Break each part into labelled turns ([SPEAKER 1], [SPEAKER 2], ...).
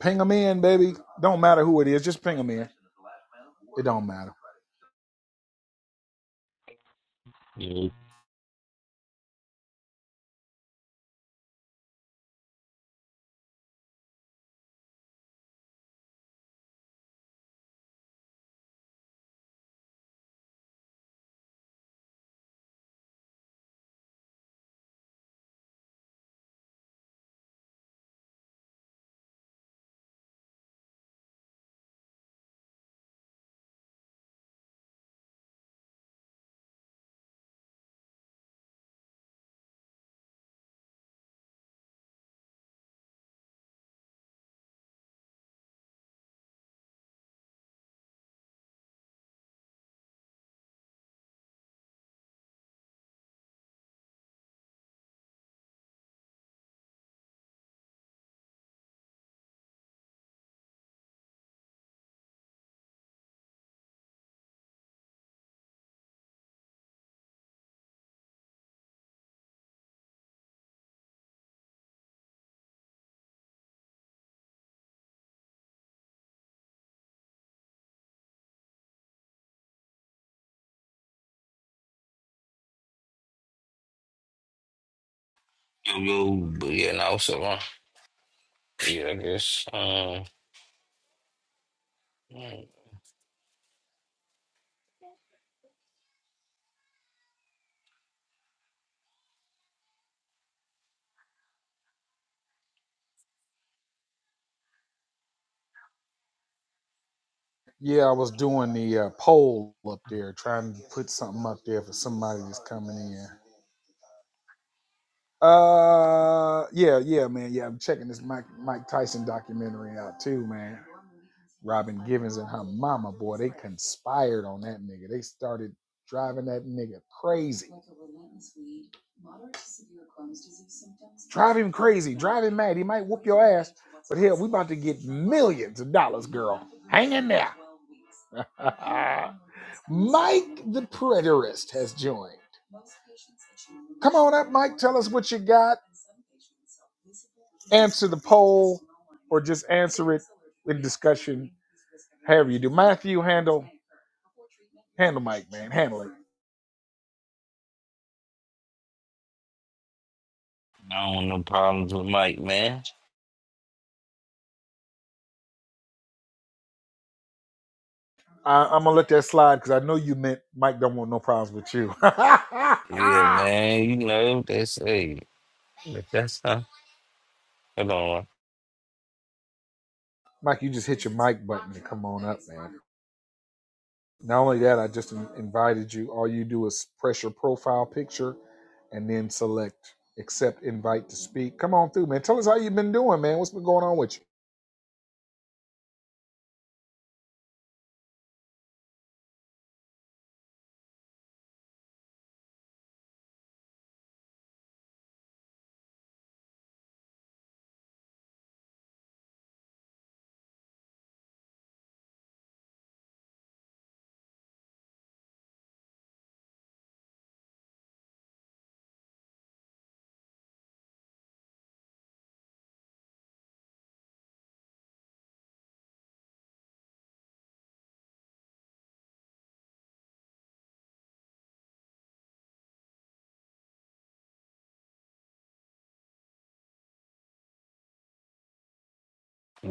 [SPEAKER 1] Ping them in, baby. Don't matter who it is, just ping them in. It don't matter.
[SPEAKER 2] Yo, yo, but yeah, no, so uh, yeah, I guess. Um, I
[SPEAKER 1] Yeah, I was doing the uh, poll up there, trying to put something up there for somebody that's coming in. Uh, yeah, yeah, man, yeah. I'm checking this Mike Mike Tyson documentary out too, man. Robin Givens and her mama, boy, they conspired on that nigga. They started driving that nigga crazy. Drive him crazy. Drive him mad. He might whoop your ass. But hell, we about to get millions of dollars, girl. Hang in there. Mike the Preterist has joined. Come on up, Mike. Tell us what you got. Answer the poll or just answer it in discussion. However you do. Matthew, handle handle Mike, man. Handle it.
[SPEAKER 2] don't want no problems with Mike, man.
[SPEAKER 1] I, I'm gonna let that slide because I know you meant Mike don't want no problems with you.
[SPEAKER 2] Yeah, man, you know that's hey, if that's huh. Hold on, right.
[SPEAKER 1] Mike, you just hit your mic button and come on up, man. Not only that, I just in- invited you. All you do is press your profile picture and then select accept invite to speak. Come on through, man. Tell us how you've been doing, man. What's been going on with you?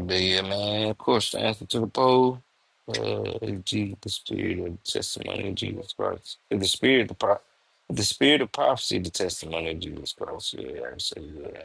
[SPEAKER 2] but yeah, man. Of course, the answer to the poll. Uh, Jesus, the spirit of testimony of Jesus Christ. The spirit of pro- the spirit of prophecy, the testimony of Jesus Christ. Yeah, I say yeah.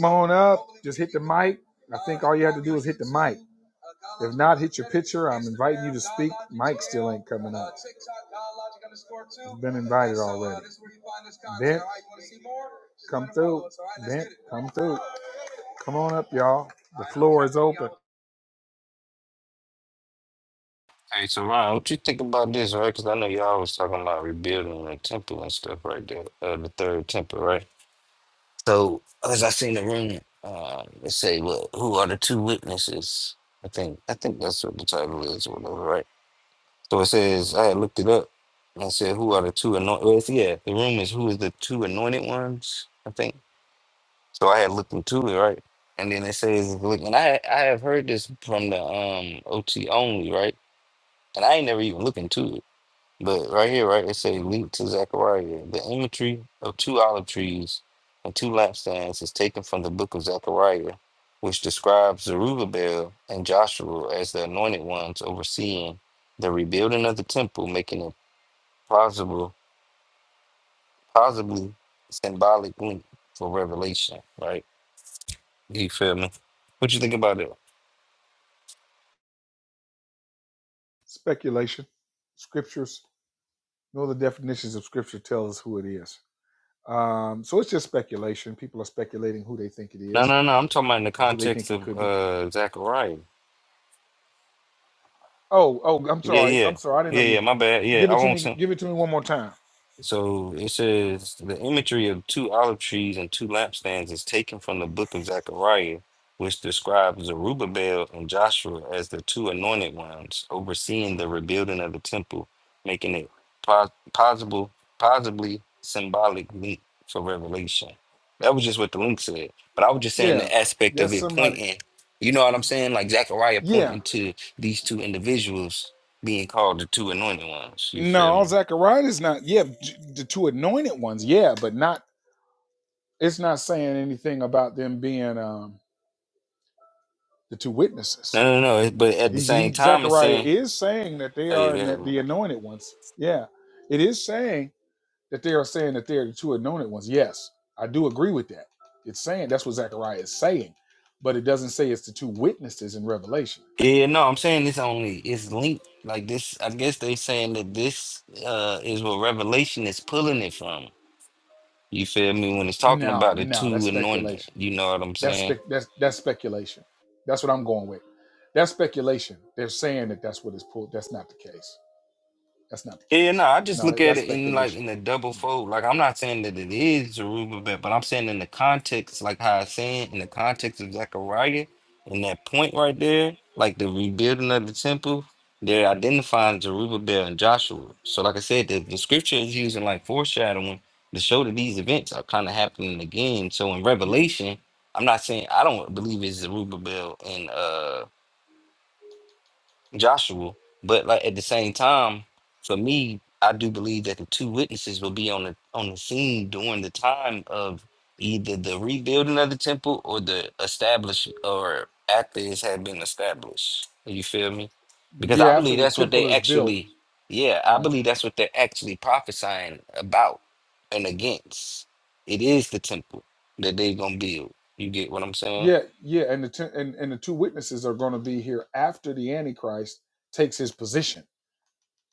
[SPEAKER 1] Come on up. Just hit the mic. I think all you have to do is hit the mic. If not, hit your picture. I'm inviting you to speak. Mic still ain't coming up. You've been invited already. Bent, come through. Bent, come through. Come on up, y'all. The floor is open.
[SPEAKER 2] Hey, Tamara, what you think about this, right? Because I know y'all was talking about rebuilding the temple and stuff right there, uh, the third temple, right? So, as I seen the room, uh, it say, "What? Who are the two witnesses?" I think, I think that's what the title is, or whatever, right? So it says, I had looked it up and it said, "Who are the two anointed?" Well, it's- yeah, the room is who is the two anointed ones, I think. So I had looked into it, right? And then it says, "Look," and I, I have heard this from the um OT only, right? And I ain't never even looked into it. But right here, right, it says, leap to Zechariah. The imagery of two olive trees and two lampstands is taken from the book of Zechariah, which describes Zerubbabel and Joshua as the anointed ones overseeing the rebuilding of the temple, making it possible, possibly symbolic link for revelation. Right? You feel me? What you think about it?
[SPEAKER 1] Speculation, scriptures. No, the definitions of scripture tell us who it is. Um, so it's just speculation. People are speculating who they think it
[SPEAKER 2] No,
[SPEAKER 1] is
[SPEAKER 2] no, no. I'm talking about in the
[SPEAKER 1] and who they
[SPEAKER 2] context
[SPEAKER 1] think it
[SPEAKER 2] of
[SPEAKER 1] could be.
[SPEAKER 2] uh Zechariah.
[SPEAKER 1] Oh, oh, I'm
[SPEAKER 2] Yeah,
[SPEAKER 1] sorry.
[SPEAKER 2] yeah,
[SPEAKER 1] I'm sorry. I didn't know
[SPEAKER 2] yeah,
[SPEAKER 1] you.
[SPEAKER 2] yeah. My bad. Yeah,
[SPEAKER 1] Give
[SPEAKER 2] I
[SPEAKER 1] it to
[SPEAKER 2] won't.
[SPEAKER 1] me. Give it to me one more time.
[SPEAKER 2] So it says the imagery of two olive trees and two lampstands is taken from the book of Zechariah, which describes Zerubbabel and Joshua as the two anointed ones overseeing the rebuilding of the temple, making it pos- possible, possibly symbolic link for revelation. That was just what the link said. But I was just saying
[SPEAKER 1] Yeah.
[SPEAKER 2] the aspect of
[SPEAKER 1] That's
[SPEAKER 2] it
[SPEAKER 1] somebody.
[SPEAKER 2] pointing, you know what I'm saying? Like Zechariah
[SPEAKER 1] Yeah.
[SPEAKER 2] pointing to these two individuals being called the two anointed ones. You feel me?
[SPEAKER 1] No, Zechariah is not. Yeah, j- the two anointed ones. Yeah, but not. It's not saying anything about them being um, the two
[SPEAKER 2] No,
[SPEAKER 1] witnesses.
[SPEAKER 2] no, no. But at the
[SPEAKER 1] He,
[SPEAKER 2] same
[SPEAKER 1] he
[SPEAKER 2] time, it's
[SPEAKER 1] Zechariah
[SPEAKER 2] saying,
[SPEAKER 1] is saying that they
[SPEAKER 2] oh yeah,
[SPEAKER 1] are
[SPEAKER 2] go
[SPEAKER 1] ano-
[SPEAKER 2] ahead, my
[SPEAKER 1] the
[SPEAKER 2] bad.
[SPEAKER 1] anointed ones. Yeah, it is saying that they are saying that they are the two anointed ones. Yes, I do agree with that. It's saying that's what Zechariah is saying, but it doesn't say it's the two witnesses in Revelation.
[SPEAKER 2] Yeah, no, I'm saying this only it's linked like this. I guess they saying that this uh is what Revelation is pulling it from. You feel me? When it's talking
[SPEAKER 1] No,
[SPEAKER 2] about the
[SPEAKER 1] no, that's
[SPEAKER 2] two anointed,
[SPEAKER 1] speculation.
[SPEAKER 2] you know what I'm
[SPEAKER 1] That's
[SPEAKER 2] saying?
[SPEAKER 1] spec. That's that's speculation. That's what I'm going with. That's speculation. They're saying that that's what is pulled. That's not the case. That's not the
[SPEAKER 2] Yeah, no,
[SPEAKER 1] case.
[SPEAKER 2] I just
[SPEAKER 1] No,
[SPEAKER 2] look
[SPEAKER 1] that,
[SPEAKER 2] at
[SPEAKER 1] that's
[SPEAKER 2] it in like
[SPEAKER 1] speculation.
[SPEAKER 2] in a double
[SPEAKER 1] Yeah.
[SPEAKER 2] fold. Like I'm not saying that it is Zerubbabel, but but I'm saying in the context, like how I saying in the context of Zechariah, in that point right there, like the rebuilding of the temple, they're identifying Zerubbabel and Joshua. So, like I said, the, the scripture is using like foreshadowing to show that these events are kind of happening again. So in
[SPEAKER 1] yeah,
[SPEAKER 2] Revelation, I'm not saying I don't believe it's Zerubbabel and uh Joshua. But like at the same time, for me, I do believe that the two witnesses will be on the on the scene during the time of either the rebuilding of the temple or the establish or after it had been established. You feel me? Because I
[SPEAKER 1] yeah. After
[SPEAKER 2] believe
[SPEAKER 1] the
[SPEAKER 2] that's what
[SPEAKER 1] temple
[SPEAKER 2] they
[SPEAKER 1] is built,
[SPEAKER 2] actually yeah, I
[SPEAKER 1] right?
[SPEAKER 2] believe that's what they're actually prophesying about and against. It is the temple that they're gonna build. You get what I'm saying?
[SPEAKER 1] Yeah, yeah. And the ten, and and the two witnesses are going to be here after the Antichrist takes his position.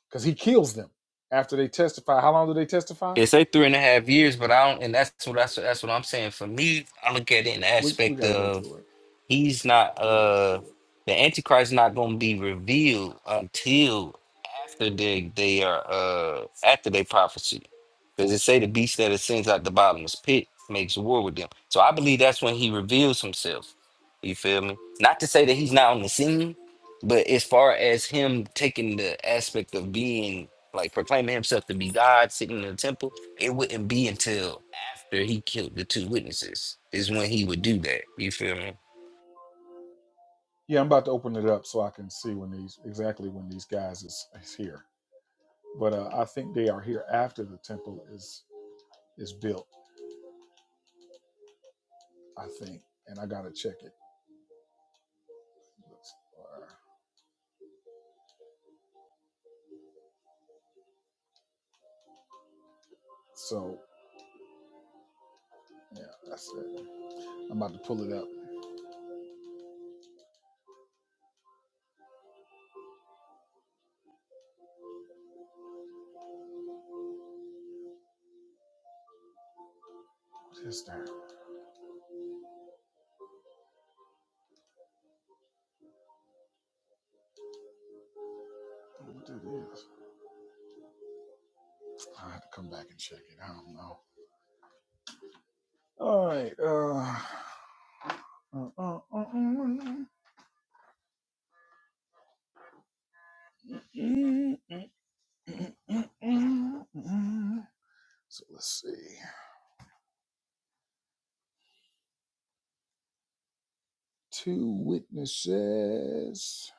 [SPEAKER 1] because he kills them after they testify. How long do they testify?
[SPEAKER 2] It's say three and a half years, but I don't, and that's what that's, that's what I'm saying. For me, I look at it in the
[SPEAKER 1] We we
[SPEAKER 2] aspect
[SPEAKER 1] got to go
[SPEAKER 2] of
[SPEAKER 1] to it.
[SPEAKER 2] he's not
[SPEAKER 1] We got to go to
[SPEAKER 2] uh
[SPEAKER 1] it.
[SPEAKER 2] the antichrist not going to be revealed until after they they are uh after they prophecy because it say the beast that ascends out the bottomless pit makes war with them so i believe that's when he reveals himself you feel me not to say that he's not on the scene but as far as him taking the aspect of being like proclaiming himself to be god sitting in the temple it wouldn't be until after he killed the two witnesses is when he would do that you feel me
[SPEAKER 1] Yeah, I'm about to open it up so I can see when these exactly when these guys is, is here. But uh, I think they are here after the temple is is built. I think, and I gotta check it. Let's- uh, So yeah, that's it. I'm about to pull it up. Sister, what it is? I have to come back and check it. I don't know. All right. Uh, uh, uh, uh, uh. So let's see. Two witnesses.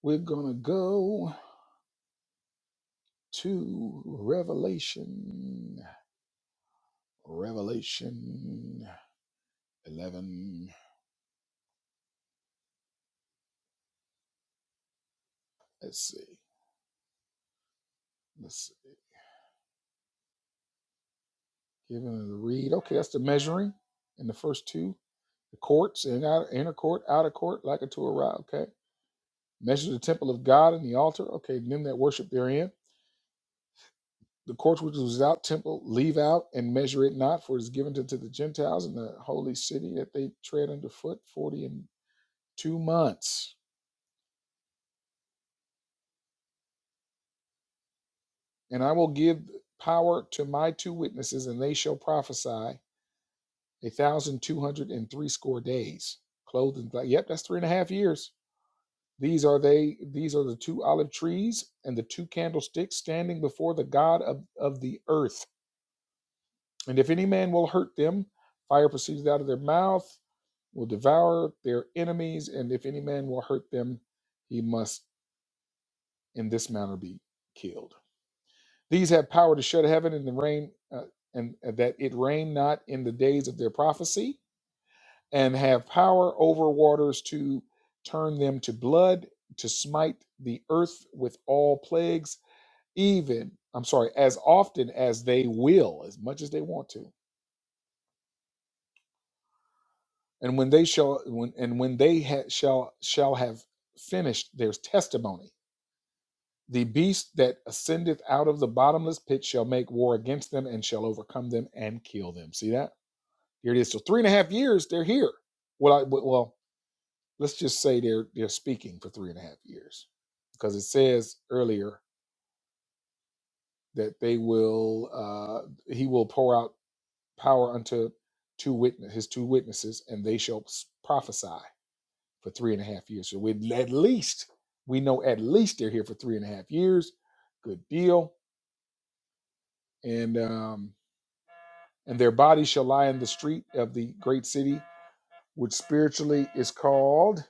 [SPEAKER 1] We're gonna go to Revelation. Revelation eleven. Let's see. Let's see. Giving the read. Okay, that's the measuring in the first two. the courts and out, inner court, outer court, like a Torah. Okay, measure the temple of God and the altar. Okay, and them that worship therein. The courts which was without temple, leave out and measure it not, for it is given to, to the Gentiles in the holy city that they tread underfoot forty and two months. And I will give power to my two witnesses, and they shall prophesy a thousand two hundred and three score days, clothed in black. Yep, that's three and a half years These are they, these are the two olive trees and the two candlesticks standing before the God of, of the earth. And if any man will hurt them, fire proceeds out of their mouth, will devour their enemies, and if any man will hurt them, he must in this manner be killed. These have power to shut heaven and the rain, uh, and and that it rain not in the days of their prophecy, and have power over waters to turn them to blood, to smite the earth with all plagues even I'm sorry, as often as they will, as much as they want to. And when they shall when and when they ha, shall shall have finished their testimony, the beast that ascendeth out of the bottomless pit shall make war against them and shall overcome them and kill them. See that? Here it is. So three and a half years, they're here. Well, I, well, well, let's just say they're they're speaking for three and a half years, because it says earlier that they will uh, he will pour out power unto two witness his two witnesses, and they shall prophesy for three and a half years. So we at least we know at least they're here for three and a half years. Good deal. And um, and their bodies shall lie in the street of the great city, which spiritually is called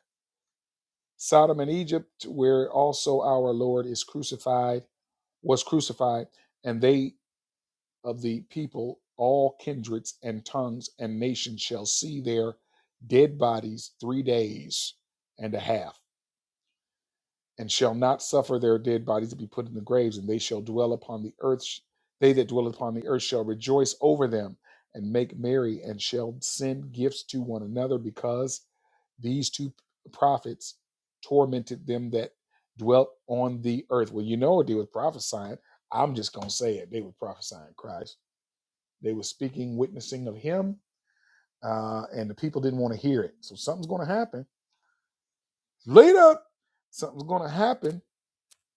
[SPEAKER 1] Sodom and Egypt, where also our Lord is crucified, was crucified, and they of the people, all kindreds and tongues and nations shall see their dead bodies three days and a half, and shall not suffer their dead bodies to be put in the graves, and they shall dwell upon the earth. They that dwell upon the earth shall rejoice over them and make merry, and shall send gifts to one another, because these two prophets tormented them that dwelt on the earth. Well, you know what they were prophesying. I'm just gonna say it. They were prophesying Christ they were speaking, witnessing of him, uh, and the people didn't want to hear it. So something's going to happen later. Something's going to happen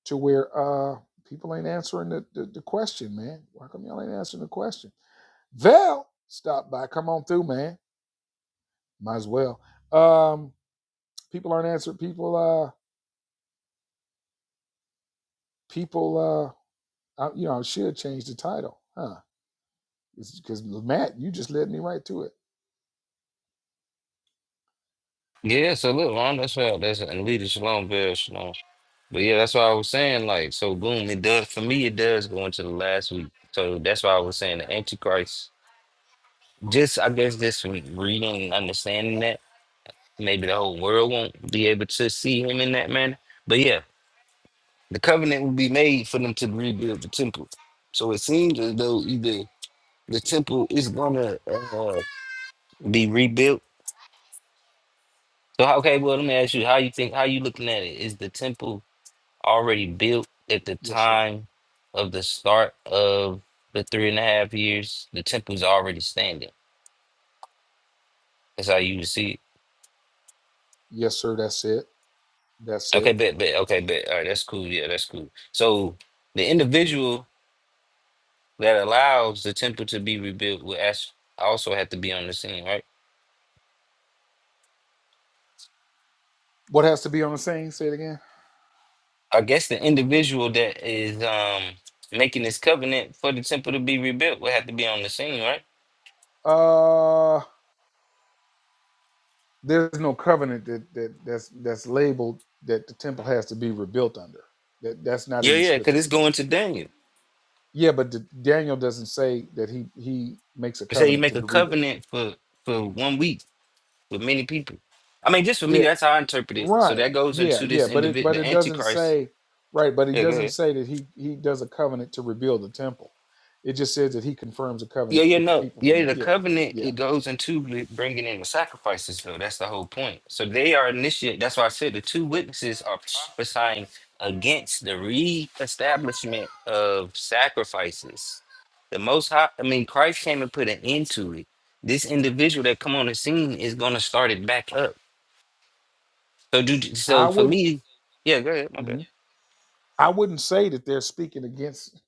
[SPEAKER 1] to where uh, people ain't answering the, the, the question, man. Why come y'all ain't answering the question? Val, stop by. Come on through, man. Might as well. Um, people aren't answering. People, uh, people, uh, I, you know, I should have changed the title, huh? Because Matt, you just led me right to it.
[SPEAKER 2] Yeah, so look, man, that's why that's and lead us shalom, Bill Shalom. But yeah, that's why I was saying, like, so boom, it does for me, it does go into the last week. So that's why I was saying the Antichrist, just I guess this week, reading and understanding that, maybe the whole world won't be able to see him in that manner. But yeah, the covenant will be made for them to rebuild the temple. So it seems as though either the temple is gonna uh, be rebuilt. So how- okay, well let me ask you, how you think how you looking at it? Is the temple already built at the
[SPEAKER 1] Yes, sir.
[SPEAKER 2] time of the start of the three and a half years. The temple's already standing. That's how you would see it.
[SPEAKER 1] Yes, sir. That's it. That's
[SPEAKER 2] Okay,
[SPEAKER 1] it.
[SPEAKER 2] bet, bet. Okay, bet. All right, that's cool. Yeah, that's cool. So the individual that allows the temple to be rebuilt will as- also have to be on the scene, right?
[SPEAKER 1] What has to be on the same? Say it again.
[SPEAKER 2] I guess the individual that is um making this covenant for the temple to be rebuilt will have to be on the scene, right?
[SPEAKER 1] Uh, there's no covenant that, that that's that's labeled that the temple has to be rebuilt under. That that's not
[SPEAKER 2] Yeah,
[SPEAKER 1] in the
[SPEAKER 2] yeah, because
[SPEAKER 1] scripture.
[SPEAKER 2] it's going to Daniel.
[SPEAKER 1] Yeah, but the, Daniel doesn't say that he he makes a
[SPEAKER 2] They say you
[SPEAKER 1] covenant
[SPEAKER 2] make
[SPEAKER 1] to
[SPEAKER 2] a
[SPEAKER 1] be rebuilt.
[SPEAKER 2] covenant for for one week with many people. I mean, just for
[SPEAKER 1] Yeah,
[SPEAKER 2] me, that's how I interpret it. So
[SPEAKER 1] Right.
[SPEAKER 2] that goes
[SPEAKER 1] Yeah,
[SPEAKER 2] into
[SPEAKER 1] yeah,
[SPEAKER 2] this
[SPEAKER 1] but it
[SPEAKER 2] individual,
[SPEAKER 1] but
[SPEAKER 2] the
[SPEAKER 1] it doesn't
[SPEAKER 2] Antichrist.
[SPEAKER 1] say right, but he
[SPEAKER 2] Yeah, go
[SPEAKER 1] doesn't
[SPEAKER 2] ahead.
[SPEAKER 1] say that he he does a covenant to rebuild the temple. It just says that he confirms a
[SPEAKER 2] Yeah,
[SPEAKER 1] covenant
[SPEAKER 2] yeah,
[SPEAKER 1] with the
[SPEAKER 2] no,
[SPEAKER 1] people from
[SPEAKER 2] yeah.
[SPEAKER 1] it.
[SPEAKER 2] The
[SPEAKER 1] Yeah.
[SPEAKER 2] covenant
[SPEAKER 1] Yeah.
[SPEAKER 2] it goes into li- bringing in the sacrifices, though. That's the whole point. So they are initiate. That's why I said the two witnesses are prophesying against the reestablishment of sacrifices. The Most High. I mean, Christ came and put an end to it. This individual that come on the scene is going to start it back up. So, do
[SPEAKER 1] I
[SPEAKER 2] so for
[SPEAKER 1] would
[SPEAKER 2] me. Yeah, go ahead. My bad.
[SPEAKER 1] mhm. I wouldn't say that they're speaking against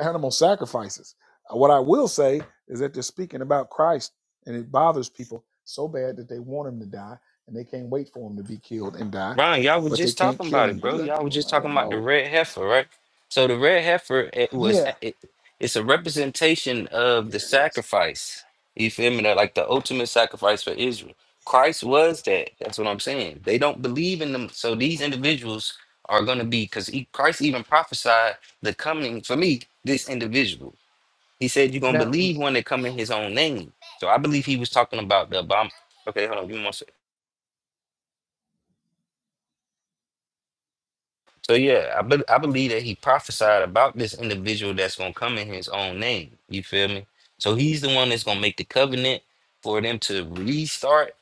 [SPEAKER 1] animal sacrifices. Uh, What I will say is that they're speaking about Christ and it bothers people so bad that they want him to die and they can't wait for him to be killed and die,
[SPEAKER 2] Ron, y'all were
[SPEAKER 1] but they
[SPEAKER 2] just
[SPEAKER 1] can't
[SPEAKER 2] talking
[SPEAKER 1] kill
[SPEAKER 2] about
[SPEAKER 1] him.
[SPEAKER 2] it,
[SPEAKER 1] What
[SPEAKER 2] bro.
[SPEAKER 1] did I do
[SPEAKER 2] Y'all were
[SPEAKER 1] with
[SPEAKER 2] just
[SPEAKER 1] my
[SPEAKER 2] talking about the
[SPEAKER 1] remote?
[SPEAKER 2] red heifer, right? So the red heifer it was
[SPEAKER 1] Yeah,
[SPEAKER 2] it, it's a representation of the
[SPEAKER 1] there it is.
[SPEAKER 2] sacrifice. You feel me? That like the ultimate sacrifice for Israel. Christ was that. That's what I'm saying. They don't believe in them. So these individuals are going to be because Christ even prophesied the coming for me. This individual, he said, "You're going to
[SPEAKER 1] Now
[SPEAKER 2] believe one that come in His own name." So I believe he was talking about the bomb. Okay, hold on. Give me one second. So yeah, I be- I believe that he prophesied about this individual that's gonna come in his own name. You feel me? So he's the one that's gonna make the covenant for them to restart.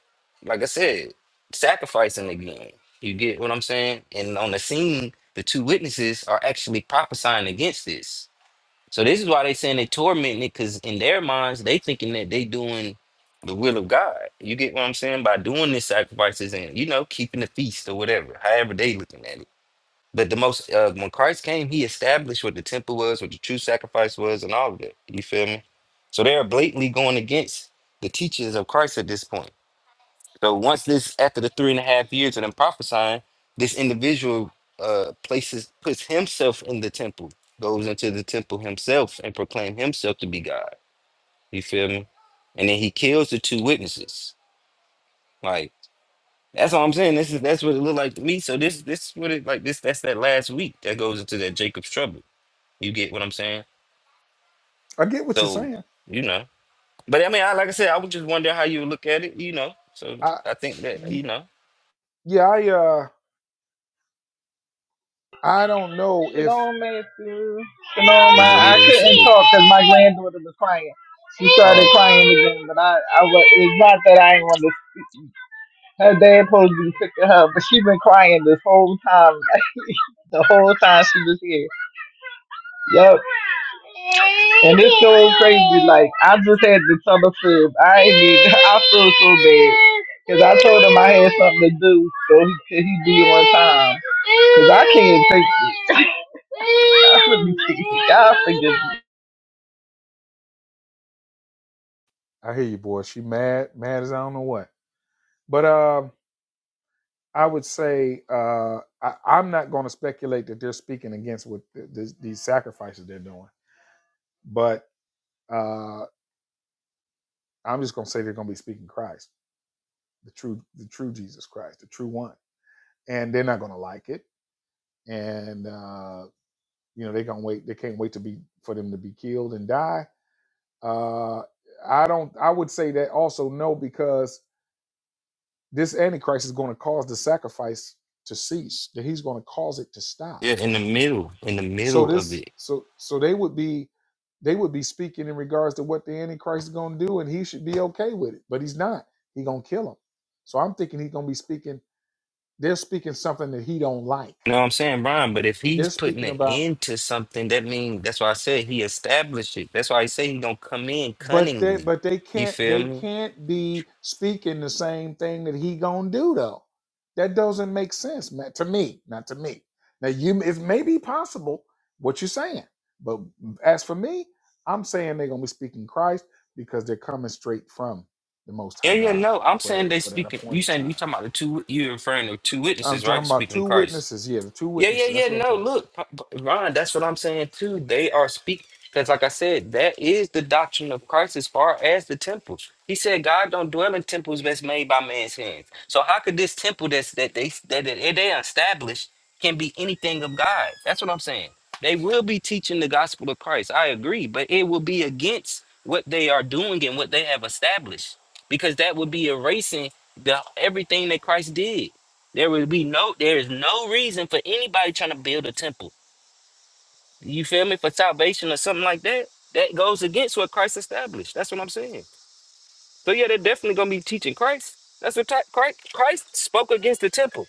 [SPEAKER 2] Like I said, sacrificing again. You get what I'm saying? And on the scene, the two witnesses are actually prophesying against this. So this is why they saying they tormenting it, because in their minds they thinking that they doing the will of God. You get what I'm saying by doing these sacrifices and you know keeping the feast or whatever, however they looking at it. But the most uh, when Christ came, he established what the temple was, what the true sacrifice was, and all of that. You feel me? So they are blatantly going against the teachings of Christ at this point. So once this, after the three and a half years of them prophesying, this individual uh, places puts himself in the temple, goes into the temple himself, and proclaim himself to be God. You feel me? And then he kills the two witnesses. Like that's all I'm saying. This is that's what it looked like to me. So this this what it like this that's that last week that goes into that Jacob's trouble. You get what I'm saying?
[SPEAKER 1] I get what you're
[SPEAKER 2] So,
[SPEAKER 1] saying
[SPEAKER 2] you know. But I mean, I, like I said, I was just wondering how you look at it, you know. So
[SPEAKER 1] I
[SPEAKER 2] I think that,
[SPEAKER 1] y-
[SPEAKER 2] you know,
[SPEAKER 1] yeah, I uh I don't know if
[SPEAKER 3] Shalom, Matthew. Shalom,
[SPEAKER 2] leader,
[SPEAKER 3] I, I
[SPEAKER 2] leader, was up?
[SPEAKER 3] couldn't
[SPEAKER 2] with-
[SPEAKER 3] talk because my granddaughter was crying. She started
[SPEAKER 1] oh,
[SPEAKER 3] crying again, but I, I was, it's not that I ain't want to. Her dad supposed to be picking her, but she been crying this whole time, the whole time she was here. Yup. And it's so crazy. Like I just had to tell the fib. I ain't even, I feel so bad because I told him I had something to do, so he could he be on time. Because I can't take it. I would be thinking, God forgive me.
[SPEAKER 1] I hear you boy. She mad, mad as I don't know what. But um I would say uh I, I'm not gonna speculate that they're speaking against what th- th- these sacrifices they're doing. But uh I'm just gonna say they're gonna be speaking Christ, the true the true Jesus Christ, the true one. And they're not gonna like it. And uh you know, they're gonna wait they can't wait to be for them to be killed and die Uh, I don't. I would say that also no, because this antichrist is going to cause the sacrifice to cease. That he's going to cause it to stop.
[SPEAKER 2] Yeah, in the middle, in the
[SPEAKER 1] So
[SPEAKER 2] middle of
[SPEAKER 1] this,
[SPEAKER 2] it.
[SPEAKER 1] so so they would be, they would be speaking in regards to what the antichrist is going to do, and he should be okay with it. But he's not. He going to kill him. So I'm thinking he's going to be speaking. They're speaking something that he don't like.
[SPEAKER 2] You know what I'm saying, Brian? But if
[SPEAKER 1] He, they're
[SPEAKER 2] he's putting
[SPEAKER 1] speaking
[SPEAKER 2] an
[SPEAKER 1] about
[SPEAKER 2] end to something, that means that's why I said he established it. That's why I say he gonna come in
[SPEAKER 1] but they
[SPEAKER 2] cunningly.
[SPEAKER 1] but they
[SPEAKER 2] You
[SPEAKER 1] can't
[SPEAKER 2] feel
[SPEAKER 1] they
[SPEAKER 2] me?
[SPEAKER 1] can't be speaking the same thing that he gonna do though that doesn't make sense man, to me not to me now you it may be possible what you're saying but as for me i'm saying they're gonna be speaking christ because they're coming straight from the most
[SPEAKER 2] Yeah,
[SPEAKER 1] high
[SPEAKER 2] yeah,
[SPEAKER 1] god
[SPEAKER 2] no. I'm
[SPEAKER 1] for that
[SPEAKER 2] saying they
[SPEAKER 1] for that
[SPEAKER 2] speaking. You
[SPEAKER 1] appointed
[SPEAKER 2] saying you
[SPEAKER 1] time
[SPEAKER 2] talking about the two? You referring to two
[SPEAKER 1] i'm
[SPEAKER 2] witnesses, right?
[SPEAKER 1] talking about
[SPEAKER 2] Speaking of
[SPEAKER 1] two
[SPEAKER 2] Christ.
[SPEAKER 1] witnesses yeah the two
[SPEAKER 2] Yeah, yeah,
[SPEAKER 1] witnesses
[SPEAKER 2] yeah.
[SPEAKER 1] that's what i'm
[SPEAKER 2] No,
[SPEAKER 1] talking about
[SPEAKER 2] look, P- P- Ron, that's what I'm saying too. They are speaking because, like I said, that is the doctrine of Christ as far as the temple. He said, "God don't dwell in temples that's made by man's hands." So how could this temple that's that they that they they established can be anything of God? That's what I'm saying. They will be teaching the gospel of Christ. I agree, but it will be against what they are doing and what they have established because that would be erasing the everything that Christ did. There would be no, there is no reason for anybody trying to build a temple. You feel me? For salvation or something like that. That goes against what Christ established. That's what I'm saying. So yeah, they're definitely gonna be teaching Christ. That's what ti- Christ, Christ spoke against the temple.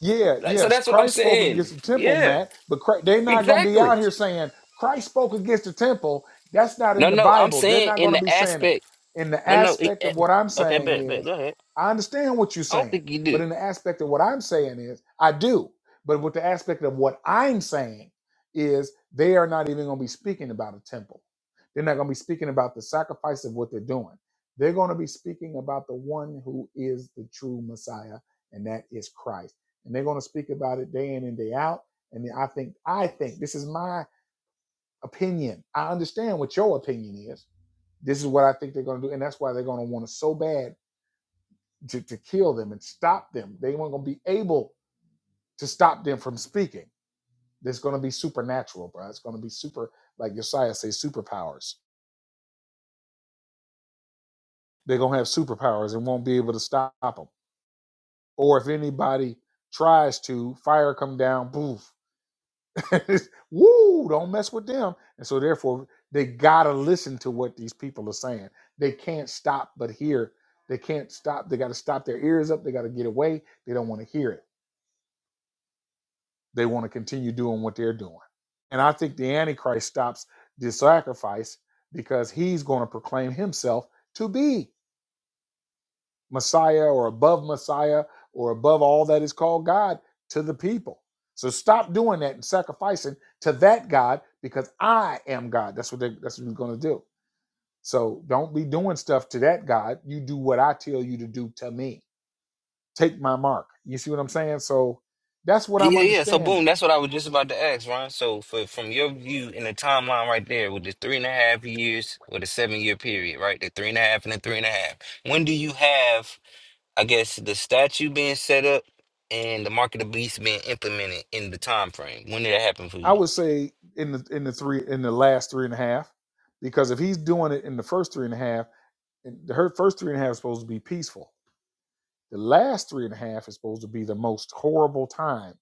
[SPEAKER 1] Yeah,
[SPEAKER 2] That- So
[SPEAKER 1] yes,
[SPEAKER 2] that's what I'm
[SPEAKER 1] Christ spoke
[SPEAKER 2] saying.
[SPEAKER 1] against the temple,
[SPEAKER 2] Yeah,
[SPEAKER 1] Matt, but Christ, they're not going to be
[SPEAKER 2] exactly.
[SPEAKER 1] out here saying Christ spoke against the temple. That's not
[SPEAKER 2] No,
[SPEAKER 1] in the
[SPEAKER 2] no, I'm
[SPEAKER 1] Bible. They're
[SPEAKER 2] saying
[SPEAKER 1] not
[SPEAKER 2] in
[SPEAKER 1] going to
[SPEAKER 2] the
[SPEAKER 1] be saying it.
[SPEAKER 2] aspect.
[SPEAKER 1] In the
[SPEAKER 2] No, no. It,
[SPEAKER 1] aspect
[SPEAKER 2] eh,
[SPEAKER 1] of what I'm
[SPEAKER 2] okay,
[SPEAKER 1] saying
[SPEAKER 2] bet, bet.
[SPEAKER 1] is,
[SPEAKER 2] Go ahead.
[SPEAKER 1] I understand what you're
[SPEAKER 2] I don't
[SPEAKER 1] saying,
[SPEAKER 2] think you do.
[SPEAKER 1] but in the aspect of what I'm saying is, I do. But with the aspect of what I'm saying is, they are not even going to be speaking about a temple. They're not going to be speaking about the sacrifice of what they're doing. They're going to be speaking about the one who is the true Messiah, and that is Christ and they're going to speak about it day in and day out. And I think, I think this is my opinion. I understand what your opinion is. This is what I think they're going to do, and that's why they're going to want to so bad to, to kill them and stop them. They weren't going to be able to stop them from speaking. It's going to be supernatural, bro. It's going to be super, like Josiah says, superpowers. They're going to have superpowers and won't be able to stop them. Or if anybody tries to, fire come down, poof, Woo, don't mess with them. And so therefore they gotta listen to what these people are saying. They can't stop but hear. They can't stop. They gotta stop their ears up. They gotta get away. They don't want to hear it. They want to continue doing what they're doing. And I think the Antichrist stops the sacrifice because he's going to proclaim himself to be. Messiah or above Messiah or above all that is called God to the people. So stop doing that and sacrificing to that God because I am God. That's what they, that's what we're going to do. So don't be doing stuff to that God. You do what I tell you to do to me. Take my mark. You see what I'm saying? So that's what I'm
[SPEAKER 2] Yeah, yeah. So boom,
[SPEAKER 1] understanding.
[SPEAKER 2] that's what I was just about to ask, Ron. So for from your view in the timeline right there with the three and a half years or the seven year period, right? The three and a half and the three and a half. When do you have, I guess, the statue being set up and the mark of the beast being implemented in the time frame? When did that happen for
[SPEAKER 1] I
[SPEAKER 2] you?
[SPEAKER 1] would say in the in the three in the last three and a half, because if he's doing it in the first three and a half, and the her first three and a half is supposed to be peaceful The last three and a half is supposed to be the most horrible time.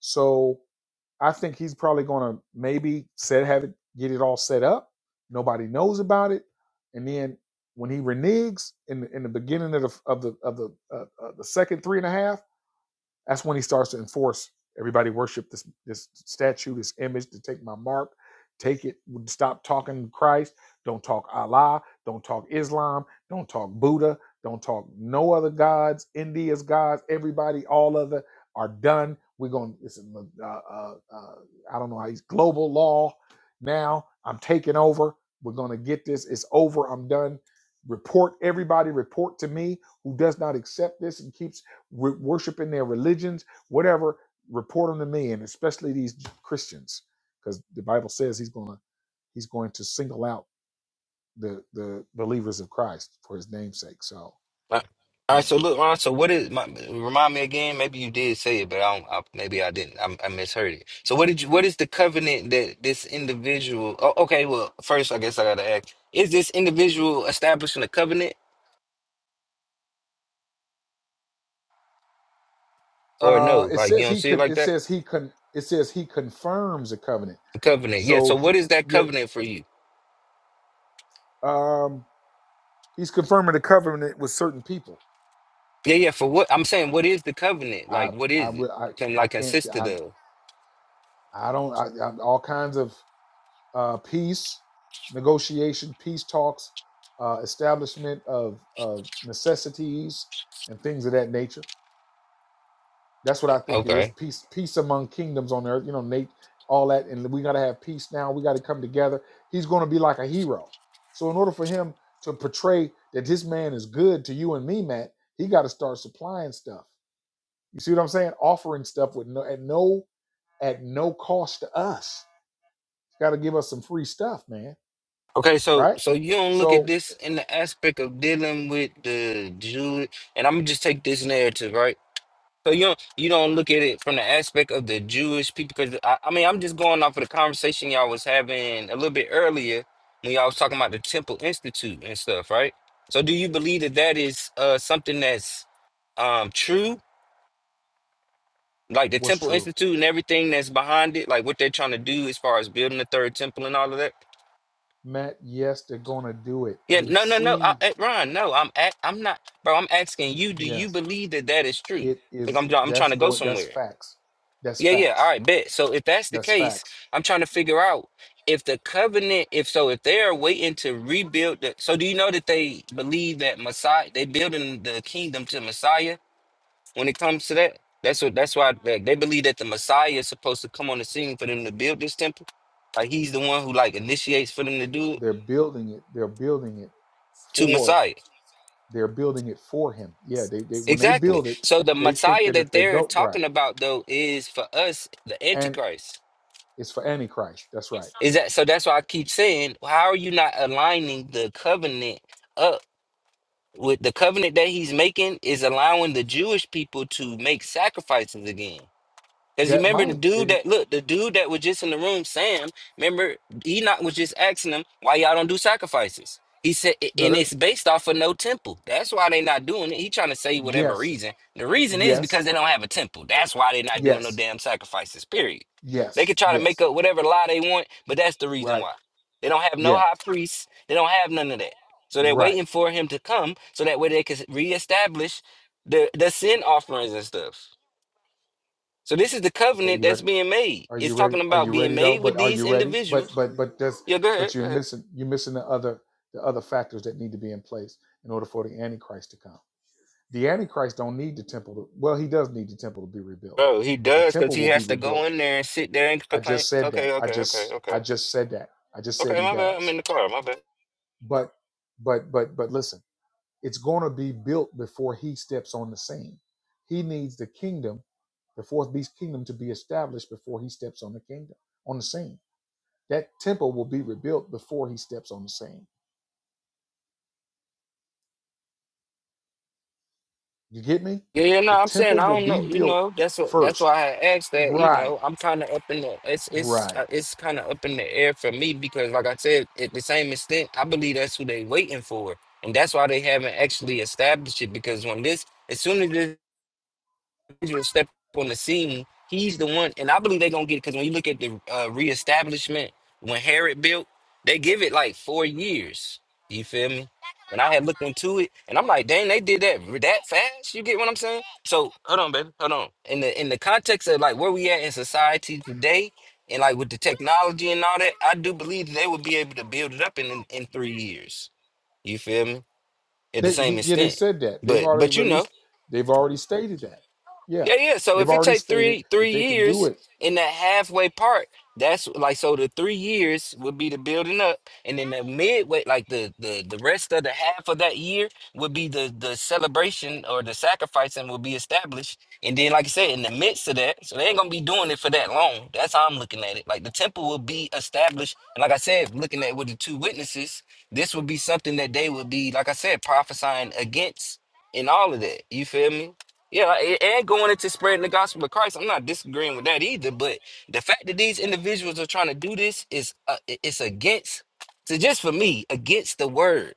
[SPEAKER 1] So I think he's probably going to maybe set have it get it all set up. Nobody knows about it, and then when he reneges in the, in the beginning of the of the of the uh, uh, the second three and a half that's when he starts to enforce everybody worship this this statue, this image to take my mark, take it, stop talking Christ, don't talk Allah, don't talk Islam, don't talk Buddha, don't talk no other gods, India's gods, everybody, all other are done. We're going to, uh, uh, uh, I don't know how he's global law now. I'm taking over. We're going to get this. It's over. I'm done. Report everybody, report to me who does not accept this and keeps w- worshiping their religions, whatever, report them to me, and especially these Christians, because the Bible says he's gonna he's going to single out the the believers of Christ for his namesake. So
[SPEAKER 2] All right,
[SPEAKER 1] yeah,
[SPEAKER 2] so look, Ron. So what is my remind me again? Maybe you did say it, but I don't. I, maybe I didn't. I, I misheard it. So what did you? What is the covenant that this individual? Oh, okay. Well, first, I guess I gotta ask: Is this individual establishing a covenant or
[SPEAKER 1] uh,
[SPEAKER 2] no?
[SPEAKER 1] it
[SPEAKER 2] Like you
[SPEAKER 1] says
[SPEAKER 2] don't
[SPEAKER 1] he
[SPEAKER 2] see it
[SPEAKER 1] could.
[SPEAKER 2] like
[SPEAKER 1] It
[SPEAKER 2] that?
[SPEAKER 1] says he con. It says he confirms a covenant.
[SPEAKER 2] The covenant. Yeah.
[SPEAKER 1] So
[SPEAKER 2] So what
[SPEAKER 1] he,
[SPEAKER 2] is that
[SPEAKER 1] yet
[SPEAKER 2] covenant for you?
[SPEAKER 1] um, he's confirming the covenant with certain people.
[SPEAKER 2] Yeah, yeah. For what I'm saying, what is the covenant?
[SPEAKER 1] I
[SPEAKER 2] Like, what
[SPEAKER 1] I
[SPEAKER 2] is it?
[SPEAKER 1] would I
[SPEAKER 2] Can
[SPEAKER 1] I
[SPEAKER 2] like
[SPEAKER 1] can't
[SPEAKER 2] consisted
[SPEAKER 1] I
[SPEAKER 2] of?
[SPEAKER 1] I don't I, I all kinds of uh, peace, negotiation, peace talks, uh, establishment of, of necessities and things of that nature. That's what I think it
[SPEAKER 2] Okay.
[SPEAKER 1] is. Peace, peace among kingdoms on earth. You know, Nate, all that, and we got to have peace now. We got to come together. He's going to be like a hero. So, in order for him to portray that this man is good to you and me, Matt, he got to start supplying stuff. You see what I'm saying? Offering stuff with no at no at no cost to us. Got to give us some free stuff, man.
[SPEAKER 2] Okay, so
[SPEAKER 1] Right?
[SPEAKER 2] so you don't look at
[SPEAKER 1] So
[SPEAKER 2] this in the aspect of dealing with the Jew, and I'm gonna just take this narrative, right? So you don't you don't look at it from the aspect of the Jewish people, because I, I mean I'm just going off of the conversation y'all was having a little bit earlier when y'all was talking about the Temple Institute and stuff, right? So do you believe that that is uh something that's um true, like the
[SPEAKER 1] was
[SPEAKER 2] Temple
[SPEAKER 1] true.
[SPEAKER 2] Institute and everything that's behind it, like what they're trying to do as far as building the third temple and all of that?
[SPEAKER 1] Matt, yes, they're gonna do it.
[SPEAKER 2] Yeah,
[SPEAKER 1] We
[SPEAKER 2] no, no, no, I,
[SPEAKER 1] see,
[SPEAKER 2] I- Ron, no, I'm a I'm not, bro. I'm asking you, do you
[SPEAKER 1] yes,
[SPEAKER 2] believe that that is true?
[SPEAKER 1] it
[SPEAKER 2] Like
[SPEAKER 1] is.
[SPEAKER 2] I'm, I'm trying
[SPEAKER 1] That's
[SPEAKER 2] to go
[SPEAKER 1] going. That's
[SPEAKER 2] somewhere.
[SPEAKER 1] facts. That's
[SPEAKER 2] Yeah, yeah. All
[SPEAKER 1] facts.
[SPEAKER 2] right, bet. So if that's the
[SPEAKER 1] That's
[SPEAKER 2] case,
[SPEAKER 1] facts.
[SPEAKER 2] I'm trying to figure out if the covenant, if so, if they are waiting to rebuild the, so do you know that they believe that Messiah, they building the kingdom to Messiah when it comes to that? That's what. That's why they they believe that the Messiah is supposed to come on the scene for them to build this temple. Like he's the one who like initiates for them to do it
[SPEAKER 1] They're building it. They're building it
[SPEAKER 2] to
[SPEAKER 1] for.
[SPEAKER 2] Messiah.
[SPEAKER 1] They're building it for him. Yeah, they, they when they
[SPEAKER 2] Exactly.
[SPEAKER 1] build it,
[SPEAKER 2] So the
[SPEAKER 1] they think
[SPEAKER 2] Messiah
[SPEAKER 1] that
[SPEAKER 2] that
[SPEAKER 1] if they
[SPEAKER 2] they're
[SPEAKER 1] go
[SPEAKER 2] talking
[SPEAKER 1] right,
[SPEAKER 2] about though is for us the
[SPEAKER 1] and
[SPEAKER 2] Antichrist.
[SPEAKER 1] it's for Antichrist. That's right.
[SPEAKER 2] Is that so that's why I keep saying, how are you not aligning the covenant up with the covenant that he's making is allowing the Jewish people to make sacrifices again. Cause you
[SPEAKER 1] That
[SPEAKER 2] remember the
[SPEAKER 1] might.
[SPEAKER 2] dude
[SPEAKER 1] It,
[SPEAKER 2] that look, the dude that was just in the room, Sam. Remember, Enoch was just asking him why y'all don't do sacrifices. He said, "A-
[SPEAKER 1] no,
[SPEAKER 2] and
[SPEAKER 1] that,
[SPEAKER 2] it's based off of no temple. That's why they not doing it. He trying to say whatever
[SPEAKER 1] yes,
[SPEAKER 2] reason. The reason is
[SPEAKER 1] yes,
[SPEAKER 2] because they don't have a temple. That's why they not doing no
[SPEAKER 1] yes,
[SPEAKER 2] damn sacrifices. Period. They
[SPEAKER 1] yes,
[SPEAKER 2] could try to make
[SPEAKER 1] yes.
[SPEAKER 2] up whatever lie they want, but that's the reason
[SPEAKER 1] Right.
[SPEAKER 2] why they don't have no
[SPEAKER 1] Yeah.
[SPEAKER 2] high priests. They don't have none of that. So they're
[SPEAKER 1] Right.
[SPEAKER 2] waiting for him to come, so that way they can reestablish the the sin offerings and stuff. So this is the
[SPEAKER 1] Okay.
[SPEAKER 2] covenant
[SPEAKER 1] You right
[SPEAKER 2] that's being made.
[SPEAKER 1] Are you
[SPEAKER 2] It's
[SPEAKER 1] ready?
[SPEAKER 2] talking
[SPEAKER 1] Are
[SPEAKER 2] about
[SPEAKER 1] you
[SPEAKER 2] being
[SPEAKER 1] ready though?
[SPEAKER 2] made
[SPEAKER 1] But
[SPEAKER 2] with
[SPEAKER 1] are
[SPEAKER 2] these
[SPEAKER 1] you ready? But
[SPEAKER 2] individuals.
[SPEAKER 1] but but that's
[SPEAKER 2] Yeah, go ahead,
[SPEAKER 1] but you're
[SPEAKER 2] go ahead.
[SPEAKER 1] missing you're missing the other the other factors that need to be in place in order for the Antichrist to come. The Antichrist don't need the temple to well, he does need the temple to be rebuilt,
[SPEAKER 2] Bro, he
[SPEAKER 1] but the
[SPEAKER 2] does because
[SPEAKER 1] temple
[SPEAKER 2] he
[SPEAKER 1] will be
[SPEAKER 2] has to go
[SPEAKER 1] rebuilt.
[SPEAKER 2] in there and sit there and
[SPEAKER 1] I
[SPEAKER 2] proclaim.
[SPEAKER 1] just said
[SPEAKER 2] Okay,
[SPEAKER 1] that. I
[SPEAKER 2] okay, okay,
[SPEAKER 1] just
[SPEAKER 2] okay,
[SPEAKER 1] I just said that. I just said
[SPEAKER 2] okay.
[SPEAKER 1] he
[SPEAKER 2] My bad. I'm
[SPEAKER 1] does.
[SPEAKER 2] in the car. My bad.
[SPEAKER 1] But but but but listen, it's gonna be built before he steps on the scene. He needs the kingdom, the fourth beast kingdom to be established before he steps on the kingdom, on the scene That temple will be rebuilt before he steps on the scene. You get me?
[SPEAKER 2] Yeah, yeah. No,
[SPEAKER 1] The
[SPEAKER 2] I'm saying
[SPEAKER 1] temple
[SPEAKER 2] I
[SPEAKER 1] will
[SPEAKER 2] don't
[SPEAKER 1] be
[SPEAKER 2] know. You
[SPEAKER 1] built
[SPEAKER 2] know, that's what. That's
[SPEAKER 1] first.
[SPEAKER 2] why I asked that. You
[SPEAKER 1] Right,
[SPEAKER 2] know, I'm kind of up in the. It's it's
[SPEAKER 1] right.
[SPEAKER 2] uh, it's kind of up in the air for me because, like I said, at the same extent, I believe that's who they waiting for, and that's why they haven't actually established it. Because when this, as soon as this Israel stepped on the scene, he's the one, and I believe they're gonna get it because when you look at the uh, reestablishment when Herod built, they give it like four years. You feel me? And I had looked into it, and I'm like, dang, they did that that fast. You get what I'm saying? So hold on, baby, hold on. In the in the context of like where we at in society today, and like with the technology and all that, I do believe they would be able to build it up in in, in three years. You feel me? At the
[SPEAKER 1] They he,
[SPEAKER 2] same
[SPEAKER 1] yeah, they
[SPEAKER 2] extent,
[SPEAKER 1] said that. They've
[SPEAKER 2] but
[SPEAKER 1] already
[SPEAKER 2] but you know.
[SPEAKER 1] released. They've already stated that. Yeah,
[SPEAKER 2] Yeah, yeah. So
[SPEAKER 1] they've
[SPEAKER 2] if it
[SPEAKER 1] already
[SPEAKER 2] take
[SPEAKER 1] stated
[SPEAKER 2] three
[SPEAKER 1] that
[SPEAKER 2] three
[SPEAKER 1] they can do
[SPEAKER 2] years
[SPEAKER 1] it.
[SPEAKER 2] in that halfway part, that's like so the three years would be the building up, and then the midway, like the the the rest of the half of that year would be the the celebration or the sacrificing will be established, and then like I said, in the midst of that, so they ain't gonna be doing it for that long. That's how I'm looking at it. Like the temple will be established, and like I said, looking at with the two witnesses, this would be something that they would be, like I said, prophesying against in all of that. You feel me? Yeah, like, a- and going into spreading the gospel of Christ, I'm not disagreeing with that either. But the fact that these individuals are trying to do this is uh, i- it's against. So just for me, against the word,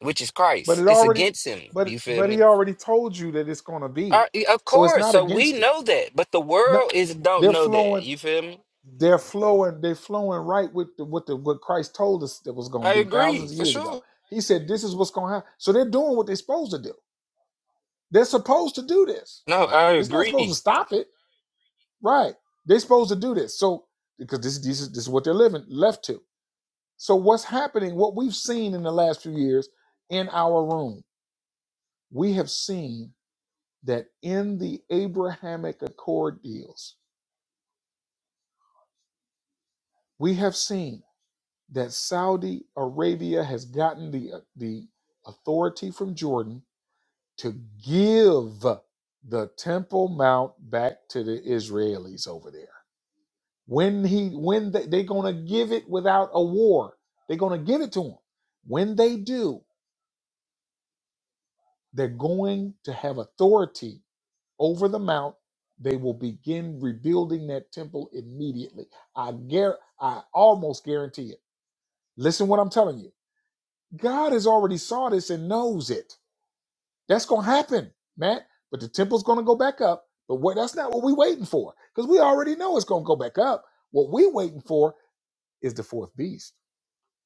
[SPEAKER 2] which is
[SPEAKER 1] But
[SPEAKER 2] Christ,
[SPEAKER 1] it
[SPEAKER 2] it's
[SPEAKER 1] already,
[SPEAKER 2] against him.
[SPEAKER 1] but
[SPEAKER 2] You feel
[SPEAKER 1] but he
[SPEAKER 2] me?
[SPEAKER 1] already told you that it's going to
[SPEAKER 2] Uh,
[SPEAKER 1] be.
[SPEAKER 2] y- of
[SPEAKER 1] So it's
[SPEAKER 2] course.
[SPEAKER 1] not
[SPEAKER 2] So we
[SPEAKER 1] against it.
[SPEAKER 2] know that, but the
[SPEAKER 1] No,
[SPEAKER 2] world is don't
[SPEAKER 1] they're
[SPEAKER 2] know
[SPEAKER 1] flowing.
[SPEAKER 2] that. You feel me?
[SPEAKER 1] They're flowing. They're flowing right with the, what the what Christ told us that was going to
[SPEAKER 2] I
[SPEAKER 1] be
[SPEAKER 2] agree
[SPEAKER 1] thousands of
[SPEAKER 2] for
[SPEAKER 1] years ago.
[SPEAKER 2] sure.
[SPEAKER 1] He said this is what's going to happen. So they're doing what they're supposed to do. They're supposed to do this.
[SPEAKER 2] No, I
[SPEAKER 1] It's not supposed
[SPEAKER 2] agree.
[SPEAKER 1] to stop it, right? They're supposed to do this. So because this this is this is what they're living left to. So what's happening? What we've seen in the last few years in our room, we have seen that in the Abrahamic Accord deals, we have seen that Saudi Arabia has gotten the uh, the authority from Jordan to give the Temple Mount back to the Israelis over there. When he when they, they're going to give it without a war, they're going to give it to them. When they do, they're going to have authority over the mount. They will begin rebuilding that temple immediately. I guar I almost guarantee it. Listen what I'm telling you God has already saw this and knows it. That's going to happen, Matt. But the temple's going to go back up. But what, that's not what we're waiting for because we already know it's going to go back up. What we're waiting for is the fourth beast.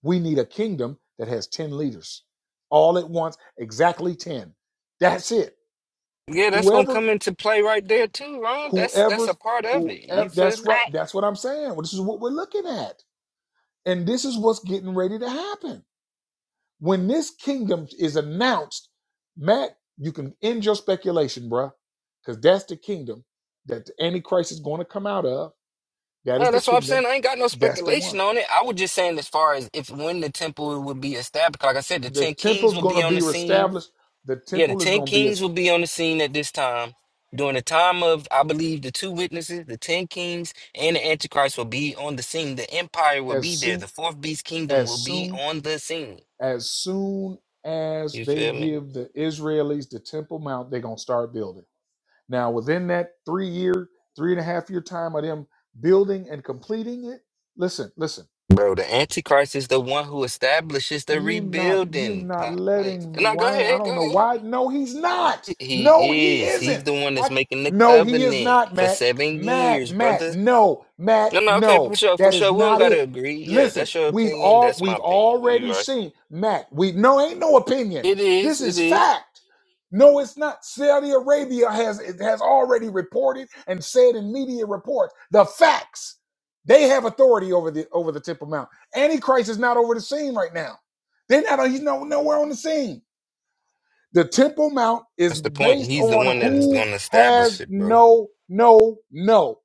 [SPEAKER 1] We need a kingdom that has 10 leaders all at once, exactly 10. That's it.
[SPEAKER 2] Yeah, that's gonna
[SPEAKER 1] Whoever,
[SPEAKER 2] come into play right there too, Ron. That's that's a
[SPEAKER 1] whoever's,
[SPEAKER 2] part of it. You
[SPEAKER 1] whoever,
[SPEAKER 2] feel
[SPEAKER 1] that's
[SPEAKER 2] me?
[SPEAKER 1] right. That's what I'm saying. Well, This is what we're looking at. And this is what's getting ready to happen. When this kingdom is announced, Matt, you can end your speculation, bruh, because that's the kingdom that the Antichrist is going to come out of. That is
[SPEAKER 2] No,
[SPEAKER 1] the
[SPEAKER 2] that's what I'm
[SPEAKER 1] kingdom.
[SPEAKER 2] saying. I ain't got no
[SPEAKER 1] That's the one.
[SPEAKER 2] speculation on it. I was just saying as far as if when the temple would be established, like I said, the
[SPEAKER 1] The
[SPEAKER 2] ten kings
[SPEAKER 1] temple's
[SPEAKER 2] will
[SPEAKER 1] going
[SPEAKER 2] be
[SPEAKER 1] to
[SPEAKER 2] on the
[SPEAKER 1] be
[SPEAKER 2] scene.
[SPEAKER 1] reestablished. The
[SPEAKER 2] Yeah, the
[SPEAKER 1] temple is
[SPEAKER 2] ten
[SPEAKER 1] going to be
[SPEAKER 2] kings
[SPEAKER 1] as,
[SPEAKER 2] will be on the scene at this time. During the time of, I believe, the two witnesses, the ten kings and the Antichrist will be on the scene. The empire will
[SPEAKER 1] as
[SPEAKER 2] be there.
[SPEAKER 1] soon
[SPEAKER 2] The fourth beast kingdom
[SPEAKER 1] as
[SPEAKER 2] will be
[SPEAKER 1] soon
[SPEAKER 2] on the scene.
[SPEAKER 1] as soon as
[SPEAKER 2] You
[SPEAKER 1] they
[SPEAKER 2] feel me?
[SPEAKER 1] give the Israelis the Temple Mount, they're going to start building. Now, within that three year, three and a half year time of them building and completing it, listen, listen.
[SPEAKER 2] Bro, the Antichrist is the one who establishes the
[SPEAKER 1] You not you
[SPEAKER 2] rebuilding.
[SPEAKER 1] not
[SPEAKER 2] I, like,
[SPEAKER 1] letting me.
[SPEAKER 2] no, go
[SPEAKER 1] Why? I
[SPEAKER 2] ahead,
[SPEAKER 1] don't
[SPEAKER 2] go
[SPEAKER 1] know
[SPEAKER 2] ahead.
[SPEAKER 1] why. No, he's not. No,
[SPEAKER 2] He
[SPEAKER 1] he
[SPEAKER 2] is. He's the
[SPEAKER 1] isn't.
[SPEAKER 2] one that's
[SPEAKER 1] I
[SPEAKER 2] making the
[SPEAKER 1] no, he is
[SPEAKER 2] covenant
[SPEAKER 1] not,
[SPEAKER 2] for
[SPEAKER 1] Matt.
[SPEAKER 2] seven
[SPEAKER 1] Matt,
[SPEAKER 2] years,
[SPEAKER 1] Matt,
[SPEAKER 2] brother.
[SPEAKER 1] no,
[SPEAKER 2] No,
[SPEAKER 1] Matt,
[SPEAKER 2] no, okay, for
[SPEAKER 1] no.
[SPEAKER 2] sure, for
[SPEAKER 1] That is
[SPEAKER 2] sure. We don't
[SPEAKER 1] not
[SPEAKER 2] gotta
[SPEAKER 1] it.
[SPEAKER 2] agree. Yeah,
[SPEAKER 1] Listen,
[SPEAKER 2] that's your
[SPEAKER 1] we've
[SPEAKER 2] opinion.
[SPEAKER 1] all
[SPEAKER 2] That's my
[SPEAKER 1] we've
[SPEAKER 2] opinion. You
[SPEAKER 1] already
[SPEAKER 2] right.
[SPEAKER 1] seen Matt. We no ain't no opinion.
[SPEAKER 2] It is,
[SPEAKER 1] This
[SPEAKER 2] it
[SPEAKER 1] is
[SPEAKER 2] is.
[SPEAKER 1] fact. No, it's not. Saudi Arabia has it has already reported and said in media reports the facts. They have authority over the over the Temple Mount. Antichrist is not over the scene right now. They're not. He's no, nowhere on the scene. The Temple Mount is
[SPEAKER 2] That's the point.
[SPEAKER 1] based
[SPEAKER 2] He's the
[SPEAKER 1] on
[SPEAKER 2] one that is
[SPEAKER 1] who
[SPEAKER 2] gonna establish
[SPEAKER 1] has
[SPEAKER 2] it, bro.
[SPEAKER 1] no, no, no,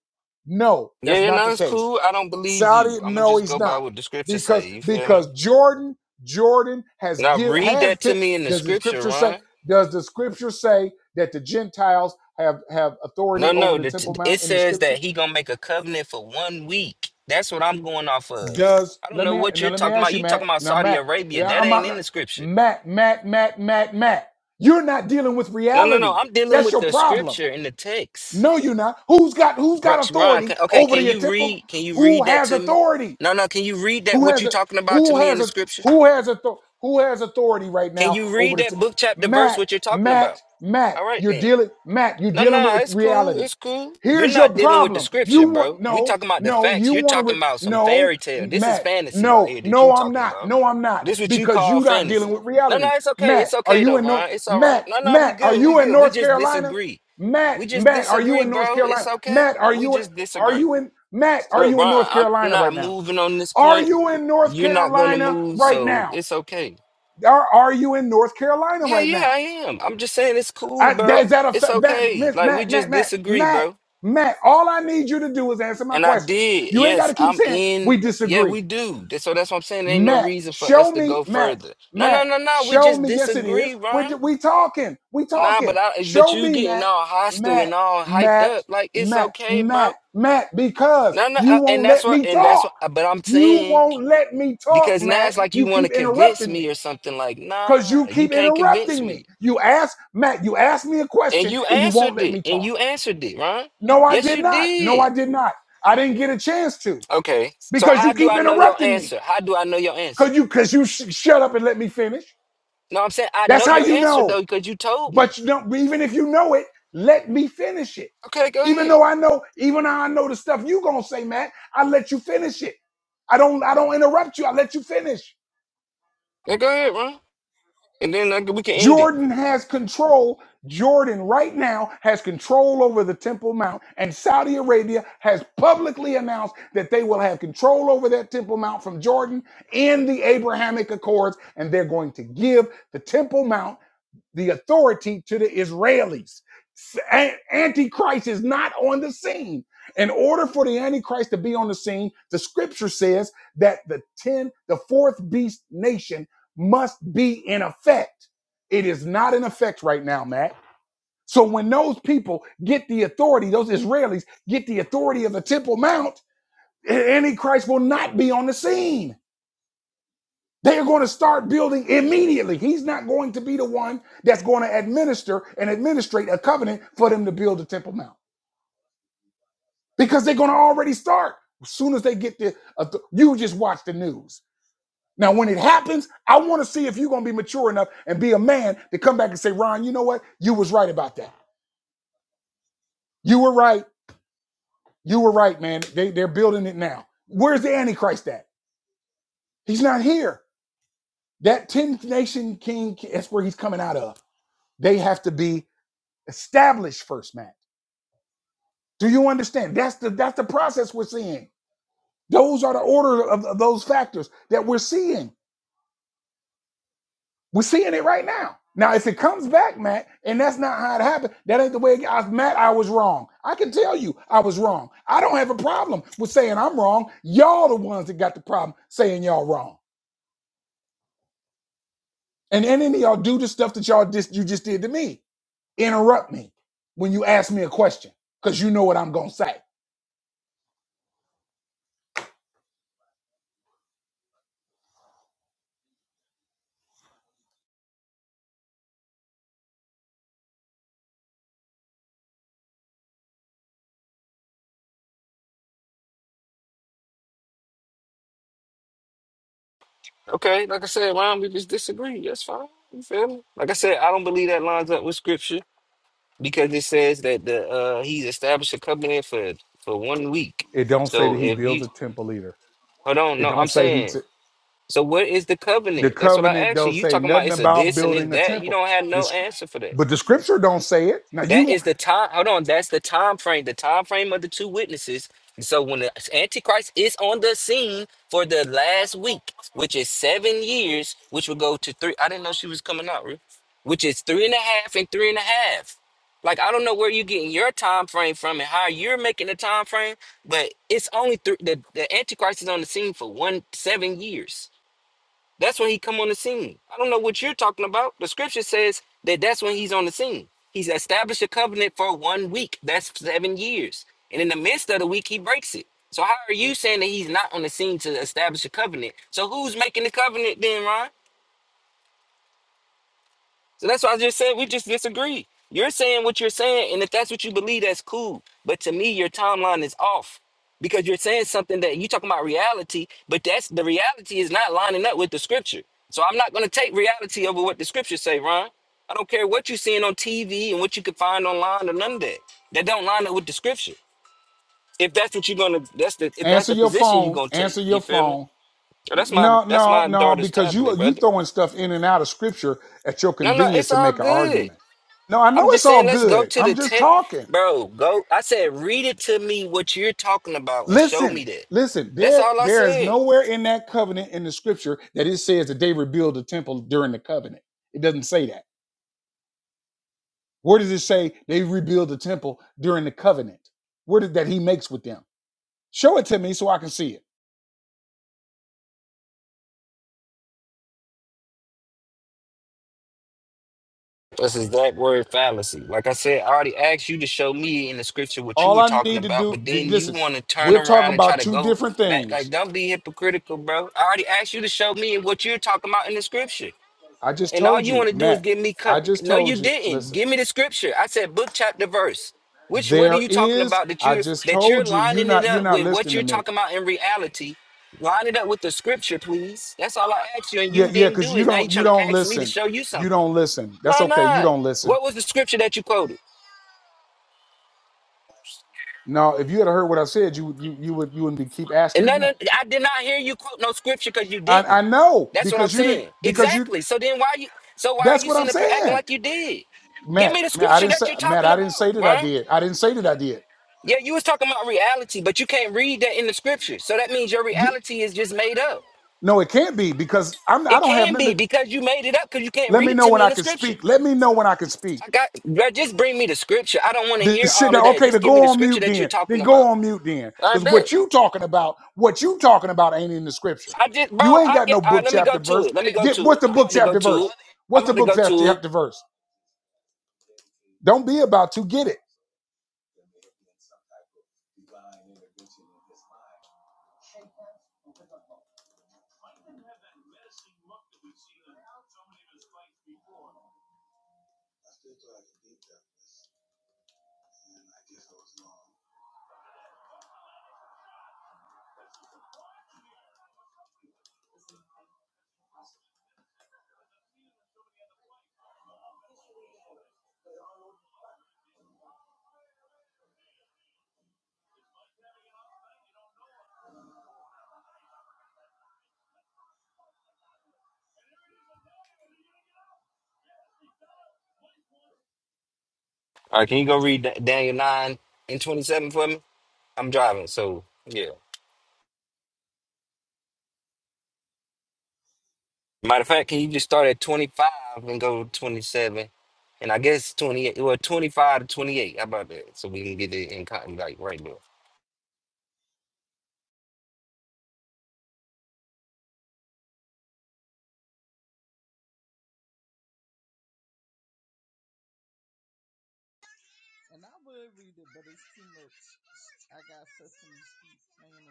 [SPEAKER 1] no.
[SPEAKER 2] Yeah,
[SPEAKER 1] That's
[SPEAKER 2] yeah,
[SPEAKER 1] not
[SPEAKER 2] no,
[SPEAKER 1] the
[SPEAKER 2] it's
[SPEAKER 1] case.
[SPEAKER 2] cool. I don't believe
[SPEAKER 1] Saudi,
[SPEAKER 2] you. I'ma
[SPEAKER 1] no,
[SPEAKER 2] just
[SPEAKER 1] he's
[SPEAKER 2] go by
[SPEAKER 1] not,
[SPEAKER 2] what the scripture say.
[SPEAKER 1] because
[SPEAKER 2] You feel me?
[SPEAKER 1] because Jordan, Jordan has
[SPEAKER 2] Now
[SPEAKER 1] give
[SPEAKER 2] read
[SPEAKER 1] has.
[SPEAKER 2] that to
[SPEAKER 1] Te-
[SPEAKER 2] me in the
[SPEAKER 1] does the
[SPEAKER 2] scripture,
[SPEAKER 1] scripture say?
[SPEAKER 2] Ron.
[SPEAKER 1] Does the scripture say that the Gentiles have have
[SPEAKER 2] No,
[SPEAKER 1] authority over
[SPEAKER 2] no.
[SPEAKER 1] the
[SPEAKER 2] The t-
[SPEAKER 1] Temple
[SPEAKER 2] it
[SPEAKER 1] Mount in the
[SPEAKER 2] says
[SPEAKER 1] scripture?
[SPEAKER 2] that he gonna make a covenant for one week. That's what I'm going off of.
[SPEAKER 1] Does
[SPEAKER 2] I don't
[SPEAKER 1] let
[SPEAKER 2] know
[SPEAKER 1] me
[SPEAKER 2] what
[SPEAKER 1] now
[SPEAKER 2] you're
[SPEAKER 1] let me
[SPEAKER 2] talking about.
[SPEAKER 1] ask you,
[SPEAKER 2] You talking
[SPEAKER 1] Matt.
[SPEAKER 2] about
[SPEAKER 1] Now,
[SPEAKER 2] Saudi
[SPEAKER 1] Matt,
[SPEAKER 2] Arabia?
[SPEAKER 1] yeah,
[SPEAKER 2] That
[SPEAKER 1] I'm
[SPEAKER 2] ain't in the
[SPEAKER 1] not
[SPEAKER 2] scripture.
[SPEAKER 1] Matt, Matt, Matt, Matt, Matt. You're not dealing with
[SPEAKER 2] No, no, no.
[SPEAKER 1] reality.
[SPEAKER 2] I'm dealing
[SPEAKER 1] That's
[SPEAKER 2] with
[SPEAKER 1] your
[SPEAKER 2] the
[SPEAKER 1] problem.
[SPEAKER 2] scripture in the text.
[SPEAKER 1] No, you're not. Who's got who's got
[SPEAKER 2] Right, Ron.
[SPEAKER 1] authority
[SPEAKER 2] ca- Okay,
[SPEAKER 1] over
[SPEAKER 2] can
[SPEAKER 1] the
[SPEAKER 2] you
[SPEAKER 1] temple?
[SPEAKER 2] read? Can you
[SPEAKER 1] Who
[SPEAKER 2] read that
[SPEAKER 1] has
[SPEAKER 2] to me?
[SPEAKER 1] authority?
[SPEAKER 2] No, no. Can you read that?
[SPEAKER 1] Who
[SPEAKER 2] What
[SPEAKER 1] has
[SPEAKER 2] you
[SPEAKER 1] a
[SPEAKER 2] talking about to
[SPEAKER 1] who
[SPEAKER 2] me in
[SPEAKER 1] has
[SPEAKER 2] the
[SPEAKER 1] a
[SPEAKER 2] scripture?
[SPEAKER 1] who has a who has authority right
[SPEAKER 2] Can
[SPEAKER 1] now
[SPEAKER 2] you
[SPEAKER 1] over
[SPEAKER 2] read
[SPEAKER 1] the
[SPEAKER 2] that
[SPEAKER 1] t-
[SPEAKER 2] book, chapter, verse? What
[SPEAKER 1] Matt,
[SPEAKER 2] you're talking about?
[SPEAKER 1] Matt, Matt,
[SPEAKER 2] All right
[SPEAKER 1] you're
[SPEAKER 2] then.
[SPEAKER 1] dealing Matt, you're
[SPEAKER 2] No,
[SPEAKER 1] dealing
[SPEAKER 2] no,
[SPEAKER 1] with
[SPEAKER 2] it's cool.
[SPEAKER 1] reality.
[SPEAKER 2] It's cool. You're
[SPEAKER 1] Here's your
[SPEAKER 2] not dealing with the
[SPEAKER 1] problem. You
[SPEAKER 2] scripture,
[SPEAKER 1] want
[SPEAKER 2] bro. We
[SPEAKER 1] no,
[SPEAKER 2] talking about the
[SPEAKER 1] no,
[SPEAKER 2] facts.
[SPEAKER 1] you
[SPEAKER 2] You're
[SPEAKER 1] want to
[SPEAKER 2] talking
[SPEAKER 1] re-
[SPEAKER 2] about some
[SPEAKER 1] no,
[SPEAKER 2] fairy tale. This is
[SPEAKER 1] Matt.
[SPEAKER 2] fantasy right
[SPEAKER 1] No,
[SPEAKER 2] here that you
[SPEAKER 1] no, I'm
[SPEAKER 2] talking
[SPEAKER 1] not.
[SPEAKER 2] about.
[SPEAKER 1] No, I'm not
[SPEAKER 2] This what you
[SPEAKER 1] because
[SPEAKER 2] call
[SPEAKER 1] you're not dealing
[SPEAKER 2] fantasy.
[SPEAKER 1] with
[SPEAKER 2] No, no,
[SPEAKER 1] reality.
[SPEAKER 2] it's okay.
[SPEAKER 1] Matt,
[SPEAKER 2] It's
[SPEAKER 1] are
[SPEAKER 2] okay
[SPEAKER 1] you
[SPEAKER 2] though,
[SPEAKER 1] in North
[SPEAKER 2] Ron. It's all right.
[SPEAKER 1] Matt,
[SPEAKER 2] No, no, we
[SPEAKER 1] Matt, are
[SPEAKER 2] good. We
[SPEAKER 1] you in
[SPEAKER 2] good. We
[SPEAKER 1] North
[SPEAKER 2] just
[SPEAKER 1] Carolina?
[SPEAKER 2] disagree.
[SPEAKER 1] Matt,
[SPEAKER 2] We just
[SPEAKER 1] Matt, are you
[SPEAKER 2] disagree,
[SPEAKER 1] in North
[SPEAKER 2] bro. It's
[SPEAKER 1] Carolina?
[SPEAKER 2] okay.
[SPEAKER 1] Matt, are
[SPEAKER 2] We
[SPEAKER 1] you in
[SPEAKER 2] just
[SPEAKER 1] are
[SPEAKER 2] disagree.
[SPEAKER 1] you in Matt, are
[SPEAKER 2] Look,
[SPEAKER 1] you in North
[SPEAKER 2] Ron, I'm
[SPEAKER 1] Carolina
[SPEAKER 2] not
[SPEAKER 1] right now?
[SPEAKER 2] moving on this
[SPEAKER 1] Are
[SPEAKER 2] point.
[SPEAKER 1] you in North
[SPEAKER 2] You're not gonna
[SPEAKER 1] Carolina
[SPEAKER 2] move,
[SPEAKER 1] right
[SPEAKER 2] so
[SPEAKER 1] now?
[SPEAKER 2] it's okay.
[SPEAKER 1] Are, are you in North Carolina
[SPEAKER 2] Yeah,
[SPEAKER 1] right
[SPEAKER 2] yeah,
[SPEAKER 1] now?
[SPEAKER 2] I am. I'm just saying it's cool,
[SPEAKER 1] I, that, is
[SPEAKER 2] bro.
[SPEAKER 1] that a
[SPEAKER 2] It's
[SPEAKER 1] fa- Matt,
[SPEAKER 2] okay.
[SPEAKER 1] Miss-
[SPEAKER 2] Like we
[SPEAKER 1] Matt, Matt,
[SPEAKER 2] just
[SPEAKER 1] Matt,
[SPEAKER 2] disagree,
[SPEAKER 1] Matt,
[SPEAKER 2] bro.
[SPEAKER 1] Matt? All I need you to do is answer my
[SPEAKER 2] And I
[SPEAKER 1] question.
[SPEAKER 2] did.
[SPEAKER 1] You ain't got
[SPEAKER 2] Yes,
[SPEAKER 1] to keep
[SPEAKER 2] I'm
[SPEAKER 1] saying
[SPEAKER 2] in.
[SPEAKER 1] we
[SPEAKER 2] Yeah,
[SPEAKER 1] disagree.
[SPEAKER 2] we do. Th- So that's what I'm saying. There ain't no
[SPEAKER 1] Matt,
[SPEAKER 2] reason for
[SPEAKER 1] show
[SPEAKER 2] us to
[SPEAKER 1] me,
[SPEAKER 2] go
[SPEAKER 1] Matt,
[SPEAKER 2] further. No, no,
[SPEAKER 1] Matt,
[SPEAKER 2] no, no. We
[SPEAKER 1] show
[SPEAKER 2] just
[SPEAKER 1] me. Yes, it
[SPEAKER 2] disagree,
[SPEAKER 1] is.
[SPEAKER 2] Ron.
[SPEAKER 1] We're, we talking. We
[SPEAKER 2] Nah, but
[SPEAKER 1] talking.
[SPEAKER 2] I, but
[SPEAKER 1] Show
[SPEAKER 2] you
[SPEAKER 1] me,
[SPEAKER 2] getting
[SPEAKER 1] Matt,
[SPEAKER 2] all hostile
[SPEAKER 1] Matt,
[SPEAKER 2] and all hyped
[SPEAKER 1] Matt,
[SPEAKER 2] up. Like it's
[SPEAKER 1] Matt,
[SPEAKER 2] okay,
[SPEAKER 1] Matt,
[SPEAKER 2] bro.
[SPEAKER 1] Matt, because
[SPEAKER 2] No, no,
[SPEAKER 1] you
[SPEAKER 2] uh, and
[SPEAKER 1] won't
[SPEAKER 2] that's
[SPEAKER 1] let
[SPEAKER 2] what,
[SPEAKER 1] me
[SPEAKER 2] and that's
[SPEAKER 1] talk.
[SPEAKER 2] what. But I'm
[SPEAKER 1] You
[SPEAKER 2] saying
[SPEAKER 1] won't let me talk,
[SPEAKER 2] because now
[SPEAKER 1] Matt.
[SPEAKER 2] it's like you
[SPEAKER 1] You
[SPEAKER 2] want
[SPEAKER 1] keep
[SPEAKER 2] to convince
[SPEAKER 1] interrupting
[SPEAKER 2] me or
[SPEAKER 1] me
[SPEAKER 2] something. Like, nah,
[SPEAKER 1] because you
[SPEAKER 2] you
[SPEAKER 1] keep
[SPEAKER 2] can't convince
[SPEAKER 1] interrupting
[SPEAKER 2] me.
[SPEAKER 1] me. You ask, Matt, you asked me a
[SPEAKER 2] And
[SPEAKER 1] question
[SPEAKER 2] you
[SPEAKER 1] and you won't
[SPEAKER 2] answered
[SPEAKER 1] let
[SPEAKER 2] it,
[SPEAKER 1] me
[SPEAKER 2] and
[SPEAKER 1] talk.
[SPEAKER 2] you answered it, Ron.
[SPEAKER 1] No, I
[SPEAKER 2] Yes,
[SPEAKER 1] did
[SPEAKER 2] you
[SPEAKER 1] not. No, I
[SPEAKER 2] did.
[SPEAKER 1] did not. I didn't get a chance to
[SPEAKER 2] Okay. So
[SPEAKER 1] because
[SPEAKER 2] how
[SPEAKER 1] you
[SPEAKER 2] do
[SPEAKER 1] keep
[SPEAKER 2] I know your
[SPEAKER 1] interrupting me.
[SPEAKER 2] answer? How do I know your answer?
[SPEAKER 1] Cause you, cause you sh- shut up and let me finish.
[SPEAKER 2] No, I'm saying I
[SPEAKER 1] That's
[SPEAKER 2] know
[SPEAKER 1] how
[SPEAKER 2] your
[SPEAKER 1] you
[SPEAKER 2] answer
[SPEAKER 1] know.
[SPEAKER 2] though because you told me.
[SPEAKER 1] But you don't. Even if you know it, let me finish it.
[SPEAKER 2] Okay, go
[SPEAKER 1] Even
[SPEAKER 2] ahead.
[SPEAKER 1] though I know, even though I know the stuff you gonna say, Matt, I let you finish it. I don't, I don't interrupt you. I let you finish.
[SPEAKER 2] Yeah, go ahead, Ron, and then like, we can end it.
[SPEAKER 1] Jordan has control. Jordan right now has control over the Temple Mount, and Saudi Arabia has publicly announced that they will have control over that Temple Mount from Jordan in the Abrahamic Accords, and they're going to give the Temple Mount the authority to the Israelis. S- a- Antichrist is not on the scene. In order for the Antichrist to be on the scene, the scripture says that the 10, the fourth beast nation must be in effect. It is not in effect right now, Matt. So when those people get the authority, those Israelis get the authority of the Temple Mount, Antichrist will not be on the scene. They are going to start building immediately. He's not going to be the one that's going to administer and administrate a covenant for them to build the Temple Mount because they're going to already start as soon as they get there. uh, you just watch the news. Now, when it happens, I want to see if you're going to be mature enough and be a man to come back and say, Ron, you know what? You was right about that. You were right. You were right, man. They, they're building it now. Where's the Antichrist at? He's not here. That 10 nation king, that's where he's coming out of. They have to be Establish first, man. Do you understand? That's the that's the process we're seeing. Those are the order of, of those factors that we're seeing. We're seeing it right now. Now, if it comes back, Matt, and that's not how it happened, that ain't the way. It, I, Matt, I was wrong. I can tell you, I was wrong. I don't have a problem with saying I'm wrong. Y'all the ones that got the problem saying y'all wrong. And any of y'all do the stuff that y'all just you just did to me. Interrupt me when you ask me a question because you know what I'm gonna say.
[SPEAKER 2] Okay, like I said, Ron, we just disagree. That's fine. You feel me? Like I said, I don't believe that lines up with scripture because it says that the uh he's established a covenant for for one week.
[SPEAKER 1] It don't say that
[SPEAKER 2] So
[SPEAKER 1] he
[SPEAKER 2] if you
[SPEAKER 1] builds a temple either.
[SPEAKER 2] hold on,
[SPEAKER 1] It
[SPEAKER 2] no,
[SPEAKER 1] don't
[SPEAKER 2] I'm
[SPEAKER 1] say he.
[SPEAKER 2] saying.
[SPEAKER 1] T-
[SPEAKER 2] So what is the
[SPEAKER 1] the
[SPEAKER 2] covenant? That's what I
[SPEAKER 1] covenant
[SPEAKER 2] asked you.
[SPEAKER 1] don't
[SPEAKER 2] You
[SPEAKER 1] say
[SPEAKER 2] talking about
[SPEAKER 1] nothing
[SPEAKER 2] it's a
[SPEAKER 1] about
[SPEAKER 2] this and it's
[SPEAKER 1] building a
[SPEAKER 2] that. You
[SPEAKER 1] temple.
[SPEAKER 2] don't have no
[SPEAKER 1] This,
[SPEAKER 2] answer for that.
[SPEAKER 1] but the scripture don't say it. Now you
[SPEAKER 2] That is
[SPEAKER 1] want-
[SPEAKER 2] the time. Hold on. That's the time frame. The time frame of the two witnesses. And so when the Antichrist is on the scene for the last week, which is seven years, which will go to three. I didn't know she was coming out, Ruth. Which is three and a half and three and a half. Like I don't know where you're getting your time frame from and how you're making the time frame, but it's only three. The, the Antichrist is on the scene for one seven years. That's when he come on the scene. I don't know what you're talking about. The scripture says that that's when he's on the scene. He's established a covenant for one week. That's seven years. And in the midst of the week, he breaks it. So how are you saying that he's not on the scene to establish a covenant? So who's making the covenant then, Ron? So that's why I just said we just disagree. You're saying what you're saying, and if that's what you believe, that's cool. But to me, your timeline is off because you're saying something that you talking about reality, but that's the reality is not lining up with the scripture. So I'm not going to take reality over what the scriptures say, Ron. I don't care what you're seeing on TV and what you can find online or none of that. That don't line up with the scripture. If that's what you're gonna, that's the if that's
[SPEAKER 1] answer
[SPEAKER 2] the
[SPEAKER 1] your
[SPEAKER 2] position you're
[SPEAKER 1] phone.
[SPEAKER 2] gonna take.
[SPEAKER 1] Answer your
[SPEAKER 2] You feel me?
[SPEAKER 1] phone.
[SPEAKER 2] So that's my
[SPEAKER 1] No,
[SPEAKER 2] that's
[SPEAKER 1] no,
[SPEAKER 2] my
[SPEAKER 1] no,
[SPEAKER 2] daughter's
[SPEAKER 1] because you
[SPEAKER 2] tablet,
[SPEAKER 1] you
[SPEAKER 2] brother.
[SPEAKER 1] throwing stuff in and out of scripture at your
[SPEAKER 2] No, no,
[SPEAKER 1] convenience
[SPEAKER 2] it's
[SPEAKER 1] to
[SPEAKER 2] all
[SPEAKER 1] make an
[SPEAKER 2] good.
[SPEAKER 1] argument. No, I know
[SPEAKER 2] I'm just
[SPEAKER 1] it's
[SPEAKER 2] saying,
[SPEAKER 1] all
[SPEAKER 2] let's go
[SPEAKER 1] good.
[SPEAKER 2] to the
[SPEAKER 1] I'm just
[SPEAKER 2] tech,
[SPEAKER 1] talking.
[SPEAKER 2] bro. Go. I said, read it to me what you're talking about and show
[SPEAKER 1] Listen,
[SPEAKER 2] me that.
[SPEAKER 1] listen.
[SPEAKER 2] That's
[SPEAKER 1] There,
[SPEAKER 2] all I
[SPEAKER 1] there is
[SPEAKER 2] said.
[SPEAKER 1] nowhere in that covenant in the scripture that it says that they rebuild the temple during the covenant. It doesn't say that. Where does it say they rebuild the temple during the covenant? Where did that he makes with them? Show it to me so I can see it.
[SPEAKER 2] That's his that word fallacy. Like I said, I already asked you to show me in the scripture what you
[SPEAKER 1] All
[SPEAKER 2] were
[SPEAKER 1] I
[SPEAKER 2] talking
[SPEAKER 1] need to
[SPEAKER 2] about,
[SPEAKER 1] do,
[SPEAKER 2] but
[SPEAKER 1] be-
[SPEAKER 2] then you
[SPEAKER 1] listen,
[SPEAKER 2] want to turn
[SPEAKER 1] we're talking
[SPEAKER 2] around and try
[SPEAKER 1] about
[SPEAKER 2] to
[SPEAKER 1] two
[SPEAKER 2] go
[SPEAKER 1] different
[SPEAKER 2] back. Like,
[SPEAKER 1] things.
[SPEAKER 2] don't be hypocritical, bro. I already asked you to show me what you're talking about in the scripture.
[SPEAKER 1] I just
[SPEAKER 2] And all
[SPEAKER 1] told
[SPEAKER 2] you
[SPEAKER 1] you,
[SPEAKER 2] want to do is
[SPEAKER 1] Matt.
[SPEAKER 2] give me
[SPEAKER 1] I
[SPEAKER 2] con-
[SPEAKER 1] just
[SPEAKER 2] no, you
[SPEAKER 1] told you.
[SPEAKER 2] didn't.
[SPEAKER 1] Listen,
[SPEAKER 2] Give me the scripture. I said book, chapter, verse. Which what are
[SPEAKER 1] there
[SPEAKER 2] you talking
[SPEAKER 1] is.
[SPEAKER 2] about that
[SPEAKER 1] I
[SPEAKER 2] you
[SPEAKER 1] just
[SPEAKER 2] that you're
[SPEAKER 1] told you. You're
[SPEAKER 2] lining it
[SPEAKER 1] not. You're
[SPEAKER 2] up
[SPEAKER 1] not
[SPEAKER 2] with what
[SPEAKER 1] listening to
[SPEAKER 2] you're
[SPEAKER 1] me.
[SPEAKER 2] talking about in reality? Line it up with the scripture, please. That's all I asked you, and
[SPEAKER 1] Yeah,
[SPEAKER 2] you
[SPEAKER 1] yeah.
[SPEAKER 2] didn't
[SPEAKER 1] Because
[SPEAKER 2] do
[SPEAKER 1] you
[SPEAKER 2] it. Now you're
[SPEAKER 1] don't. You
[SPEAKER 2] trying to
[SPEAKER 1] don't
[SPEAKER 2] ask me to
[SPEAKER 1] listen.
[SPEAKER 2] show you
[SPEAKER 1] You
[SPEAKER 2] something.
[SPEAKER 1] don't listen. That's
[SPEAKER 2] No,
[SPEAKER 1] okay. You
[SPEAKER 2] no.
[SPEAKER 1] don't listen.
[SPEAKER 2] What was the scripture that you quoted?
[SPEAKER 1] No, if you had heard what I said, you would- you you would you wouldn't be keep
[SPEAKER 2] And
[SPEAKER 1] asking me
[SPEAKER 2] none of,
[SPEAKER 1] that.
[SPEAKER 2] I did not hear you quote no scripture because you
[SPEAKER 1] I I
[SPEAKER 2] didn't.
[SPEAKER 1] know
[SPEAKER 2] That's what I'm
[SPEAKER 1] because you didn't
[SPEAKER 2] saying.
[SPEAKER 1] because you.
[SPEAKER 2] Exactly. So then why you so why are
[SPEAKER 1] That's
[SPEAKER 2] you
[SPEAKER 1] what I'm
[SPEAKER 2] sitting up here acting
[SPEAKER 1] saying.
[SPEAKER 2] like you did? Give
[SPEAKER 1] Matt,
[SPEAKER 2] me the
[SPEAKER 1] Matt, I
[SPEAKER 2] scripture
[SPEAKER 1] didn't say
[SPEAKER 2] that you're
[SPEAKER 1] Matt,
[SPEAKER 2] talking
[SPEAKER 1] I didn't
[SPEAKER 2] about,
[SPEAKER 1] say that I
[SPEAKER 2] right?
[SPEAKER 1] did. I didn't say that I did.
[SPEAKER 2] Yeah, you was talking about reality, but you can't read that in the scriptures. So that means your
[SPEAKER 1] Ye-
[SPEAKER 2] reality is just made up.
[SPEAKER 1] No, it can't be because I'm I
[SPEAKER 2] It
[SPEAKER 1] don't have
[SPEAKER 2] can be
[SPEAKER 1] nothing.
[SPEAKER 2] because you made it up because you can't
[SPEAKER 1] Let
[SPEAKER 2] read
[SPEAKER 1] me
[SPEAKER 2] it
[SPEAKER 1] know
[SPEAKER 2] to
[SPEAKER 1] when
[SPEAKER 2] me in
[SPEAKER 1] I
[SPEAKER 2] the
[SPEAKER 1] can
[SPEAKER 2] scripture.
[SPEAKER 1] speak. Let me know when I can speak.
[SPEAKER 2] I got bro, just bring me the scripture. I don't want to hear
[SPEAKER 1] This shit
[SPEAKER 2] all of
[SPEAKER 1] now,
[SPEAKER 2] that.
[SPEAKER 1] okay, to
[SPEAKER 2] Just give me
[SPEAKER 1] go
[SPEAKER 2] the
[SPEAKER 1] on
[SPEAKER 2] scripture
[SPEAKER 1] mute
[SPEAKER 2] that you're
[SPEAKER 1] then. Then
[SPEAKER 2] talking
[SPEAKER 1] go
[SPEAKER 2] about.
[SPEAKER 1] on mute then.
[SPEAKER 2] I
[SPEAKER 1] Because
[SPEAKER 2] bet.
[SPEAKER 1] what you talking about, what you talking about ain't in the scripture.
[SPEAKER 2] I just bro,
[SPEAKER 1] You ain't
[SPEAKER 2] I
[SPEAKER 1] got
[SPEAKER 2] get
[SPEAKER 1] no
[SPEAKER 2] all right,
[SPEAKER 1] book
[SPEAKER 2] let me go
[SPEAKER 1] chapter
[SPEAKER 2] to
[SPEAKER 1] verse.
[SPEAKER 2] it. Let me go
[SPEAKER 1] Get
[SPEAKER 2] to it.
[SPEAKER 1] what's the
[SPEAKER 2] I'm
[SPEAKER 1] book
[SPEAKER 2] about to go
[SPEAKER 1] chapter
[SPEAKER 2] to
[SPEAKER 1] verse?
[SPEAKER 2] it. I'm
[SPEAKER 1] What's the
[SPEAKER 2] about to
[SPEAKER 1] book
[SPEAKER 2] go to
[SPEAKER 1] chapter
[SPEAKER 2] it.
[SPEAKER 1] chapter verse? Don't be about to get it.
[SPEAKER 2] All right, can you go read Da- Daniel 9 and 27 for me? I'm driving, so yeah. Matter of fact, can you just start at 25 and go to 27? And I guess 28, well, 25 to 28. How about that? So we can get it in cotton like right there.
[SPEAKER 3] And I would read it, but it's too much. I got Sesame Street playing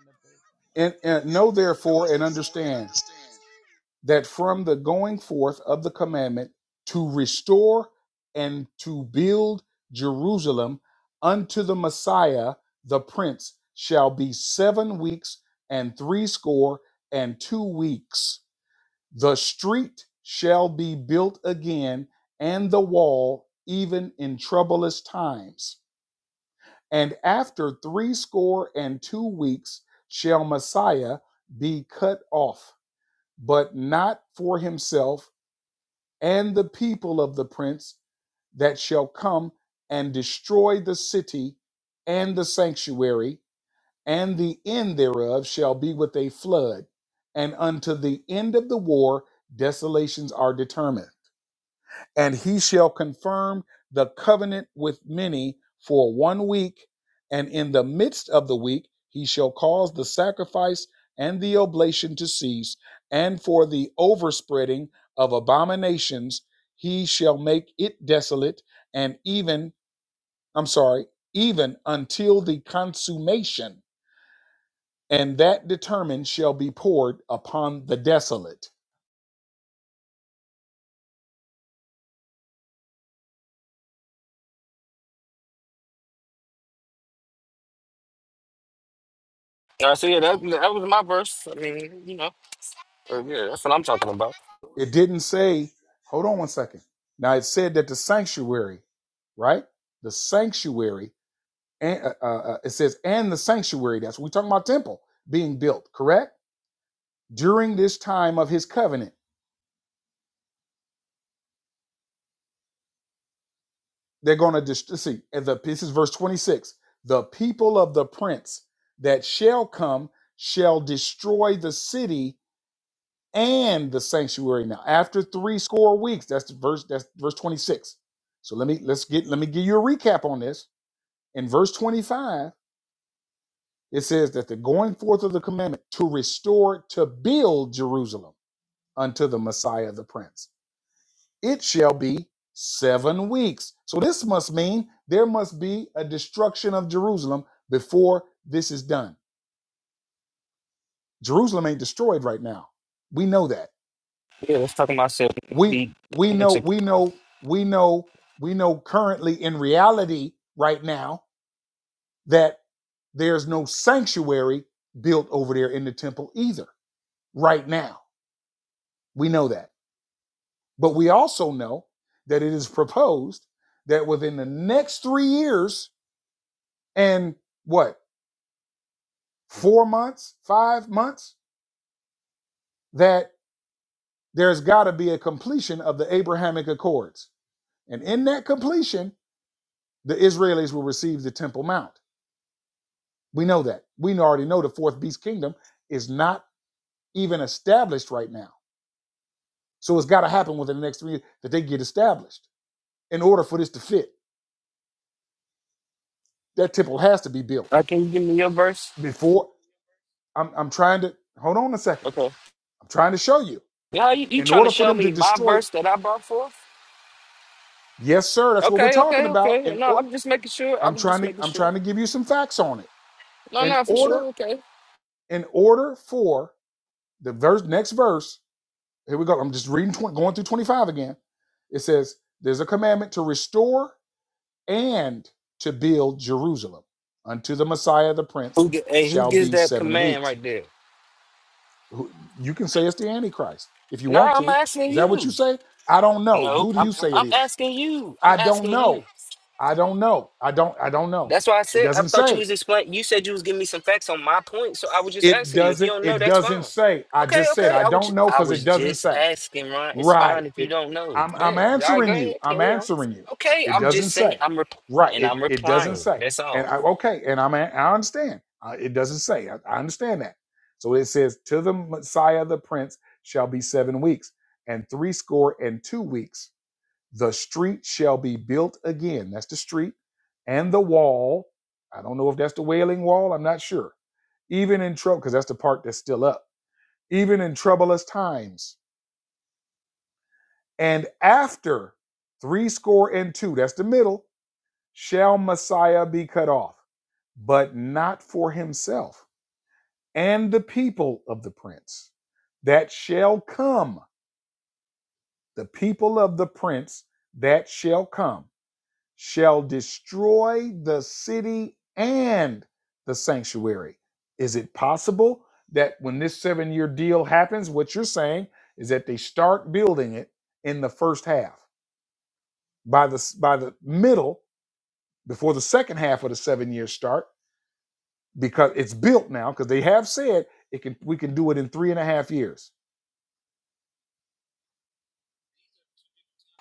[SPEAKER 1] And, and know therefore and understand. that from the going forth of the commandment to restore and to build Jerusalem unto the Messiah, the Prince, shall be seven weeks and threescore and two weeks. The street shall be built again, and the wall, even in troublous times. And after threescore and two weeks shall Messiah be cut off, but not for himself and the people of the prince that shall come and destroy the city and the sanctuary, and the end thereof shall be with a flood, and unto the end of the war desolations are determined and he shall confirm the covenant with many for one week. And in the midst of the week, he shall cause the sacrifice and the oblation to cease. And for the overspreading of abominations, he shall make it desolate, and even, I'm sorry, even until the consummation and that determined shall be poured upon the desolate.
[SPEAKER 2] All right, so yeah, that, that was my verse. I mean, you know, uh, yeah, that's what I'm talking about.
[SPEAKER 1] It didn't say, hold on one second. Now it said that the sanctuary, right? The sanctuary, and uh, uh, uh, it says, and the sanctuary. That's we're talking about temple being built, correct? During this time of his covenant. They're going to dist- see. And the this is verse 26. The people of the prince that shall come shall destroy the city and the sanctuary. Now, after three score weeks, that's the verse. That's verse 26. So let me let's get let me give you a recap on this. In verse 25, it says that the going forth of the commandment to restore to build Jerusalem unto the Messiah the Prince. it shall be seven weeks. So this must mean there must be a destruction of Jerusalem before this is done. Jerusalem ain't destroyed right now. We know that.
[SPEAKER 2] Yeah, let's talk about self.
[SPEAKER 1] We
[SPEAKER 2] The-
[SPEAKER 1] we know
[SPEAKER 2] it's a-
[SPEAKER 1] we know we know we know currently in reality right now that there's no sanctuary built over there in the temple either right now. We know that. But we also know that it is proposed that within the next 3 years and what four months, five months, that there's got to be a completion of the Abrahamic Accords. And in that completion, the Israelis will receive the Temple Mount. We know that. We already know the fourth beast kingdom is not even established right now. So it's got to happen within the next three years that they get established in order for this to fit. That temple has to be built
[SPEAKER 2] Uh, can you give me your verse?
[SPEAKER 1] before. I'm, I'm trying to hold on a second.
[SPEAKER 2] Okay.
[SPEAKER 1] I'm trying to show you.
[SPEAKER 2] Yeah, you, you
[SPEAKER 1] In
[SPEAKER 2] trying to
[SPEAKER 1] order for
[SPEAKER 2] show
[SPEAKER 1] them to
[SPEAKER 2] me my
[SPEAKER 1] destroy,
[SPEAKER 2] verse that I brought forth?
[SPEAKER 1] yes, sir, that's what we're
[SPEAKER 2] Okay,
[SPEAKER 1] talking
[SPEAKER 2] okay,
[SPEAKER 1] about.
[SPEAKER 2] okay.
[SPEAKER 1] In
[SPEAKER 2] No,
[SPEAKER 1] or,
[SPEAKER 2] I'm just making sure.
[SPEAKER 1] I'm
[SPEAKER 2] I'm
[SPEAKER 1] trying
[SPEAKER 2] just
[SPEAKER 1] to
[SPEAKER 2] making
[SPEAKER 1] I'm
[SPEAKER 2] sure.
[SPEAKER 1] trying to give you some facts on it.
[SPEAKER 2] No,
[SPEAKER 1] In
[SPEAKER 2] no, for sure.
[SPEAKER 1] order
[SPEAKER 2] Okay.
[SPEAKER 1] in order for the verse next verse, here we go. I'm just reading 20, going through 25 again. It says there's a commandment to restore and to build Jerusalem unto the Messiah the prince
[SPEAKER 2] Who, ge- hey, who
[SPEAKER 1] shall
[SPEAKER 2] gives
[SPEAKER 1] be
[SPEAKER 2] that
[SPEAKER 1] 7
[SPEAKER 2] command
[SPEAKER 1] weeks.
[SPEAKER 2] right there?
[SPEAKER 1] Who- You can say it's the antichrist if you
[SPEAKER 2] No,
[SPEAKER 1] want
[SPEAKER 2] I'm
[SPEAKER 1] to.
[SPEAKER 2] asking
[SPEAKER 1] Is that what
[SPEAKER 2] you.
[SPEAKER 1] you say? I don't know.
[SPEAKER 2] No,
[SPEAKER 1] Who do
[SPEAKER 2] I'm
[SPEAKER 1] you say it
[SPEAKER 2] I'm
[SPEAKER 1] is?
[SPEAKER 2] asking you. I'm
[SPEAKER 1] I don't
[SPEAKER 2] asking you.
[SPEAKER 1] know. I don't know. I don't I don't know.
[SPEAKER 2] That's why I
[SPEAKER 1] It
[SPEAKER 2] said I
[SPEAKER 1] doesn't
[SPEAKER 2] thought you
[SPEAKER 1] say.
[SPEAKER 2] was explaining. You said you was giving me some facts on my point, so I was just
[SPEAKER 1] It
[SPEAKER 2] asking you. If you
[SPEAKER 1] doesn't.
[SPEAKER 2] don't know,
[SPEAKER 1] It
[SPEAKER 2] that's
[SPEAKER 1] doesn't
[SPEAKER 2] fine.
[SPEAKER 1] say. I
[SPEAKER 2] Okay,
[SPEAKER 1] just said
[SPEAKER 2] okay.
[SPEAKER 1] I
[SPEAKER 2] I was ju-
[SPEAKER 1] don't know
[SPEAKER 2] I
[SPEAKER 1] because
[SPEAKER 2] was
[SPEAKER 1] it doesn't
[SPEAKER 2] just
[SPEAKER 1] say.
[SPEAKER 2] asking, Ron. It's
[SPEAKER 1] Right.
[SPEAKER 2] fine if you
[SPEAKER 1] It.
[SPEAKER 2] don't know.
[SPEAKER 1] I'm. I'm
[SPEAKER 2] Bet. All right, go
[SPEAKER 1] answering you.
[SPEAKER 2] ahead.
[SPEAKER 1] I'm
[SPEAKER 2] Carry on.
[SPEAKER 1] answering you.
[SPEAKER 2] Okay,
[SPEAKER 1] It
[SPEAKER 2] I'm
[SPEAKER 1] doesn't
[SPEAKER 2] just saying.
[SPEAKER 1] say.
[SPEAKER 2] I'm rep-
[SPEAKER 1] Right.
[SPEAKER 2] and
[SPEAKER 1] It.
[SPEAKER 2] I'm
[SPEAKER 1] It doesn't
[SPEAKER 2] replying.
[SPEAKER 1] say.
[SPEAKER 2] That's all.
[SPEAKER 1] And I, okay. And I'm. a- I understand. Uh, it doesn't say. I, I understand that. So it says, "To the Messiah, the Prince, shall be seven weeks and three score and two weeks." the street shall be built again. That's the street and the wall. I don't know if that's the wailing wall. I'm not sure. Even in trouble, because that's the part that's still up. Even in troublous times. And after three score and two, that's the middle, shall Messiah be cut off, but not for himself and the people of the prince that shall come. The people of the prince that shall come. shall destroy the city and the sanctuary. Is it possible that when this seven year deal happens, what you're saying is that they start building it in the first half by the by the middle before the second half of the seven years start because it's built now because they have said it can we can do it in three and a half years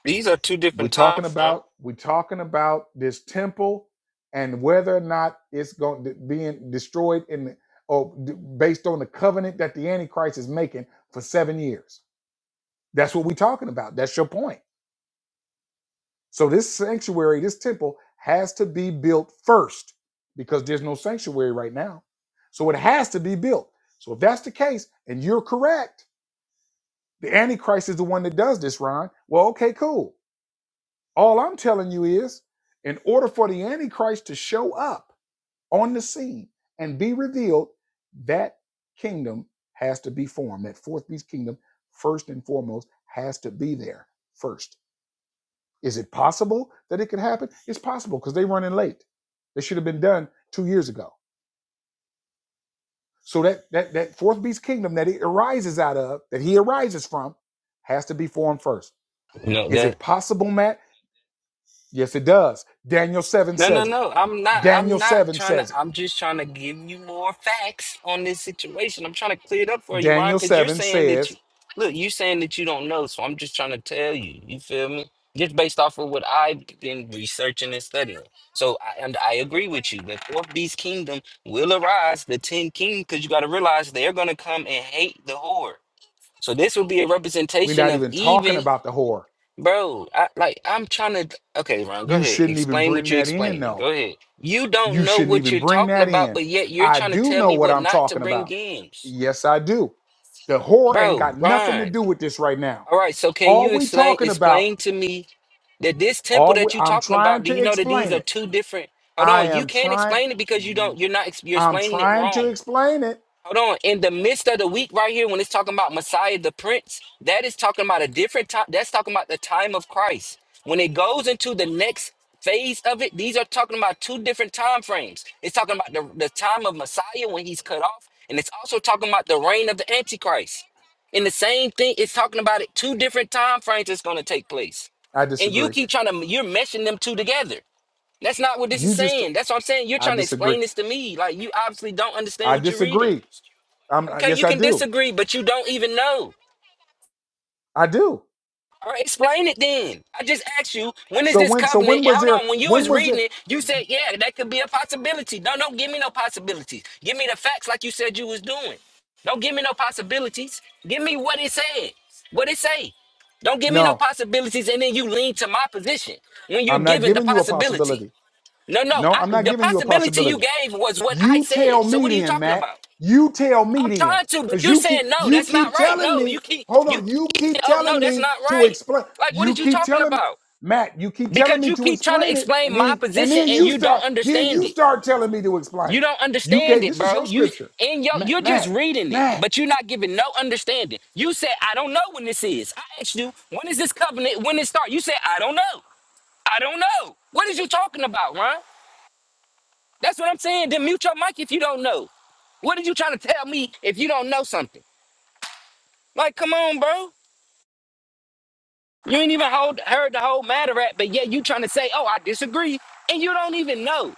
[SPEAKER 2] These are two
[SPEAKER 1] we
[SPEAKER 2] different
[SPEAKER 1] talking
[SPEAKER 2] times, huh?
[SPEAKER 1] about we talking about this temple and whether or not it's going to being destroyed in the, or d- based on the covenant that the antichrist is making for seven years that's what we are talking about that's your point so this sanctuary this temple has to be built first because there's no sanctuary right now so it has to be built so if that's the case and you're correct the antichrist is the one that does this ron well okay cool All I'm telling you is, in order for the Antichrist to show up on the scene and be revealed, that kingdom has to be formed. That fourth beast kingdom, first and foremost, has to be there first. Is it possible that it could happen? It's possible because they're running late. They should have been done two years ago. So that that that fourth beast kingdom that it arises out of, that he arises from, has to be formed first.
[SPEAKER 2] No,
[SPEAKER 1] Is
[SPEAKER 2] that.
[SPEAKER 1] it possible, Matt? Yes, it does. Daniel 7
[SPEAKER 2] No, no,
[SPEAKER 1] says it.
[SPEAKER 2] no. I'm not. I'm
[SPEAKER 1] Daniel
[SPEAKER 2] not
[SPEAKER 1] 7
[SPEAKER 2] trying to.
[SPEAKER 1] says it.
[SPEAKER 2] I'm just trying to give you more facts on this situation. I'm trying to clear it up for you, Ron,
[SPEAKER 1] Daniel
[SPEAKER 2] because you're
[SPEAKER 1] 7
[SPEAKER 2] saying that you
[SPEAKER 1] says,
[SPEAKER 2] look. You're saying that you don't know, so I'm just trying to tell you. You feel me? Just based off of what I've been researching and studying. So, I, and I agree with you that fourth beast kingdom will arise, the ten king, because you got to realize they're going to come and hate the whore. So this will be a
[SPEAKER 1] we're
[SPEAKER 2] representation
[SPEAKER 1] not
[SPEAKER 2] of
[SPEAKER 1] even talking
[SPEAKER 2] even
[SPEAKER 1] about the whore.
[SPEAKER 2] Bro, I like I'm trying to okay, Ron, go
[SPEAKER 1] You
[SPEAKER 2] ahead.
[SPEAKER 1] shouldn't even
[SPEAKER 2] Explain what
[SPEAKER 1] bring
[SPEAKER 2] you're
[SPEAKER 1] that in,
[SPEAKER 2] explaining.
[SPEAKER 1] no.
[SPEAKER 2] Go ahead. You don't
[SPEAKER 1] You
[SPEAKER 2] know
[SPEAKER 1] shouldn't
[SPEAKER 2] what
[SPEAKER 1] even
[SPEAKER 2] you're
[SPEAKER 1] bring
[SPEAKER 2] talking
[SPEAKER 1] that
[SPEAKER 2] about,
[SPEAKER 1] in.
[SPEAKER 2] but yet you're
[SPEAKER 1] I
[SPEAKER 2] trying to
[SPEAKER 1] do
[SPEAKER 2] tell
[SPEAKER 1] know
[SPEAKER 2] me
[SPEAKER 1] what
[SPEAKER 2] what
[SPEAKER 1] I'm
[SPEAKER 2] not to
[SPEAKER 1] talking
[SPEAKER 2] bring
[SPEAKER 1] about.
[SPEAKER 2] in.
[SPEAKER 1] Yes, I do. The whore ain't
[SPEAKER 2] Bro,
[SPEAKER 1] got nothing to
[SPEAKER 2] Ron.
[SPEAKER 1] do with this right now.
[SPEAKER 2] All right, so can
[SPEAKER 1] All
[SPEAKER 2] you
[SPEAKER 1] we
[SPEAKER 2] explain
[SPEAKER 1] talking about,
[SPEAKER 2] explain to me that this temple
[SPEAKER 1] all
[SPEAKER 2] that
[SPEAKER 1] we,
[SPEAKER 2] you're
[SPEAKER 1] I'm
[SPEAKER 2] talking about,
[SPEAKER 1] trying
[SPEAKER 2] do you
[SPEAKER 1] to
[SPEAKER 2] know that these
[SPEAKER 1] explain
[SPEAKER 2] are
[SPEAKER 1] it.
[SPEAKER 2] two different Hold
[SPEAKER 1] I
[SPEAKER 2] on, you
[SPEAKER 1] am
[SPEAKER 2] can't
[SPEAKER 1] trying,
[SPEAKER 2] explain it because you don't you're not ex- you're
[SPEAKER 1] I'm
[SPEAKER 2] explaining it
[SPEAKER 1] trying to
[SPEAKER 2] wrong.
[SPEAKER 1] explain it.
[SPEAKER 2] Hold on. In the midst of the week, right here, when it's talking about Messiah the Prince, that is talking about a different time. That's talking about the time of Christ. When it goes into the next phase of it, these are talking about two different time frames. It's talking about the, the time of Messiah when he's cut off, and it's also talking about the reign of the Antichrist. And the same thing, it's talking about it two different time frames that's going to take place.
[SPEAKER 1] I
[SPEAKER 2] And you
[SPEAKER 1] disagree.
[SPEAKER 2] keep trying to, you're meshing them two together. That's not what this is
[SPEAKER 1] You just,
[SPEAKER 2] saying. That's what I'm saying. You're
[SPEAKER 1] I
[SPEAKER 2] trying to
[SPEAKER 1] disagree.
[SPEAKER 2] explain this to me. Like, you obviously don't understand
[SPEAKER 1] I
[SPEAKER 2] what you're reading.
[SPEAKER 1] disagree. I'm,
[SPEAKER 2] Okay, you
[SPEAKER 1] yes, I
[SPEAKER 2] can
[SPEAKER 1] do.
[SPEAKER 2] disagree, but you don't even know.
[SPEAKER 1] I do.
[SPEAKER 2] All right, explain it then. I just asked you, when is
[SPEAKER 1] So
[SPEAKER 2] this
[SPEAKER 1] when so
[SPEAKER 2] covenant?
[SPEAKER 1] when
[SPEAKER 2] and
[SPEAKER 1] was
[SPEAKER 2] Hold
[SPEAKER 1] there
[SPEAKER 2] on, when you
[SPEAKER 1] when
[SPEAKER 2] was
[SPEAKER 1] was
[SPEAKER 2] reading
[SPEAKER 1] it
[SPEAKER 2] it, you said, yeah, that could be a possibility. No, don't give me no possibilities. Give me the facts like you said you was doing. Don't give me no possibilities. Give me what it said. What it say. Don't give me no
[SPEAKER 1] no,
[SPEAKER 2] possibilities and then you lean to my position when you're
[SPEAKER 1] I'm not
[SPEAKER 2] given the
[SPEAKER 1] giving you a
[SPEAKER 2] possibility.
[SPEAKER 1] possibility.
[SPEAKER 2] No, no,
[SPEAKER 1] No,
[SPEAKER 2] I,
[SPEAKER 1] I'm not
[SPEAKER 2] the
[SPEAKER 1] giving you a
[SPEAKER 2] possibility
[SPEAKER 1] possibility.
[SPEAKER 2] you gave was what I
[SPEAKER 1] You
[SPEAKER 2] said.
[SPEAKER 1] tell
[SPEAKER 2] So
[SPEAKER 1] me
[SPEAKER 2] what are you
[SPEAKER 1] then,
[SPEAKER 2] talking
[SPEAKER 1] Mac.
[SPEAKER 2] about?
[SPEAKER 1] You tell me
[SPEAKER 2] I'm
[SPEAKER 1] then.
[SPEAKER 2] trying to, but
[SPEAKER 1] Because
[SPEAKER 2] you're
[SPEAKER 1] you keep
[SPEAKER 2] saying no,
[SPEAKER 1] you
[SPEAKER 2] that's not
[SPEAKER 1] keep
[SPEAKER 2] right. No,
[SPEAKER 1] telling
[SPEAKER 2] you
[SPEAKER 1] me,
[SPEAKER 2] keep
[SPEAKER 1] hold
[SPEAKER 2] you
[SPEAKER 1] on, you
[SPEAKER 2] keep saying,
[SPEAKER 1] keep
[SPEAKER 2] oh no,
[SPEAKER 1] telling
[SPEAKER 2] that's
[SPEAKER 1] me
[SPEAKER 2] not
[SPEAKER 1] to
[SPEAKER 2] right.
[SPEAKER 1] explain.
[SPEAKER 2] Like what are
[SPEAKER 1] You
[SPEAKER 2] you
[SPEAKER 1] keep
[SPEAKER 2] talking
[SPEAKER 1] telling me,
[SPEAKER 2] about?
[SPEAKER 1] Matt, you keep telling
[SPEAKER 2] Because
[SPEAKER 1] me
[SPEAKER 2] you
[SPEAKER 1] to
[SPEAKER 2] keep trying to
[SPEAKER 1] explain it,
[SPEAKER 2] explain
[SPEAKER 1] and
[SPEAKER 2] my
[SPEAKER 1] then and
[SPEAKER 2] position
[SPEAKER 1] then
[SPEAKER 2] and
[SPEAKER 1] you
[SPEAKER 2] you don't
[SPEAKER 1] start, then
[SPEAKER 2] understand
[SPEAKER 1] you
[SPEAKER 2] it.
[SPEAKER 1] start telling me to
[SPEAKER 2] You
[SPEAKER 1] explain.
[SPEAKER 2] don't
[SPEAKER 1] You
[SPEAKER 2] understand
[SPEAKER 1] gave
[SPEAKER 2] it,
[SPEAKER 1] this is
[SPEAKER 2] bro.
[SPEAKER 1] your
[SPEAKER 2] You
[SPEAKER 1] scripture.
[SPEAKER 2] and yo,
[SPEAKER 1] Matt,
[SPEAKER 2] you're just
[SPEAKER 1] Matt,
[SPEAKER 2] reading it,
[SPEAKER 1] Matt.
[SPEAKER 2] but you're not giving no understanding. You said I don't know when this is. I asked you when is this covenant? When it start? You said I don't know. I don't know. What is you talking about, Ron? That's what I'm saying. Then mute your mic if you don't know. What are you trying to tell me if you don't know something? Like, come on, bro. You ain't even hold, heard the whole matter at, but yet you trying to say, "Oh, I disagree," and you don't even know.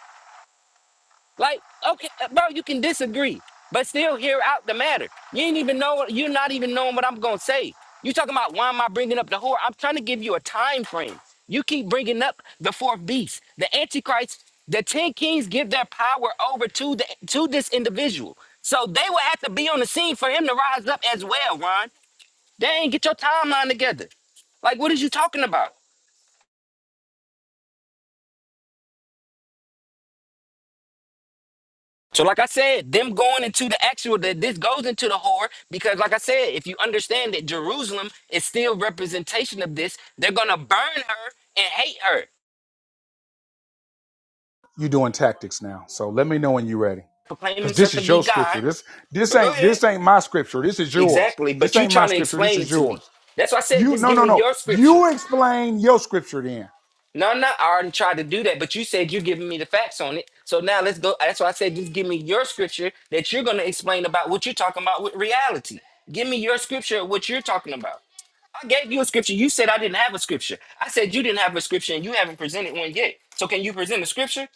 [SPEAKER 2] Like, okay, uh, bro, you can disagree, but still hear out the matter. You ain't even know. You're not even knowing what I'm gonna say. You talking about why am I bringing up the whore? I'm trying to give you a time frame. You keep bringing up the fourth beast, the antichrist. The ten kings give their power over to the to this individual, so they will have to be on the scene for him to rise up as well. Ron, dang, get your timeline together. Like, what is you talking about? So, like I said, them going into the actual that this goes into the whore because, like I said, if you understand that Jerusalem is still representation of this, they're gonna burn her and hate her,
[SPEAKER 1] you doing tactics now. So let me know when you're ready.
[SPEAKER 2] proclaim
[SPEAKER 1] Cause
[SPEAKER 2] himself
[SPEAKER 1] this
[SPEAKER 2] to
[SPEAKER 1] is
[SPEAKER 2] be
[SPEAKER 1] your
[SPEAKER 2] God.
[SPEAKER 1] scripture. This this
[SPEAKER 2] But go
[SPEAKER 1] ain't
[SPEAKER 2] ahead.
[SPEAKER 1] this ain't my scripture. This is yours.
[SPEAKER 2] Exactly.
[SPEAKER 1] This
[SPEAKER 2] But you
[SPEAKER 1] ain't my
[SPEAKER 2] trying to
[SPEAKER 1] scripture. This
[SPEAKER 2] explain it
[SPEAKER 1] is
[SPEAKER 2] to me?
[SPEAKER 1] yours.
[SPEAKER 2] That's why I said
[SPEAKER 1] You
[SPEAKER 2] just
[SPEAKER 1] no
[SPEAKER 2] give
[SPEAKER 1] no
[SPEAKER 2] me
[SPEAKER 1] no.
[SPEAKER 2] your scripture.
[SPEAKER 1] You explain your scripture then.
[SPEAKER 2] No, no, I already tried to do that, but you said you're giving me the facts on it. So now let's go. That's why I said just give me your scripture that you're gonna explain about what you're talking about with reality. Give me your scripture of what you're talking about. I gave you a scripture. You said I didn't have a scripture. I said you didn't have a scripture and you haven't presented one yet. So can you present a scripture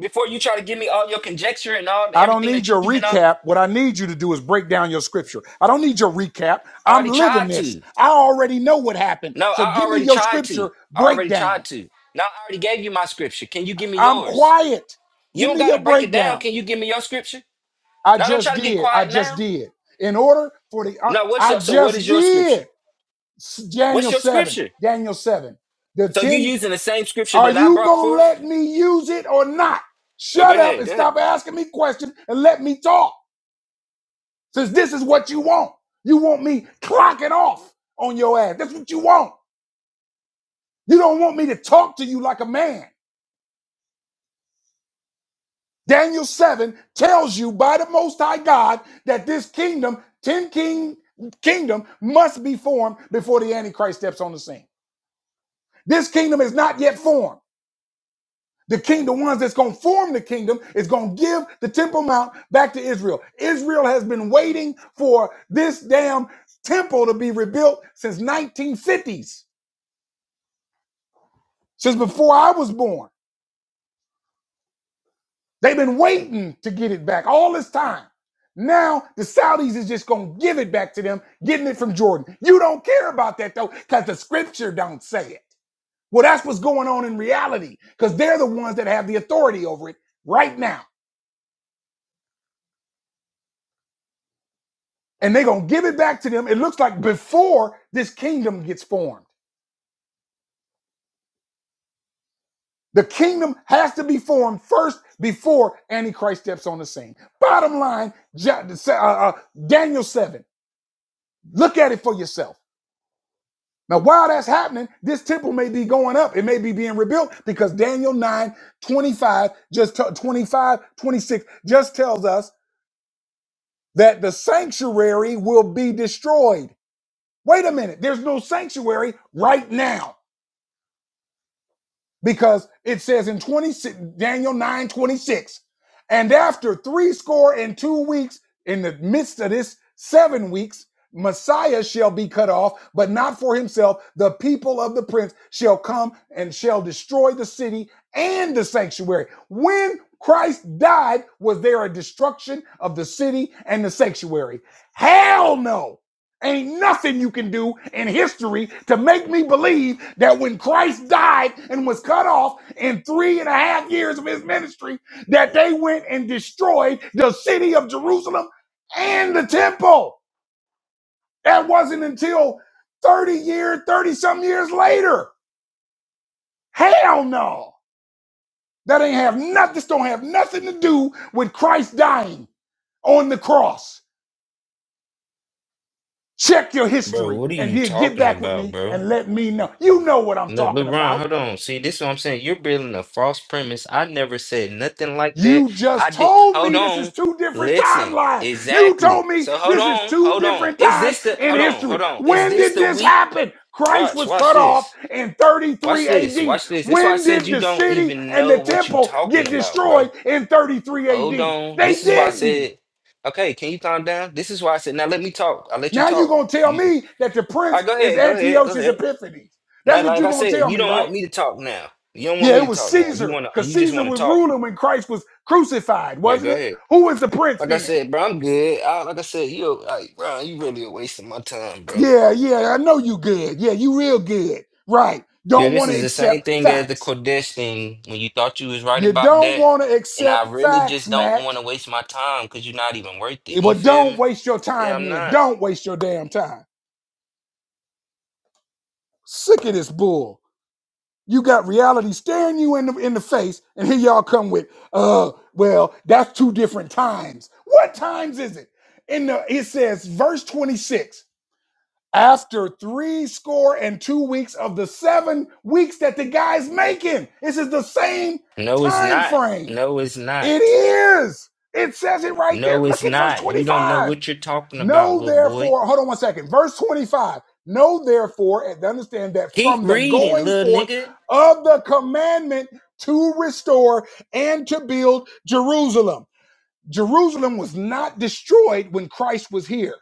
[SPEAKER 2] before you try to give me all your conjecture and all
[SPEAKER 1] I don't
[SPEAKER 2] everything
[SPEAKER 1] need
[SPEAKER 2] that you
[SPEAKER 1] your
[SPEAKER 2] even al-
[SPEAKER 1] recap. What I need you to do is break down your scripture. I don't need your recap. I'm
[SPEAKER 2] already
[SPEAKER 1] living
[SPEAKER 2] tried
[SPEAKER 1] this.
[SPEAKER 2] to?
[SPEAKER 1] I already know what happened.
[SPEAKER 2] No,
[SPEAKER 1] So
[SPEAKER 2] I
[SPEAKER 1] give me
[SPEAKER 2] already
[SPEAKER 1] your
[SPEAKER 2] tried to.
[SPEAKER 1] scripture
[SPEAKER 2] I already tried
[SPEAKER 1] breakdown.
[SPEAKER 2] to. Now I already gave you my scripture. Can you give me
[SPEAKER 1] I'm
[SPEAKER 2] yours?
[SPEAKER 1] quiet.
[SPEAKER 2] You
[SPEAKER 1] Give
[SPEAKER 2] don't
[SPEAKER 1] me your
[SPEAKER 2] gotta break it down.
[SPEAKER 1] breakdown.
[SPEAKER 2] Can you give me your scripture?
[SPEAKER 1] I
[SPEAKER 2] Now don't try
[SPEAKER 1] just
[SPEAKER 2] to get
[SPEAKER 1] did. I
[SPEAKER 2] quiet
[SPEAKER 1] just
[SPEAKER 2] now.
[SPEAKER 1] did. In order for the I
[SPEAKER 2] No, what's
[SPEAKER 1] I
[SPEAKER 2] your so what is
[SPEAKER 1] just
[SPEAKER 2] your
[SPEAKER 1] did.
[SPEAKER 2] scripture? What's
[SPEAKER 1] Daniel
[SPEAKER 2] your
[SPEAKER 1] 7.
[SPEAKER 2] scripture?
[SPEAKER 1] Daniel 7. The
[SPEAKER 2] So you
[SPEAKER 1] 10,
[SPEAKER 2] using the same scripture
[SPEAKER 1] are
[SPEAKER 2] that I
[SPEAKER 1] you
[SPEAKER 2] brought
[SPEAKER 1] going to
[SPEAKER 2] forth?
[SPEAKER 1] let me use it or not?
[SPEAKER 2] Oh, go
[SPEAKER 1] Shut up
[SPEAKER 2] ahead,
[SPEAKER 1] and
[SPEAKER 2] go ahead.
[SPEAKER 1] stop asking me questions and let me talk. Since this is what you want. You want me clocking off on your ass. That's what you want. You don't want me to talk to you like a man. Daniel 7 tells you by the Most High God that this kingdom, 10 king kingdom, must be formed before the Antichrist steps on the scene. This kingdom is not yet formed. The king, the ones that's going to form the kingdom, is going to give the Temple Mount back to Israel. Israel has been waiting for this damn temple to be rebuilt since 1950s, since before I was born. They've been waiting to get it back all this time. Now the Saudis is just going to give it back to them, getting it from Jordan. You don't care about that though, because the scripture don't say it. Well, that's what's going on in reality, because they're the ones that have the authority over it right now. and they're going to give it back to them. It looks like before this kingdom gets formed. The kingdom has to be formed first before Antichrist steps on the scene. Bottom line, Ja- uh, uh, uh, Daniel 7. Look at it for yourself. Now, while that's happening, this temple may be going up. It may be being rebuilt because Daniel 9 25 just t- 25, twenty-six, just tells us that the sanctuary will be destroyed. Wait a minute. There's no sanctuary right now. because it says in 26 Daniel 9 26, and after three score and two weeks, in the midst of this seven weeks, Messiah shall be cut off, but not for himself. The people of the prince shall come and shall destroy the city and the sanctuary. When Christ died, was there a destruction of the city and the sanctuary? Hell no. Ain't nothing you can do in history to make me believe that when Christ died and was cut off in three and a half years of his ministry, that they went and destroyed the city of Jerusalem and the temple. That wasn't until 30 years, 30 some years later. Hell no. That ain't have nothing, this don't have nothing to do with Christ dying on the cross. Check your
[SPEAKER 2] Bro,
[SPEAKER 1] history
[SPEAKER 2] what are
[SPEAKER 1] and
[SPEAKER 2] you
[SPEAKER 1] then get
[SPEAKER 2] talking
[SPEAKER 1] back with
[SPEAKER 2] about,
[SPEAKER 1] me
[SPEAKER 2] bro?
[SPEAKER 1] and let me know. You know what I'm
[SPEAKER 2] No,
[SPEAKER 1] talking
[SPEAKER 2] LeBron,
[SPEAKER 1] about.
[SPEAKER 2] hold on. See, this is what I'm saying. You're building a false premise. I never said nothing like that.
[SPEAKER 1] You
[SPEAKER 2] I
[SPEAKER 1] just
[SPEAKER 2] did.
[SPEAKER 1] told
[SPEAKER 2] Hold
[SPEAKER 1] me this is
[SPEAKER 2] on.
[SPEAKER 1] two different
[SPEAKER 2] Listen.
[SPEAKER 1] timelines. You
[SPEAKER 2] Exactly.
[SPEAKER 1] told me
[SPEAKER 2] So hold
[SPEAKER 1] this is
[SPEAKER 2] on.
[SPEAKER 1] two
[SPEAKER 2] Hold on.
[SPEAKER 1] different
[SPEAKER 2] Is
[SPEAKER 1] times
[SPEAKER 2] this the?
[SPEAKER 1] in
[SPEAKER 2] Hold on.
[SPEAKER 1] history.
[SPEAKER 2] Hold on. Is
[SPEAKER 1] When
[SPEAKER 2] this
[SPEAKER 1] did
[SPEAKER 2] the
[SPEAKER 1] this
[SPEAKER 2] week?
[SPEAKER 1] happen? Christ
[SPEAKER 2] Watch.
[SPEAKER 1] was
[SPEAKER 2] Watch
[SPEAKER 1] cut off
[SPEAKER 2] this.
[SPEAKER 1] in
[SPEAKER 2] Watch
[SPEAKER 1] 33
[SPEAKER 2] this.
[SPEAKER 1] AD.
[SPEAKER 2] Watch this. This is why I
[SPEAKER 1] When
[SPEAKER 2] said
[SPEAKER 1] did
[SPEAKER 2] you
[SPEAKER 1] the
[SPEAKER 2] don't
[SPEAKER 1] city
[SPEAKER 2] even
[SPEAKER 1] and the
[SPEAKER 2] know what you
[SPEAKER 1] temple
[SPEAKER 2] talking
[SPEAKER 1] get
[SPEAKER 2] about, bro.
[SPEAKER 1] destroyed in 33
[SPEAKER 2] Hold
[SPEAKER 1] AD?
[SPEAKER 2] on.
[SPEAKER 1] They
[SPEAKER 2] This is why I
[SPEAKER 1] didn't.
[SPEAKER 2] said. Okay, can you calm down? This is why I said. Now let me talk. I will let you
[SPEAKER 1] Now you're
[SPEAKER 2] talk.
[SPEAKER 1] going to tell
[SPEAKER 2] You.
[SPEAKER 1] me that the
[SPEAKER 2] All
[SPEAKER 1] prince
[SPEAKER 2] right. Go
[SPEAKER 1] is
[SPEAKER 2] ahead. Go ahead. Go
[SPEAKER 1] Antiochus
[SPEAKER 2] ahead.
[SPEAKER 1] Epiphanes. That's
[SPEAKER 2] Now,
[SPEAKER 1] what
[SPEAKER 2] like
[SPEAKER 1] you're
[SPEAKER 2] I
[SPEAKER 1] going to
[SPEAKER 2] said,
[SPEAKER 1] tell
[SPEAKER 2] you
[SPEAKER 1] me,
[SPEAKER 2] don't want
[SPEAKER 1] right?
[SPEAKER 2] me to talk now. You don't want
[SPEAKER 1] Yeah,
[SPEAKER 2] me
[SPEAKER 1] it
[SPEAKER 2] to
[SPEAKER 1] was
[SPEAKER 2] talk now. You
[SPEAKER 1] Caesar
[SPEAKER 2] wanna,
[SPEAKER 1] because
[SPEAKER 2] you just
[SPEAKER 1] Caesar
[SPEAKER 2] want to
[SPEAKER 1] was
[SPEAKER 2] talk.
[SPEAKER 1] ruling when Christ was crucified,
[SPEAKER 2] Yeah,
[SPEAKER 1] wasn't
[SPEAKER 2] go
[SPEAKER 1] it?
[SPEAKER 2] ahead.
[SPEAKER 1] Who was the prince
[SPEAKER 2] Like I
[SPEAKER 1] then?
[SPEAKER 2] said, bro, I'm good. I, like I said, you like, bro, you really are wasting my time, bro.
[SPEAKER 1] Yeah, yeah, I know you good. Yeah, you real good. Right.
[SPEAKER 2] Yeah,
[SPEAKER 1] Don't
[SPEAKER 2] this
[SPEAKER 1] want to
[SPEAKER 2] is the same
[SPEAKER 1] accept
[SPEAKER 2] thing as the
[SPEAKER 1] facts.
[SPEAKER 2] Kodesh thing when you thought you was right
[SPEAKER 1] You
[SPEAKER 2] about
[SPEAKER 1] don't
[SPEAKER 2] that,
[SPEAKER 1] want to
[SPEAKER 2] and I
[SPEAKER 1] accept
[SPEAKER 2] really
[SPEAKER 1] facts,
[SPEAKER 2] just don't want
[SPEAKER 1] Matt.
[SPEAKER 2] to waste my time because you're not even worth it.
[SPEAKER 1] Eh,
[SPEAKER 2] You
[SPEAKER 1] But
[SPEAKER 2] feel
[SPEAKER 1] don't
[SPEAKER 2] me?
[SPEAKER 1] waste your
[SPEAKER 2] Yeah,
[SPEAKER 1] time
[SPEAKER 2] I'm
[SPEAKER 1] then.
[SPEAKER 2] not.
[SPEAKER 1] Don't waste your damn time. Sick of this bull. You got reality staring you in the in the face, and here y'all come with, uh, well, that's two different times. What times is it? In the it says verse 26. after three score and two weeks of the seven weeks that the guy's making. This is the same
[SPEAKER 2] No, it's
[SPEAKER 1] time
[SPEAKER 2] not.
[SPEAKER 1] frame.
[SPEAKER 2] No, it's
[SPEAKER 1] It
[SPEAKER 2] not.
[SPEAKER 1] is. It says it right
[SPEAKER 2] No,
[SPEAKER 1] there.
[SPEAKER 2] it's
[SPEAKER 1] Look at verse
[SPEAKER 2] not. You don't know
[SPEAKER 1] 25.
[SPEAKER 2] what you're talking about,
[SPEAKER 1] Know
[SPEAKER 2] little boy.
[SPEAKER 1] therefore, hold on one second. Verse 25. Know therefore, and understand that
[SPEAKER 2] Keep
[SPEAKER 1] from the
[SPEAKER 2] reading,
[SPEAKER 1] going
[SPEAKER 2] little
[SPEAKER 1] forth
[SPEAKER 2] nigga.
[SPEAKER 1] of the commandment to restore and to build Jerusalem. Jerusalem was not destroyed when Christ was here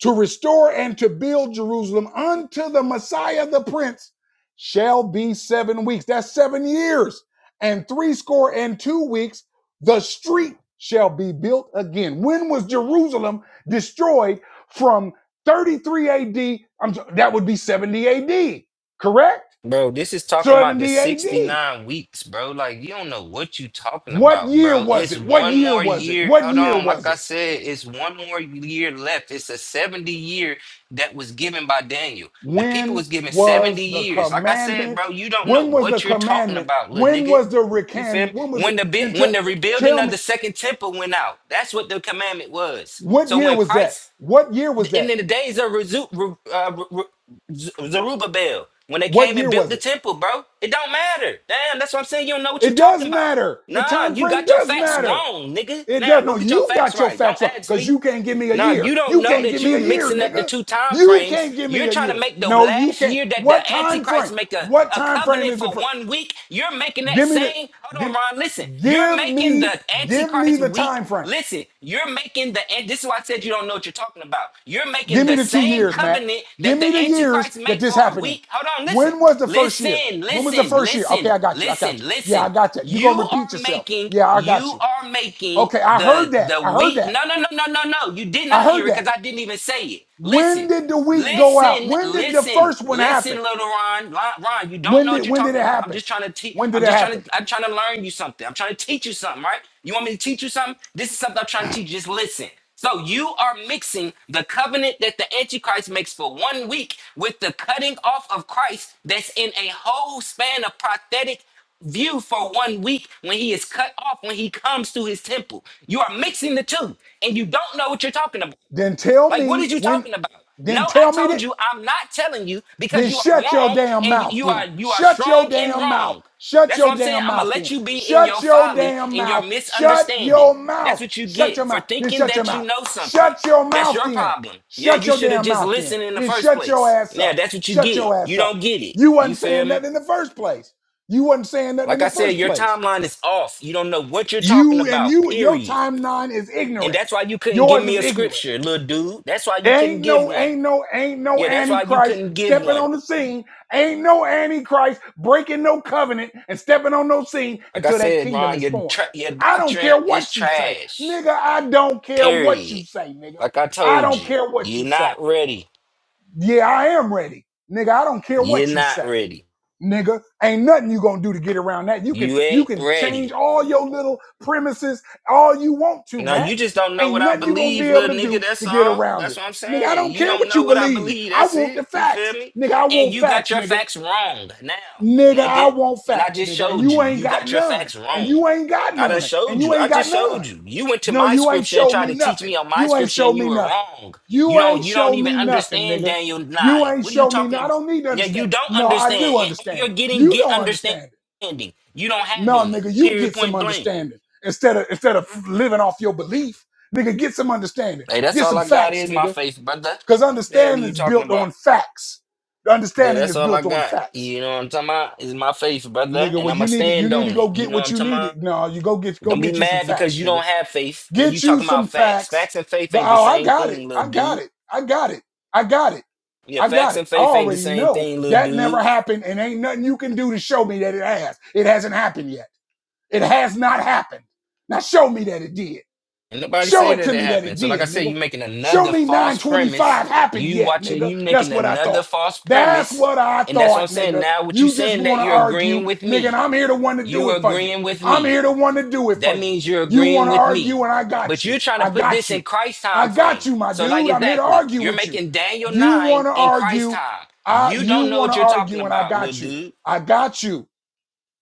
[SPEAKER 1] to restore and to build Jerusalem unto the Messiah the Prince shall be seven weeks. That's seven years and threescore and two weeks. The street shall be built again. When was Jerusalem destroyed from 33 AD? am so- that would be 70 AD, correct?
[SPEAKER 2] Bro, this is talking about the
[SPEAKER 1] 70 AD.
[SPEAKER 2] 69 weeks, bro. Like, you don't know what you talking
[SPEAKER 1] What
[SPEAKER 2] about,
[SPEAKER 1] year
[SPEAKER 2] bro.
[SPEAKER 1] was
[SPEAKER 2] It's
[SPEAKER 1] it? What
[SPEAKER 2] one
[SPEAKER 1] year
[SPEAKER 2] more
[SPEAKER 1] was it?
[SPEAKER 2] year.
[SPEAKER 1] What
[SPEAKER 2] Hold
[SPEAKER 1] year
[SPEAKER 2] on. Like
[SPEAKER 1] was it?
[SPEAKER 2] I said, it's one more year left. It's a 70 year that was given by Daniel. The people
[SPEAKER 1] When
[SPEAKER 2] was given
[SPEAKER 1] was
[SPEAKER 2] 70
[SPEAKER 1] the
[SPEAKER 2] years. Like I said, bro,
[SPEAKER 1] commandment?
[SPEAKER 2] you don't know
[SPEAKER 1] When was the
[SPEAKER 2] what you're talking
[SPEAKER 1] commandment?
[SPEAKER 2] about, little
[SPEAKER 1] When
[SPEAKER 2] nigga.
[SPEAKER 1] was the
[SPEAKER 2] You feel
[SPEAKER 1] recan?
[SPEAKER 2] me?
[SPEAKER 1] When was the
[SPEAKER 2] When the bit
[SPEAKER 1] then
[SPEAKER 2] when
[SPEAKER 1] tell,
[SPEAKER 2] the rebuilding
[SPEAKER 1] tell
[SPEAKER 2] of
[SPEAKER 1] me
[SPEAKER 2] the second temple went out, that's what the commandment was.
[SPEAKER 1] what
[SPEAKER 2] So
[SPEAKER 1] year
[SPEAKER 2] when
[SPEAKER 1] was that?
[SPEAKER 2] Christ
[SPEAKER 1] What year was
[SPEAKER 2] and
[SPEAKER 1] that?
[SPEAKER 2] in the days of Rezu, Re, uh, Re, Re- Zerubbabel, when they
[SPEAKER 1] What
[SPEAKER 2] came and
[SPEAKER 1] year
[SPEAKER 2] built
[SPEAKER 1] was
[SPEAKER 2] the
[SPEAKER 1] it?
[SPEAKER 2] temple, bro, it don't matter. Damn, that's what I'm saying. You don't know what you
[SPEAKER 1] It does
[SPEAKER 2] talking about.
[SPEAKER 1] matter. The
[SPEAKER 2] Nah,
[SPEAKER 1] time
[SPEAKER 2] you
[SPEAKER 1] frame
[SPEAKER 2] got your
[SPEAKER 1] does
[SPEAKER 2] facts
[SPEAKER 1] matter.
[SPEAKER 2] wrong, nigga.
[SPEAKER 1] It
[SPEAKER 2] Now
[SPEAKER 1] does
[SPEAKER 2] go
[SPEAKER 1] no,
[SPEAKER 2] get your
[SPEAKER 1] you
[SPEAKER 2] facts
[SPEAKER 1] got your
[SPEAKER 2] right. Don't
[SPEAKER 1] facts wrong
[SPEAKER 2] ask
[SPEAKER 1] because
[SPEAKER 2] me.
[SPEAKER 1] you can't give me a
[SPEAKER 2] No,
[SPEAKER 1] year.
[SPEAKER 2] you don't
[SPEAKER 1] You
[SPEAKER 2] know
[SPEAKER 1] can't
[SPEAKER 2] that
[SPEAKER 1] give me
[SPEAKER 2] you
[SPEAKER 1] a year,
[SPEAKER 2] mixing up the
[SPEAKER 1] nigga.
[SPEAKER 2] two time
[SPEAKER 1] You
[SPEAKER 2] frames.
[SPEAKER 1] can't give me
[SPEAKER 2] You're
[SPEAKER 1] a
[SPEAKER 2] trying to
[SPEAKER 1] year.
[SPEAKER 2] make the
[SPEAKER 1] No, you
[SPEAKER 2] last
[SPEAKER 1] can't.
[SPEAKER 2] year that the
[SPEAKER 1] What time
[SPEAKER 2] Antichrist
[SPEAKER 1] frame?
[SPEAKER 2] make a,
[SPEAKER 1] What
[SPEAKER 2] a
[SPEAKER 1] time frame
[SPEAKER 2] covenant
[SPEAKER 1] is the
[SPEAKER 2] for
[SPEAKER 1] fir-
[SPEAKER 2] one week. You're making that
[SPEAKER 1] give me the
[SPEAKER 2] same. Hold on,
[SPEAKER 1] give
[SPEAKER 2] Ron. Listen, you're
[SPEAKER 1] give
[SPEAKER 2] making
[SPEAKER 1] me
[SPEAKER 2] the
[SPEAKER 1] give me
[SPEAKER 2] Antichrist
[SPEAKER 1] the
[SPEAKER 2] week.
[SPEAKER 1] time frame
[SPEAKER 2] Listen, you're making the. And this is why I said you don't know what you're talking about. You're making
[SPEAKER 1] Give me
[SPEAKER 2] the
[SPEAKER 1] the two
[SPEAKER 2] same
[SPEAKER 1] years, Matt.
[SPEAKER 2] covenant that
[SPEAKER 1] Give
[SPEAKER 2] the
[SPEAKER 1] me the years
[SPEAKER 2] Antichrist
[SPEAKER 1] that
[SPEAKER 2] make
[SPEAKER 1] this
[SPEAKER 2] for a
[SPEAKER 1] happened in.
[SPEAKER 2] week. Hold on, listen.
[SPEAKER 1] When was the first year?
[SPEAKER 2] Listen,
[SPEAKER 1] When was the
[SPEAKER 2] listen,
[SPEAKER 1] first year? Okay,
[SPEAKER 2] listen,
[SPEAKER 1] I got you. I
[SPEAKER 2] listen,
[SPEAKER 1] got you. Yeah, I
[SPEAKER 2] listen.
[SPEAKER 1] got that. You're
[SPEAKER 2] You
[SPEAKER 1] going to repeat
[SPEAKER 2] are
[SPEAKER 1] yourself.
[SPEAKER 2] making,
[SPEAKER 1] Yeah, I got
[SPEAKER 2] you
[SPEAKER 1] you.
[SPEAKER 2] are making
[SPEAKER 1] Okay, I
[SPEAKER 2] the
[SPEAKER 1] heard that.
[SPEAKER 2] the
[SPEAKER 1] I heard
[SPEAKER 2] weak.
[SPEAKER 1] that.
[SPEAKER 2] No, no, no, no, no, no. You did not
[SPEAKER 1] I
[SPEAKER 2] hear
[SPEAKER 1] heard
[SPEAKER 2] it
[SPEAKER 1] that.
[SPEAKER 2] because I didn't even say it.
[SPEAKER 1] When
[SPEAKER 2] Listen,
[SPEAKER 1] did the week go out?
[SPEAKER 2] listen,
[SPEAKER 1] When did the
[SPEAKER 2] listen,
[SPEAKER 1] first one
[SPEAKER 2] listen,
[SPEAKER 1] happen?
[SPEAKER 2] little Ron. Ron, Ron, you don't
[SPEAKER 1] When
[SPEAKER 2] know what
[SPEAKER 1] did
[SPEAKER 2] you're
[SPEAKER 1] when did it
[SPEAKER 2] talking about. I'm
[SPEAKER 1] happen?
[SPEAKER 2] just trying to teach.
[SPEAKER 1] When did
[SPEAKER 2] I'm
[SPEAKER 1] it
[SPEAKER 2] just trying
[SPEAKER 1] happen?
[SPEAKER 2] to. I'm trying to learn you something. I'm trying to teach you something, right? You want me to teach you something? This is something I'm trying to teach you. Just listen. So you are mixing the covenant that the Antichrist makes for one week with the cutting off of Christ that's in a whole span of prophetic view for one week when he is cut off when he comes to his temple. You are mixing the two and you don't know what you're talking about.
[SPEAKER 1] Then tell
[SPEAKER 2] Like, what are
[SPEAKER 1] me
[SPEAKER 2] you
[SPEAKER 1] when
[SPEAKER 2] talking about? No,
[SPEAKER 1] then
[SPEAKER 2] I
[SPEAKER 1] tell me that
[SPEAKER 2] told you I'm not telling you because
[SPEAKER 1] Then
[SPEAKER 2] you are
[SPEAKER 1] shut your
[SPEAKER 2] wrong
[SPEAKER 1] damn
[SPEAKER 2] and you
[SPEAKER 1] mouth
[SPEAKER 2] you are
[SPEAKER 1] then.
[SPEAKER 2] you are
[SPEAKER 1] Shut your
[SPEAKER 2] strong in
[SPEAKER 1] damn mouth.
[SPEAKER 2] wrong.
[SPEAKER 1] Shut
[SPEAKER 2] That's what
[SPEAKER 1] your
[SPEAKER 2] I'm saying.
[SPEAKER 1] damn
[SPEAKER 2] I'm gonna
[SPEAKER 1] mouth
[SPEAKER 2] let
[SPEAKER 1] then.
[SPEAKER 2] you be in your
[SPEAKER 1] Shut your
[SPEAKER 2] folly,
[SPEAKER 1] damn
[SPEAKER 2] in your
[SPEAKER 1] mouth. Shut your
[SPEAKER 2] misunderstanding. That's
[SPEAKER 1] mouth.
[SPEAKER 2] what you
[SPEAKER 1] Shut your
[SPEAKER 2] get for
[SPEAKER 1] mouth. Then
[SPEAKER 2] thinking
[SPEAKER 1] shut your
[SPEAKER 2] that you
[SPEAKER 1] mouth.
[SPEAKER 2] know something.
[SPEAKER 1] Shut your
[SPEAKER 2] That's
[SPEAKER 1] mouth
[SPEAKER 2] your
[SPEAKER 1] then.
[SPEAKER 2] problem. Yeah,
[SPEAKER 1] Shut
[SPEAKER 2] you
[SPEAKER 1] your
[SPEAKER 2] should have
[SPEAKER 1] damn
[SPEAKER 2] just
[SPEAKER 1] mouth then.
[SPEAKER 2] listened in the
[SPEAKER 1] Then
[SPEAKER 2] first
[SPEAKER 1] shut your
[SPEAKER 2] place.
[SPEAKER 1] ass
[SPEAKER 2] Now
[SPEAKER 1] up.
[SPEAKER 2] that's what you
[SPEAKER 1] Shut
[SPEAKER 2] get.
[SPEAKER 1] your
[SPEAKER 2] You
[SPEAKER 1] ass
[SPEAKER 2] don't
[SPEAKER 1] up.
[SPEAKER 2] get it.
[SPEAKER 1] You
[SPEAKER 2] You
[SPEAKER 1] wasn't
[SPEAKER 2] feel
[SPEAKER 1] saying
[SPEAKER 2] me?
[SPEAKER 1] nothing in the first place. You wasn't saying nothing
[SPEAKER 2] Like
[SPEAKER 1] in
[SPEAKER 2] I
[SPEAKER 1] the
[SPEAKER 2] said,
[SPEAKER 1] first
[SPEAKER 2] your
[SPEAKER 1] place.
[SPEAKER 2] timeline is off. You don't know what you're talking
[SPEAKER 1] You and
[SPEAKER 2] about,
[SPEAKER 1] you, your
[SPEAKER 2] period.
[SPEAKER 1] timeline is
[SPEAKER 2] And
[SPEAKER 1] ignorant.
[SPEAKER 2] that's why you couldn't give
[SPEAKER 1] Yours
[SPEAKER 2] me
[SPEAKER 1] is
[SPEAKER 2] a
[SPEAKER 1] ignorant.
[SPEAKER 2] scripture, little dude. That's why you couldn't
[SPEAKER 1] Ain't
[SPEAKER 2] give
[SPEAKER 1] no,
[SPEAKER 2] one.
[SPEAKER 1] ain't no, ain't no
[SPEAKER 2] Yeah, that's why you
[SPEAKER 1] antichrist
[SPEAKER 2] couldn't give
[SPEAKER 1] stepping
[SPEAKER 2] one.
[SPEAKER 1] on the scene. Ain't no antichrist breaking no covenant and stepping on no scene
[SPEAKER 2] Like I
[SPEAKER 1] until that
[SPEAKER 2] said,
[SPEAKER 1] kingdom
[SPEAKER 2] Ron,
[SPEAKER 1] is
[SPEAKER 2] your
[SPEAKER 1] formed.
[SPEAKER 2] tra- your
[SPEAKER 1] I don't
[SPEAKER 2] doctrine
[SPEAKER 1] care
[SPEAKER 2] is
[SPEAKER 1] what you say,
[SPEAKER 2] trash.
[SPEAKER 1] nigga. I don't care what you
[SPEAKER 2] Period.
[SPEAKER 1] say, nigga.
[SPEAKER 2] Like I
[SPEAKER 1] I
[SPEAKER 2] told
[SPEAKER 1] don't
[SPEAKER 2] you,
[SPEAKER 1] care what
[SPEAKER 2] you're
[SPEAKER 1] you say.
[SPEAKER 2] not ready.
[SPEAKER 1] Yeah, I am ready, nigga. I don't care
[SPEAKER 2] You're
[SPEAKER 1] what you
[SPEAKER 2] not
[SPEAKER 1] say
[SPEAKER 2] ready.
[SPEAKER 1] nigga. Ain't nothing you gonna do to get around that. You can
[SPEAKER 2] You
[SPEAKER 1] you
[SPEAKER 2] ain't
[SPEAKER 1] can
[SPEAKER 2] ready.
[SPEAKER 1] change all your little premises all you want to,
[SPEAKER 2] Now
[SPEAKER 1] Matt.
[SPEAKER 2] you just don't know what
[SPEAKER 1] Ain't
[SPEAKER 2] I
[SPEAKER 1] nothing you gonna be
[SPEAKER 2] believe,
[SPEAKER 1] able
[SPEAKER 2] little
[SPEAKER 1] to
[SPEAKER 2] nigga.
[SPEAKER 1] do
[SPEAKER 2] That's
[SPEAKER 1] to get
[SPEAKER 2] all.
[SPEAKER 1] around
[SPEAKER 2] That's
[SPEAKER 1] it.
[SPEAKER 2] what I'm
[SPEAKER 1] Nigga, I
[SPEAKER 2] saying.
[SPEAKER 1] don't
[SPEAKER 2] You
[SPEAKER 1] care
[SPEAKER 2] don't
[SPEAKER 1] what
[SPEAKER 2] know
[SPEAKER 1] you
[SPEAKER 2] what I
[SPEAKER 1] believe.
[SPEAKER 2] believe.
[SPEAKER 1] I
[SPEAKER 2] That's
[SPEAKER 1] want the
[SPEAKER 2] it. You feel
[SPEAKER 1] facts.
[SPEAKER 2] me?
[SPEAKER 1] Nigga, I
[SPEAKER 2] And
[SPEAKER 1] want
[SPEAKER 2] you got
[SPEAKER 1] facts,
[SPEAKER 2] your
[SPEAKER 1] nigga.
[SPEAKER 2] facts wrong now,
[SPEAKER 1] Nigga, I
[SPEAKER 2] nigga.
[SPEAKER 1] want
[SPEAKER 2] And I
[SPEAKER 1] facts,
[SPEAKER 2] just
[SPEAKER 1] nigga. And
[SPEAKER 2] showed
[SPEAKER 1] you
[SPEAKER 2] you.
[SPEAKER 1] ain't
[SPEAKER 2] You
[SPEAKER 1] got
[SPEAKER 2] got your
[SPEAKER 1] none.
[SPEAKER 2] facts
[SPEAKER 1] And
[SPEAKER 2] wrong.
[SPEAKER 1] you ain't got
[SPEAKER 2] I done
[SPEAKER 1] none. And
[SPEAKER 2] showed
[SPEAKER 1] you
[SPEAKER 2] you. I
[SPEAKER 1] ain't got
[SPEAKER 2] just
[SPEAKER 1] none.
[SPEAKER 2] showed you. You went to
[SPEAKER 1] No,
[SPEAKER 2] my
[SPEAKER 1] you ain't
[SPEAKER 2] scripture and
[SPEAKER 1] showed
[SPEAKER 2] tried
[SPEAKER 1] me
[SPEAKER 2] to teach
[SPEAKER 1] nothing.
[SPEAKER 2] me on my
[SPEAKER 1] You ain't
[SPEAKER 2] scripture,
[SPEAKER 1] showed
[SPEAKER 2] and you
[SPEAKER 1] me
[SPEAKER 2] were
[SPEAKER 1] nothing.
[SPEAKER 2] wrong. You
[SPEAKER 1] You ain't
[SPEAKER 2] don't. You don't
[SPEAKER 1] showed
[SPEAKER 2] even
[SPEAKER 1] me nothing,
[SPEAKER 2] understand
[SPEAKER 1] nigga.
[SPEAKER 2] Daniel
[SPEAKER 1] You
[SPEAKER 2] nine.
[SPEAKER 1] ain't
[SPEAKER 2] What are you
[SPEAKER 1] showed me. No,
[SPEAKER 2] talking
[SPEAKER 1] I
[SPEAKER 2] about?
[SPEAKER 1] don't need to
[SPEAKER 2] Yeah,
[SPEAKER 1] understand.
[SPEAKER 2] you don't
[SPEAKER 1] No, I
[SPEAKER 2] understand.
[SPEAKER 1] do
[SPEAKER 2] And all
[SPEAKER 1] understand
[SPEAKER 2] you're
[SPEAKER 1] it.
[SPEAKER 2] getting
[SPEAKER 1] You
[SPEAKER 2] get
[SPEAKER 1] don't
[SPEAKER 2] understanding.
[SPEAKER 1] understand it.
[SPEAKER 2] You don't have
[SPEAKER 1] No,
[SPEAKER 2] any.
[SPEAKER 1] nigga, you
[SPEAKER 2] Period.
[SPEAKER 1] get some
[SPEAKER 2] Point blank.
[SPEAKER 1] understanding instead of instead of living off your belief, nigga. Get some understanding.
[SPEAKER 2] Hey, that's
[SPEAKER 1] Get
[SPEAKER 2] all
[SPEAKER 1] some
[SPEAKER 2] I got
[SPEAKER 1] facts,
[SPEAKER 2] is my
[SPEAKER 1] nigga.
[SPEAKER 2] faith, brother.
[SPEAKER 1] Cause
[SPEAKER 2] The hell are
[SPEAKER 1] understanding
[SPEAKER 2] you
[SPEAKER 1] is
[SPEAKER 2] talking
[SPEAKER 1] built on
[SPEAKER 2] about?
[SPEAKER 1] facts.
[SPEAKER 2] Yeah,
[SPEAKER 1] Understanding
[SPEAKER 2] that's
[SPEAKER 1] is
[SPEAKER 2] all I
[SPEAKER 1] built on
[SPEAKER 2] got.
[SPEAKER 1] facts,
[SPEAKER 2] You know what I'm talking about? Is my faith, brother.
[SPEAKER 1] nigga.
[SPEAKER 2] And
[SPEAKER 1] Well,
[SPEAKER 2] I'ma
[SPEAKER 1] you need to you
[SPEAKER 2] stand
[SPEAKER 1] need to
[SPEAKER 2] on
[SPEAKER 1] go
[SPEAKER 2] it. You
[SPEAKER 1] get
[SPEAKER 2] know what
[SPEAKER 1] what
[SPEAKER 2] I'm
[SPEAKER 1] you
[SPEAKER 2] talking about?
[SPEAKER 1] needed. No, you go get go
[SPEAKER 2] Don't be
[SPEAKER 1] get you some
[SPEAKER 2] mad because
[SPEAKER 1] facts,
[SPEAKER 2] you
[SPEAKER 1] nigga.
[SPEAKER 2] don't have faith and you
[SPEAKER 1] Get you
[SPEAKER 2] talking
[SPEAKER 1] some
[SPEAKER 2] about facts.
[SPEAKER 1] facts.
[SPEAKER 2] Facts and faith
[SPEAKER 1] Go,
[SPEAKER 2] ain't the
[SPEAKER 1] oh, I
[SPEAKER 2] same
[SPEAKER 1] got it.
[SPEAKER 2] thing, little
[SPEAKER 1] I got
[SPEAKER 2] dude.
[SPEAKER 1] it. I got it. I got it.
[SPEAKER 2] Yeah,
[SPEAKER 1] I
[SPEAKER 2] facts
[SPEAKER 1] got it.
[SPEAKER 2] and
[SPEAKER 1] I
[SPEAKER 2] faith ain't the
[SPEAKER 1] already
[SPEAKER 2] same
[SPEAKER 1] know
[SPEAKER 2] thing, little
[SPEAKER 1] that never
[SPEAKER 2] dude.
[SPEAKER 1] happened, and ain't nothing you can do to show me that it has. It hasn't happened yet. It has not happened. Now show me that it did.
[SPEAKER 2] And nobody
[SPEAKER 1] Show
[SPEAKER 2] say
[SPEAKER 1] it
[SPEAKER 2] that
[SPEAKER 1] to
[SPEAKER 2] it
[SPEAKER 1] me that it
[SPEAKER 2] happened. So like I
[SPEAKER 1] did,
[SPEAKER 2] said, you
[SPEAKER 1] nigga.
[SPEAKER 2] making
[SPEAKER 1] Show
[SPEAKER 2] another
[SPEAKER 1] me
[SPEAKER 2] false premise.
[SPEAKER 1] 925 happened
[SPEAKER 2] You
[SPEAKER 1] yet,
[SPEAKER 2] watching
[SPEAKER 1] nigga.
[SPEAKER 2] you making
[SPEAKER 1] That's what I
[SPEAKER 2] another
[SPEAKER 1] thought.
[SPEAKER 2] false
[SPEAKER 1] That's
[SPEAKER 2] premise.
[SPEAKER 1] what I
[SPEAKER 2] And that's what I'm
[SPEAKER 1] thought,
[SPEAKER 2] saying.
[SPEAKER 1] nigga.
[SPEAKER 2] Now what you
[SPEAKER 1] You just
[SPEAKER 2] saying
[SPEAKER 1] want
[SPEAKER 2] that
[SPEAKER 1] to
[SPEAKER 2] you're
[SPEAKER 1] argue,
[SPEAKER 2] agreeing with
[SPEAKER 1] nigga, and
[SPEAKER 2] me.
[SPEAKER 1] I'm here the one to do
[SPEAKER 2] You
[SPEAKER 1] it for you.
[SPEAKER 2] agreeing with
[SPEAKER 1] I'm
[SPEAKER 2] me.
[SPEAKER 1] here the one to do it
[SPEAKER 2] That
[SPEAKER 1] for you.
[SPEAKER 2] means you're
[SPEAKER 1] You
[SPEAKER 2] agreeing
[SPEAKER 1] want to
[SPEAKER 2] with me.
[SPEAKER 1] argue, and I got
[SPEAKER 2] But
[SPEAKER 1] you.
[SPEAKER 2] you're trying to
[SPEAKER 1] I
[SPEAKER 2] put
[SPEAKER 1] got
[SPEAKER 2] this in
[SPEAKER 1] you.
[SPEAKER 2] Christ
[SPEAKER 1] I
[SPEAKER 2] time
[SPEAKER 1] got
[SPEAKER 2] frame.
[SPEAKER 1] you, my
[SPEAKER 2] So, like
[SPEAKER 1] dude. I'm here to
[SPEAKER 2] exactly,
[SPEAKER 1] argue
[SPEAKER 2] you're
[SPEAKER 1] with you.
[SPEAKER 2] making Daniel
[SPEAKER 1] You want
[SPEAKER 2] 9
[SPEAKER 1] to
[SPEAKER 2] in Christ
[SPEAKER 1] argue,
[SPEAKER 2] time.
[SPEAKER 1] I
[SPEAKER 2] You
[SPEAKER 1] you
[SPEAKER 2] don't know
[SPEAKER 1] want
[SPEAKER 2] what
[SPEAKER 1] to
[SPEAKER 2] you're talking
[SPEAKER 1] argue, and I
[SPEAKER 2] about, little
[SPEAKER 1] got you.
[SPEAKER 2] dude.
[SPEAKER 1] I got you.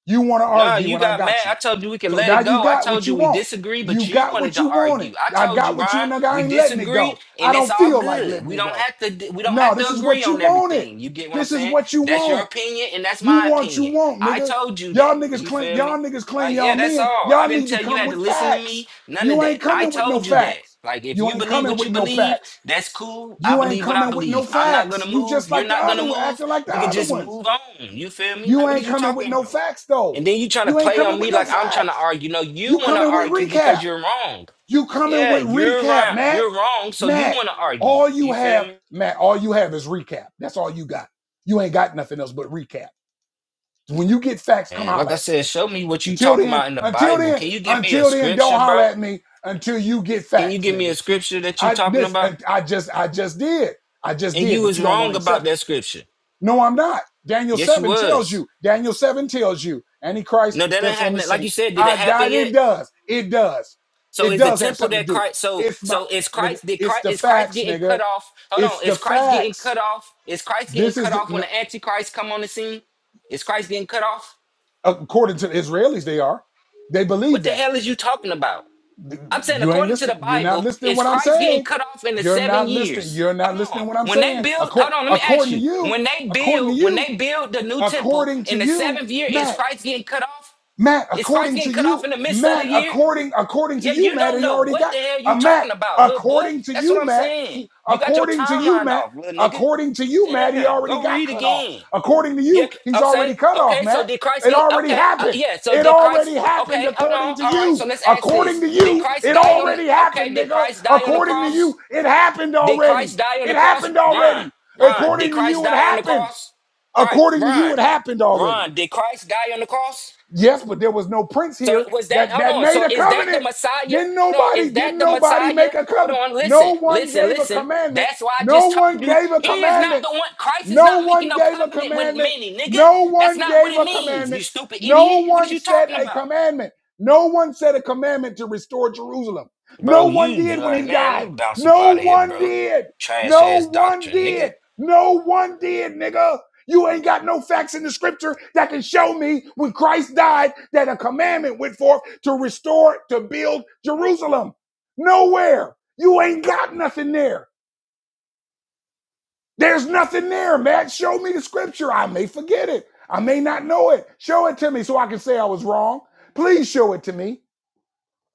[SPEAKER 1] You want to
[SPEAKER 2] No,
[SPEAKER 1] argue,
[SPEAKER 2] you
[SPEAKER 1] and I
[SPEAKER 2] got mad.
[SPEAKER 1] got you.
[SPEAKER 2] I told you we can
[SPEAKER 1] So
[SPEAKER 2] let
[SPEAKER 1] now
[SPEAKER 2] it
[SPEAKER 1] you
[SPEAKER 2] go. I
[SPEAKER 1] got
[SPEAKER 2] told
[SPEAKER 1] what you
[SPEAKER 2] you we
[SPEAKER 1] want.
[SPEAKER 2] disagree, but
[SPEAKER 1] You
[SPEAKER 2] you
[SPEAKER 1] got
[SPEAKER 2] wanted
[SPEAKER 1] what
[SPEAKER 2] to
[SPEAKER 1] you
[SPEAKER 2] argue.
[SPEAKER 1] wanted.
[SPEAKER 2] I
[SPEAKER 1] I
[SPEAKER 2] told you,
[SPEAKER 1] got what you
[SPEAKER 2] Ron,
[SPEAKER 1] nigga. I
[SPEAKER 2] we
[SPEAKER 1] ain't letting it
[SPEAKER 2] disagree,
[SPEAKER 1] go.
[SPEAKER 2] and
[SPEAKER 1] I
[SPEAKER 2] it's
[SPEAKER 1] don't
[SPEAKER 2] all
[SPEAKER 1] feel like
[SPEAKER 2] good.
[SPEAKER 1] letting
[SPEAKER 2] We
[SPEAKER 1] it
[SPEAKER 2] don't
[SPEAKER 1] go.
[SPEAKER 2] have to. d- We don't
[SPEAKER 1] No,
[SPEAKER 2] have
[SPEAKER 1] this
[SPEAKER 2] to
[SPEAKER 1] is
[SPEAKER 2] agree
[SPEAKER 1] what you
[SPEAKER 2] on
[SPEAKER 1] wanted.
[SPEAKER 2] everything. You get what I'm
[SPEAKER 1] This is
[SPEAKER 2] saying?
[SPEAKER 1] what you
[SPEAKER 2] That's your
[SPEAKER 1] want.
[SPEAKER 2] opinion, and that's
[SPEAKER 1] You
[SPEAKER 2] my
[SPEAKER 1] want you
[SPEAKER 2] opinion.
[SPEAKER 1] want,
[SPEAKER 2] I
[SPEAKER 1] nigga.
[SPEAKER 2] told you that.
[SPEAKER 1] Y'all niggas
[SPEAKER 2] You
[SPEAKER 1] claim
[SPEAKER 2] feel
[SPEAKER 1] y'all
[SPEAKER 2] me?
[SPEAKER 1] niggas claim
[SPEAKER 2] Like,
[SPEAKER 1] y'all
[SPEAKER 2] yeah, that's
[SPEAKER 1] men.
[SPEAKER 2] all. I
[SPEAKER 1] Y'all
[SPEAKER 2] didn't
[SPEAKER 1] need to
[SPEAKER 2] tell you you
[SPEAKER 1] come
[SPEAKER 2] had to
[SPEAKER 1] with
[SPEAKER 2] listen to me.
[SPEAKER 1] facts.
[SPEAKER 2] None of
[SPEAKER 1] You ain't
[SPEAKER 2] that. I
[SPEAKER 1] coming with no
[SPEAKER 2] told you that.
[SPEAKER 1] facts.
[SPEAKER 2] Like, if
[SPEAKER 1] You
[SPEAKER 2] you
[SPEAKER 1] ain't
[SPEAKER 2] believe
[SPEAKER 1] coming
[SPEAKER 2] what
[SPEAKER 1] with
[SPEAKER 2] you
[SPEAKER 1] no
[SPEAKER 2] believe,
[SPEAKER 1] facts.
[SPEAKER 2] that's cool. I
[SPEAKER 1] You ain't
[SPEAKER 2] believe what I
[SPEAKER 1] coming with no
[SPEAKER 2] believe. I'm not
[SPEAKER 1] facts.
[SPEAKER 2] gonna
[SPEAKER 1] You
[SPEAKER 2] move.
[SPEAKER 1] just
[SPEAKER 2] You're
[SPEAKER 1] like the
[SPEAKER 2] not gonna
[SPEAKER 1] other one,
[SPEAKER 2] move.
[SPEAKER 1] acting like the
[SPEAKER 2] We could
[SPEAKER 1] other
[SPEAKER 2] just
[SPEAKER 1] ones.
[SPEAKER 2] move on. You feel me?
[SPEAKER 1] You
[SPEAKER 2] Like, what are
[SPEAKER 1] ain't
[SPEAKER 2] you
[SPEAKER 1] coming with
[SPEAKER 2] talking
[SPEAKER 1] no
[SPEAKER 2] about?
[SPEAKER 1] facts though.
[SPEAKER 2] And then you trying to
[SPEAKER 1] You ain't
[SPEAKER 2] play on
[SPEAKER 1] coming with
[SPEAKER 2] me
[SPEAKER 1] no
[SPEAKER 2] like I'm trying to
[SPEAKER 1] facts.
[SPEAKER 2] argue. No, you
[SPEAKER 1] You
[SPEAKER 2] want to
[SPEAKER 1] coming with
[SPEAKER 2] argue because
[SPEAKER 1] recap.
[SPEAKER 2] you're wrong.
[SPEAKER 1] You coming
[SPEAKER 2] Yeah,
[SPEAKER 1] with
[SPEAKER 2] you're
[SPEAKER 1] recap,
[SPEAKER 2] right.
[SPEAKER 1] Matt.
[SPEAKER 2] You're wrong. So you
[SPEAKER 1] Matt,
[SPEAKER 2] want to argue.
[SPEAKER 1] all you
[SPEAKER 2] You feel
[SPEAKER 1] have,
[SPEAKER 2] me?
[SPEAKER 1] Matt, all you have is recap. That's all you got. You ain't got nothing else but recap. When you get facts, come
[SPEAKER 2] And like
[SPEAKER 1] holler
[SPEAKER 2] I
[SPEAKER 1] at me.
[SPEAKER 2] said, show me what you
[SPEAKER 1] Until
[SPEAKER 2] talking
[SPEAKER 1] then,
[SPEAKER 2] about in the
[SPEAKER 1] until
[SPEAKER 2] Bible.
[SPEAKER 1] then,
[SPEAKER 2] Can you give me a
[SPEAKER 1] until then, don't
[SPEAKER 2] scripture,
[SPEAKER 1] holler
[SPEAKER 2] bro?
[SPEAKER 1] at me until you get
[SPEAKER 2] Can you
[SPEAKER 1] facts,
[SPEAKER 2] give me a
[SPEAKER 1] nigga.
[SPEAKER 2] scripture that you
[SPEAKER 1] I
[SPEAKER 2] talking
[SPEAKER 1] this
[SPEAKER 2] about?
[SPEAKER 1] I I just I just did. I just
[SPEAKER 2] And you
[SPEAKER 1] did, but
[SPEAKER 2] was
[SPEAKER 1] you don't want
[SPEAKER 2] wrong
[SPEAKER 1] to
[SPEAKER 2] about
[SPEAKER 1] accept
[SPEAKER 2] that
[SPEAKER 1] it.
[SPEAKER 2] scripture.
[SPEAKER 1] No, I'm not. Daniel
[SPEAKER 2] Yes, you
[SPEAKER 1] 7 tells
[SPEAKER 2] was.
[SPEAKER 1] you. Daniel 7 tells you. Antichrist
[SPEAKER 2] No, that didn't
[SPEAKER 1] steps on the
[SPEAKER 2] happen. Like
[SPEAKER 1] scene.
[SPEAKER 2] you said, did it
[SPEAKER 1] I
[SPEAKER 2] happen
[SPEAKER 1] died. It
[SPEAKER 2] yet?
[SPEAKER 1] does. It does.
[SPEAKER 2] So
[SPEAKER 1] It
[SPEAKER 2] is the
[SPEAKER 1] does have
[SPEAKER 2] temple
[SPEAKER 1] something to
[SPEAKER 2] that
[SPEAKER 1] do.
[SPEAKER 2] Christ? So
[SPEAKER 1] It's my
[SPEAKER 2] so is
[SPEAKER 1] nigga.
[SPEAKER 2] Christ? Did
[SPEAKER 1] It's
[SPEAKER 2] Christ
[SPEAKER 1] the
[SPEAKER 2] is Christ
[SPEAKER 1] facts,
[SPEAKER 2] getting
[SPEAKER 1] nigga.
[SPEAKER 2] cut off? Hold
[SPEAKER 1] It's
[SPEAKER 2] on,
[SPEAKER 1] the
[SPEAKER 2] is Christ getting
[SPEAKER 1] facts.
[SPEAKER 2] cut off? Is Christ getting
[SPEAKER 1] This is
[SPEAKER 2] cut
[SPEAKER 1] the,
[SPEAKER 2] off when
[SPEAKER 1] no,
[SPEAKER 2] the Antichrist come on the scene? Is Christ getting cut off?
[SPEAKER 1] according to the Israelis. They are. They
[SPEAKER 2] What
[SPEAKER 1] believe
[SPEAKER 2] the
[SPEAKER 1] that.
[SPEAKER 2] hell is you talking about? I'm saying
[SPEAKER 1] You ain't
[SPEAKER 2] according to the
[SPEAKER 1] listening. You're not
[SPEAKER 2] Bible,
[SPEAKER 1] listening
[SPEAKER 2] is
[SPEAKER 1] what I'm
[SPEAKER 2] Christ getting
[SPEAKER 1] saying.
[SPEAKER 2] cut off in the
[SPEAKER 1] You're
[SPEAKER 2] seven
[SPEAKER 1] not listening.
[SPEAKER 2] years?
[SPEAKER 1] You're not
[SPEAKER 2] Hold on.
[SPEAKER 1] listening what I'm
[SPEAKER 2] When they
[SPEAKER 1] saying.
[SPEAKER 2] build, hold
[SPEAKER 1] According,
[SPEAKER 2] on, let me ask
[SPEAKER 1] according to
[SPEAKER 2] you.
[SPEAKER 1] you.
[SPEAKER 2] When they
[SPEAKER 1] According to
[SPEAKER 2] build, when
[SPEAKER 1] you.
[SPEAKER 2] they build the new temple
[SPEAKER 1] According to
[SPEAKER 2] in the
[SPEAKER 1] you,
[SPEAKER 2] seventh year, is Christ getting cut off?
[SPEAKER 1] Matt,
[SPEAKER 2] Is Christ
[SPEAKER 1] according
[SPEAKER 2] getting
[SPEAKER 1] to
[SPEAKER 2] cut
[SPEAKER 1] you,
[SPEAKER 2] off in the midst of the
[SPEAKER 1] Matt,
[SPEAKER 2] year?
[SPEAKER 1] according according to
[SPEAKER 2] Yeah,
[SPEAKER 1] you,
[SPEAKER 2] you
[SPEAKER 1] Matt,
[SPEAKER 2] don't
[SPEAKER 1] he
[SPEAKER 2] know
[SPEAKER 1] already
[SPEAKER 2] what
[SPEAKER 1] got
[SPEAKER 2] the hell you
[SPEAKER 1] a Matt.
[SPEAKER 2] talking about, little boy.
[SPEAKER 1] According to
[SPEAKER 2] That's what
[SPEAKER 1] you,
[SPEAKER 2] I'm
[SPEAKER 1] Matt,
[SPEAKER 2] saying.
[SPEAKER 1] he
[SPEAKER 2] You got your
[SPEAKER 1] according to you,
[SPEAKER 2] timeline
[SPEAKER 1] Matt,
[SPEAKER 2] off, little nigga.
[SPEAKER 1] according to you, Matt, he
[SPEAKER 2] Damn,
[SPEAKER 1] already
[SPEAKER 2] go
[SPEAKER 1] got
[SPEAKER 2] read
[SPEAKER 1] cut off.
[SPEAKER 2] again.
[SPEAKER 1] According to
[SPEAKER 2] Yeah,
[SPEAKER 1] you,
[SPEAKER 2] c-
[SPEAKER 1] he's
[SPEAKER 2] okay,
[SPEAKER 1] already cut off,
[SPEAKER 2] okay. So
[SPEAKER 1] Matt.
[SPEAKER 2] did Christ
[SPEAKER 1] It
[SPEAKER 2] get?
[SPEAKER 1] already
[SPEAKER 2] Okay, uh,
[SPEAKER 1] happened.
[SPEAKER 2] yeah. So
[SPEAKER 1] It
[SPEAKER 2] did Christ?
[SPEAKER 1] already happened
[SPEAKER 2] Okay, hold
[SPEAKER 1] according
[SPEAKER 2] on.
[SPEAKER 1] to
[SPEAKER 2] All right.
[SPEAKER 1] you.
[SPEAKER 2] So let's ask
[SPEAKER 1] According
[SPEAKER 2] this:
[SPEAKER 1] to
[SPEAKER 2] Did
[SPEAKER 1] you,
[SPEAKER 2] Christ
[SPEAKER 1] it
[SPEAKER 2] die on the?
[SPEAKER 1] already
[SPEAKER 2] Okay,
[SPEAKER 1] happened,
[SPEAKER 2] did
[SPEAKER 1] nigga.
[SPEAKER 2] Christ die on the
[SPEAKER 1] According to
[SPEAKER 2] cross?
[SPEAKER 1] you, it happened
[SPEAKER 2] Did Christ
[SPEAKER 1] already.
[SPEAKER 2] die on
[SPEAKER 1] It
[SPEAKER 2] the cross?
[SPEAKER 1] happened
[SPEAKER 2] Ron,
[SPEAKER 1] already.
[SPEAKER 2] Ron, did
[SPEAKER 1] According to
[SPEAKER 2] Christ
[SPEAKER 1] you, it
[SPEAKER 2] die on the
[SPEAKER 1] happened.
[SPEAKER 2] cross? Christ,
[SPEAKER 1] According to you,
[SPEAKER 2] Ron,
[SPEAKER 1] it happened already.
[SPEAKER 2] Ron, did Christ die on the cross?
[SPEAKER 1] Yes, but there was no prince
[SPEAKER 2] So
[SPEAKER 1] here
[SPEAKER 2] was that?
[SPEAKER 1] that
[SPEAKER 2] Hold
[SPEAKER 1] that
[SPEAKER 2] on.
[SPEAKER 1] made
[SPEAKER 2] So
[SPEAKER 1] a
[SPEAKER 2] is that the
[SPEAKER 1] covenant.
[SPEAKER 2] Messiah?
[SPEAKER 1] Didn't
[SPEAKER 2] Hold on.
[SPEAKER 1] nobody,
[SPEAKER 2] Is that
[SPEAKER 1] didn't
[SPEAKER 2] the
[SPEAKER 1] nobody make
[SPEAKER 2] Messiah?
[SPEAKER 1] a
[SPEAKER 2] Hold
[SPEAKER 1] covenant.
[SPEAKER 2] on. Listen.
[SPEAKER 1] No one
[SPEAKER 2] Listen.
[SPEAKER 1] gave a
[SPEAKER 2] Listen.
[SPEAKER 1] commandment.
[SPEAKER 2] That's why I
[SPEAKER 1] No
[SPEAKER 2] just told
[SPEAKER 1] one
[SPEAKER 2] you
[SPEAKER 1] gave a
[SPEAKER 2] he is not
[SPEAKER 1] commandment.
[SPEAKER 2] the one. Christ is not
[SPEAKER 1] No
[SPEAKER 2] making
[SPEAKER 1] one
[SPEAKER 2] no
[SPEAKER 1] gave a
[SPEAKER 2] covenant with
[SPEAKER 1] commandment.
[SPEAKER 2] many, nigga.
[SPEAKER 1] No
[SPEAKER 2] That's
[SPEAKER 1] one
[SPEAKER 2] not what
[SPEAKER 1] gave
[SPEAKER 2] it
[SPEAKER 1] a
[SPEAKER 2] means. You
[SPEAKER 1] commandment.
[SPEAKER 2] stupid
[SPEAKER 1] No
[SPEAKER 2] idiot. What are
[SPEAKER 1] one
[SPEAKER 2] you
[SPEAKER 1] set
[SPEAKER 2] talking
[SPEAKER 1] a
[SPEAKER 2] about,
[SPEAKER 1] commandment. No one set a commandment to restore Jerusalem.
[SPEAKER 2] bro?
[SPEAKER 1] No one
[SPEAKER 2] You
[SPEAKER 1] did when
[SPEAKER 2] like,
[SPEAKER 1] he
[SPEAKER 2] man? Let me
[SPEAKER 1] died.
[SPEAKER 2] bounce up
[SPEAKER 1] No
[SPEAKER 2] out of here,
[SPEAKER 1] one
[SPEAKER 2] bro.
[SPEAKER 1] did.
[SPEAKER 2] Trash
[SPEAKER 1] No
[SPEAKER 2] ass
[SPEAKER 1] one
[SPEAKER 2] doctrine, nigga.
[SPEAKER 1] did. No one did, nigga. You ain't got no facts in the scripture that can show me when Christ died that a commandment went forth to restore, to build Jerusalem. Nowhere. You ain't got nothing there. There's nothing there, Matt. Show me the scripture. I may forget it. I may not know it. Show it to me so I can say I was wrong. Please show it to me.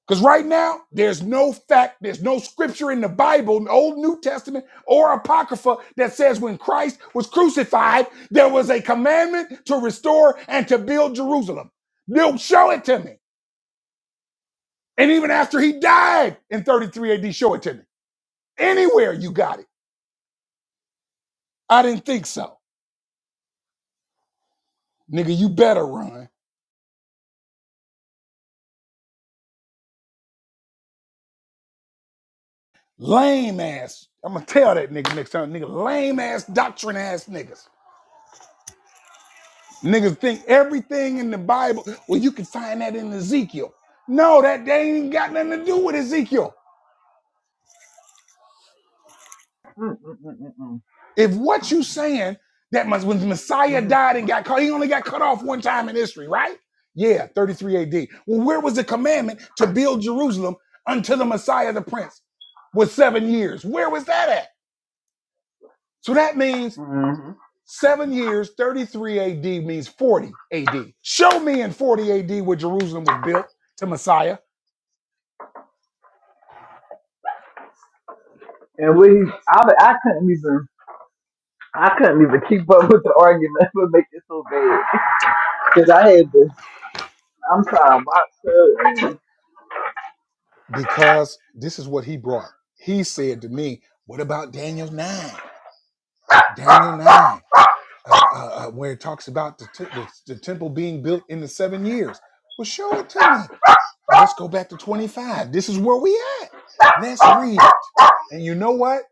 [SPEAKER 1] Because right now, there's no fact, there's no scripture in the Bible, Old New Testament or Apocrypha, that says when Christ was crucified, there was a commandment to restore and to build Jerusalem. No, show it to me. And even after he died in 33 AD, show it to me. Anywhere you got it. I didn't think so. Nigga, you better run. Lame ass. I'm gonna tell that nigga next time, nigga. Lame ass doctrine ass niggas. Niggas think everything in the Bible. Well, you can find that in Ezekiel. No, that they ain't even got nothing to do with Ezekiel.
[SPEAKER 3] in the background.
[SPEAKER 1] If what you saying that must, when the Messiah died and got cut, he only got cut off one time in history, right? Yeah, 33 AD. Well, where was the commandment to build Jerusalem until the Messiah, the Prince, was seven years? Where was that at? So that means
[SPEAKER 3] Mm-hmm.
[SPEAKER 1] Seven years, 33 AD means 40 AD. Show me in 40 AD where Jerusalem was built to Messiah,
[SPEAKER 3] And we, I, I couldn't even, I couldn't even keep up with the argument. What make it so bad? Because I had to, I'm trying to watch her. And,
[SPEAKER 1] because this is what he brought. He said to me, What about Daniel 9? Daniel 9, uh, uh, uh, where it talks about the, t- the, the temple being built in the seven years. Well, show it to me. Well, let's go back to 25. This is where we at. Let's read it. And you know what?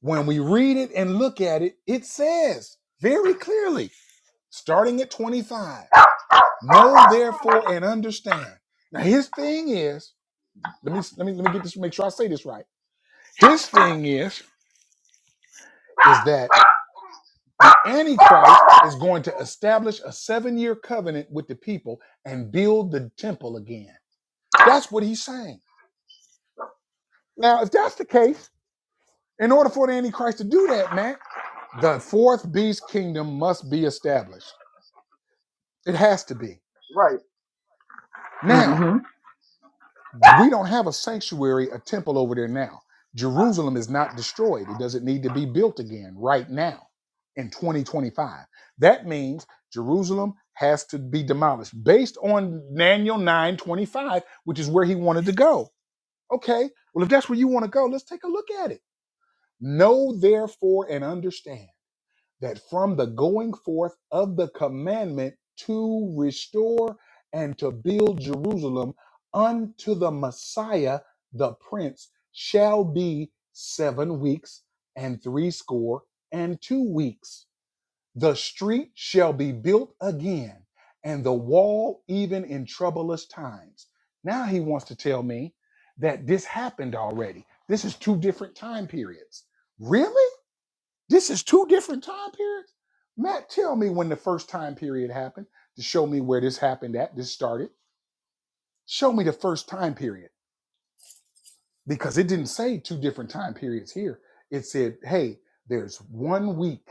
[SPEAKER 1] When we read it and look at it, it says very clearly, starting at 25. Know therefore and understand. Now his thing is, let me let me let me get this, make sure I say this right. His thing is, is that the Antichrist is going to establish a seven-year covenant with the people and build the temple again. That's what he's saying. Now, if that's the case, in order for the Antichrist to do that, man, the fourth beast kingdom must be established. It has to be.
[SPEAKER 3] right.
[SPEAKER 1] Now,
[SPEAKER 3] hmm
[SPEAKER 1] we don't have a sanctuary, a temple over there now. Jerusalem is not destroyed. It doesn't need to be built again right now in 2025. That means Jerusalem has to be demolished based on Daniel 9:25, which is where he wanted to go. Okay, well, if that's where you want to go, let's take a look at it. Know therefore and understand that from the going forth of the commandment to restore and to build Jerusalem unto the Messiah, the Prince, shall be seven weeks and threescore and two weeks. The street shall be built again, and the wall even in troublous times. Now he wants to tell me that this happened already. This is two different time periods. Really? This is two different time periods. Matt, tell me when the first time period happened to show me where this happened at, this started. Show me the first time period because it didn't say two different time periods here. It said, hey, there's one week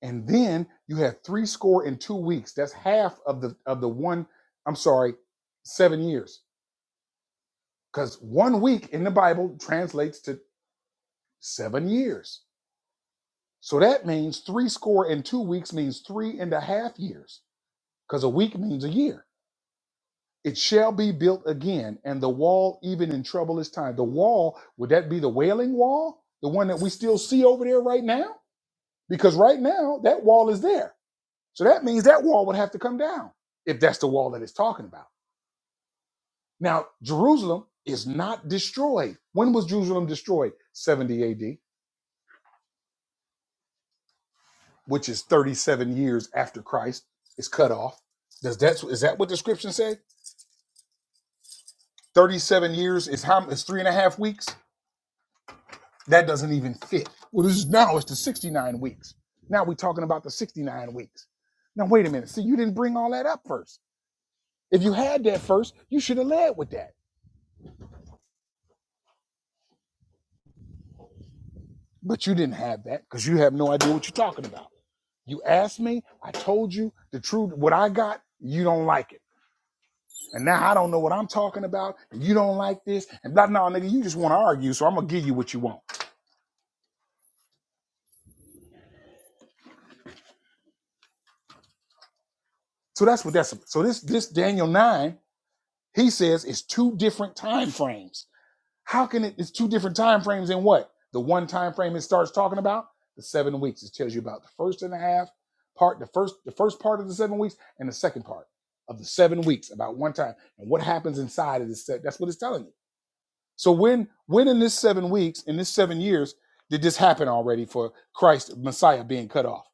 [SPEAKER 1] and then you have three score and two weeks. That's half of the of the one, I'm sorry, seven years. Because one week in the Bible translates to seven years. So that means three score and two weeks means three and a half years because a week means a year. It shall be built again, and the wall even in troublous time. The wall, would that be the wailing wall? The one that we still see over there right now? Because right now, that wall is there. So that means that wall would have to come down if that's the wall that it's talking about. Now, Jerusalem is not destroyed. When was Jerusalem destroyed? 70 AD, which is 37 years after Christ is cut off. Does that is that what the scripture say? 37 years is how is three and a half weeks? That doesn't even fit. Well, this is now it's the 69 weeks. Now we're talking about the 69 weeks. Now wait a minute. See, you didn't bring all that up first. If you had that first, you should have led with that. But you didn't have that because you have no idea what you're talking about. You asked me, I told you the truth, what I got, you don't like it. And now I don't know what I'm talking about, and you don't like this, and blah no, nigga, you just want to argue, so I'm gonna give you what you want. So that's what that's so this this Daniel 9, he says it's two different time frames. How can it? It's two different time frames in what? The one time frame it starts talking about the seven weeks. It tells you about the first and a half part, the first the first part of the seven weeks, and the second part of the seven weeks about one time and what happens inside of this. set. That's what it's telling you. So when when in this seven weeks in this seven years did this happen already for Christ Messiah being cut off?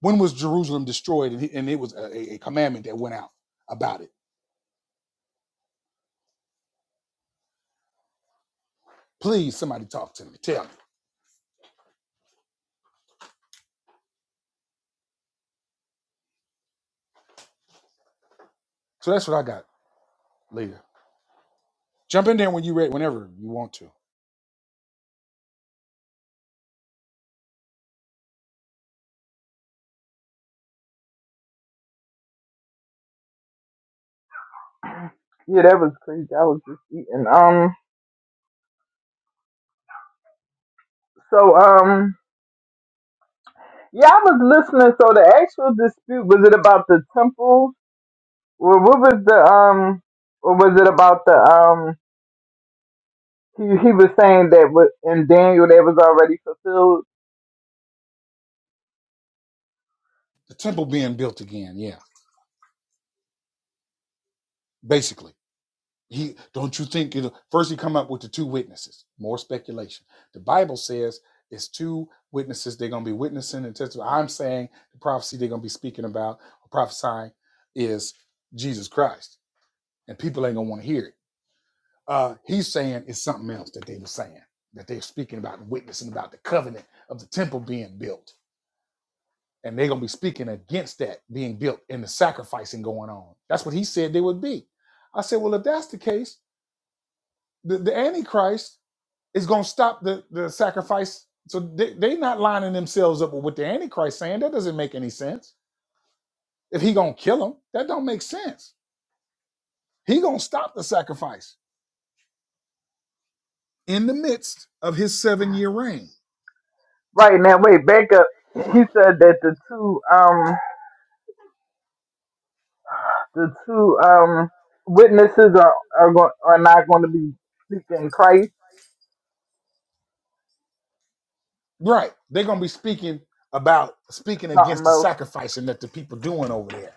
[SPEAKER 1] When was Jerusalem destroyed and, he, and it was a a commandment that went out about it? Please, somebody talk to me. Tell me. So that's what I got later. Jump in there when you read, whenever you want to.
[SPEAKER 3] Yeah, that was crazy. I was just eating. Um. So, um. Yeah, I was listening. So the actual dispute was it about the temple? Well, what was the um? What was it about the um? He, he was saying that wa- in Daniel that was already fulfilled.
[SPEAKER 1] The temple being built again. Yeah, basically. He don't you think it first he come up with the two witnesses. More speculation. The Bible says it's two witnesses they're gonna be witnessing and testifying. I'm saying the prophecy they're gonna be speaking about or prophesying is Jesus Christ, and people ain't gonna want to hear it. Uh, he's saying it's something else that they were saying that they're speaking about and witnessing about the covenant of the temple being built and they're gonna be speaking against that being built and the sacrificing going on. That's what he said they would be. I said, well, if that's the case, the, the Antichrist is gonna stop the, the sacrifice. So they, they not lining themselves up with what the Antichrist saying. That doesn't make any sense. If he gonna kill them, that don't make sense. He gonna stop the sacrifice in the midst of his seven year reign.
[SPEAKER 3] Right now, wait, back up. He said that the two um the two um witnesses are are going are not going to be speaking Christ.
[SPEAKER 1] Right. They're gonna be speaking about speaking against
[SPEAKER 3] Something
[SPEAKER 1] the
[SPEAKER 3] else.
[SPEAKER 1] sacrificing that the people doing over there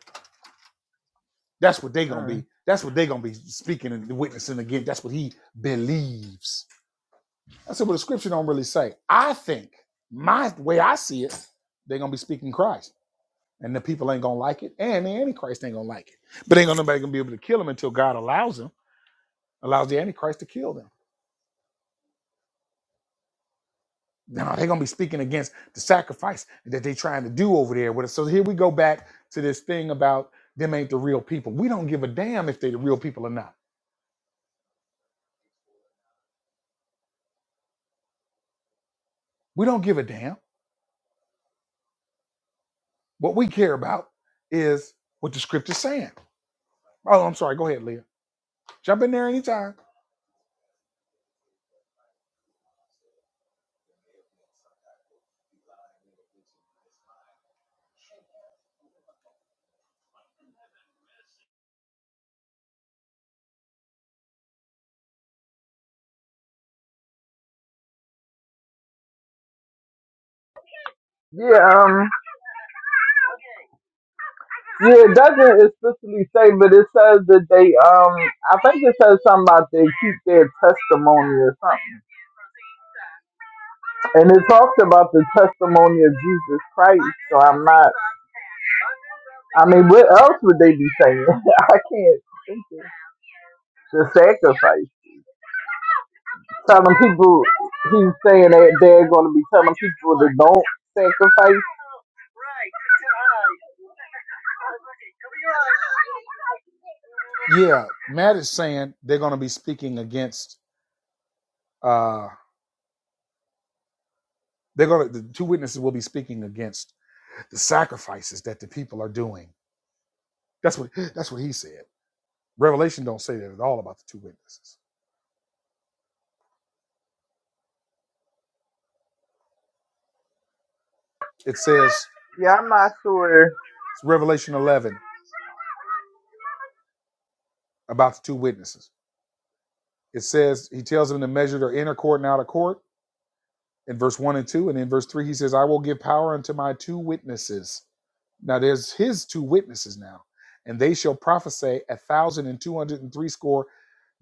[SPEAKER 1] That's what they gonna
[SPEAKER 3] Mm.
[SPEAKER 1] be. That's what they gonna be speaking and witnessing again. That's what he believes. I said, well, the scripture don't really say. I think my way I see it, they're gonna be speaking Christ. And the people ain't gonna like it, and the Antichrist ain't gonna like it. But ain't gonna nobody gonna be able to kill them until God allows them, allows the Antichrist to kill them. Now they're gonna be speaking against the sacrifice that they are trying to do over there. with us. So here we go back to this thing about them ain't the real people. We don't give a damn if they the real people or not. We don't give a damn. What we care about is what the script is saying. Oh, I'm sorry. Go ahead, Leah. Jump in there anytime.
[SPEAKER 3] Yeah. Um. Yeah. It doesn't explicitly say, but it says that they um. I think it says something about they keep their testimony or something. And it talks about the testimony of Jesus Christ. So I'm not, I mean, what else would they be saying? I can't think of the sacrifice. Telling people, he's saying that they're going to be telling people that don't sacrifice.
[SPEAKER 1] Yeah, Matt is saying they're going to be speaking against. uh They're going to the two witnesses will be speaking against the sacrifices that the people are doing. That's what that's what he said. Revelation don't say that at all about the two witnesses. It says
[SPEAKER 3] Yeah, I'm not sure.
[SPEAKER 1] it's Revelation 11 about the two witnesses. It says he tells them to measure their inner court and outer court in verse 1 and 2 and in verse 3 he says i will give power unto my two witnesses now there's his two witnesses now and they shall prophesy a thousand and two hundred and three score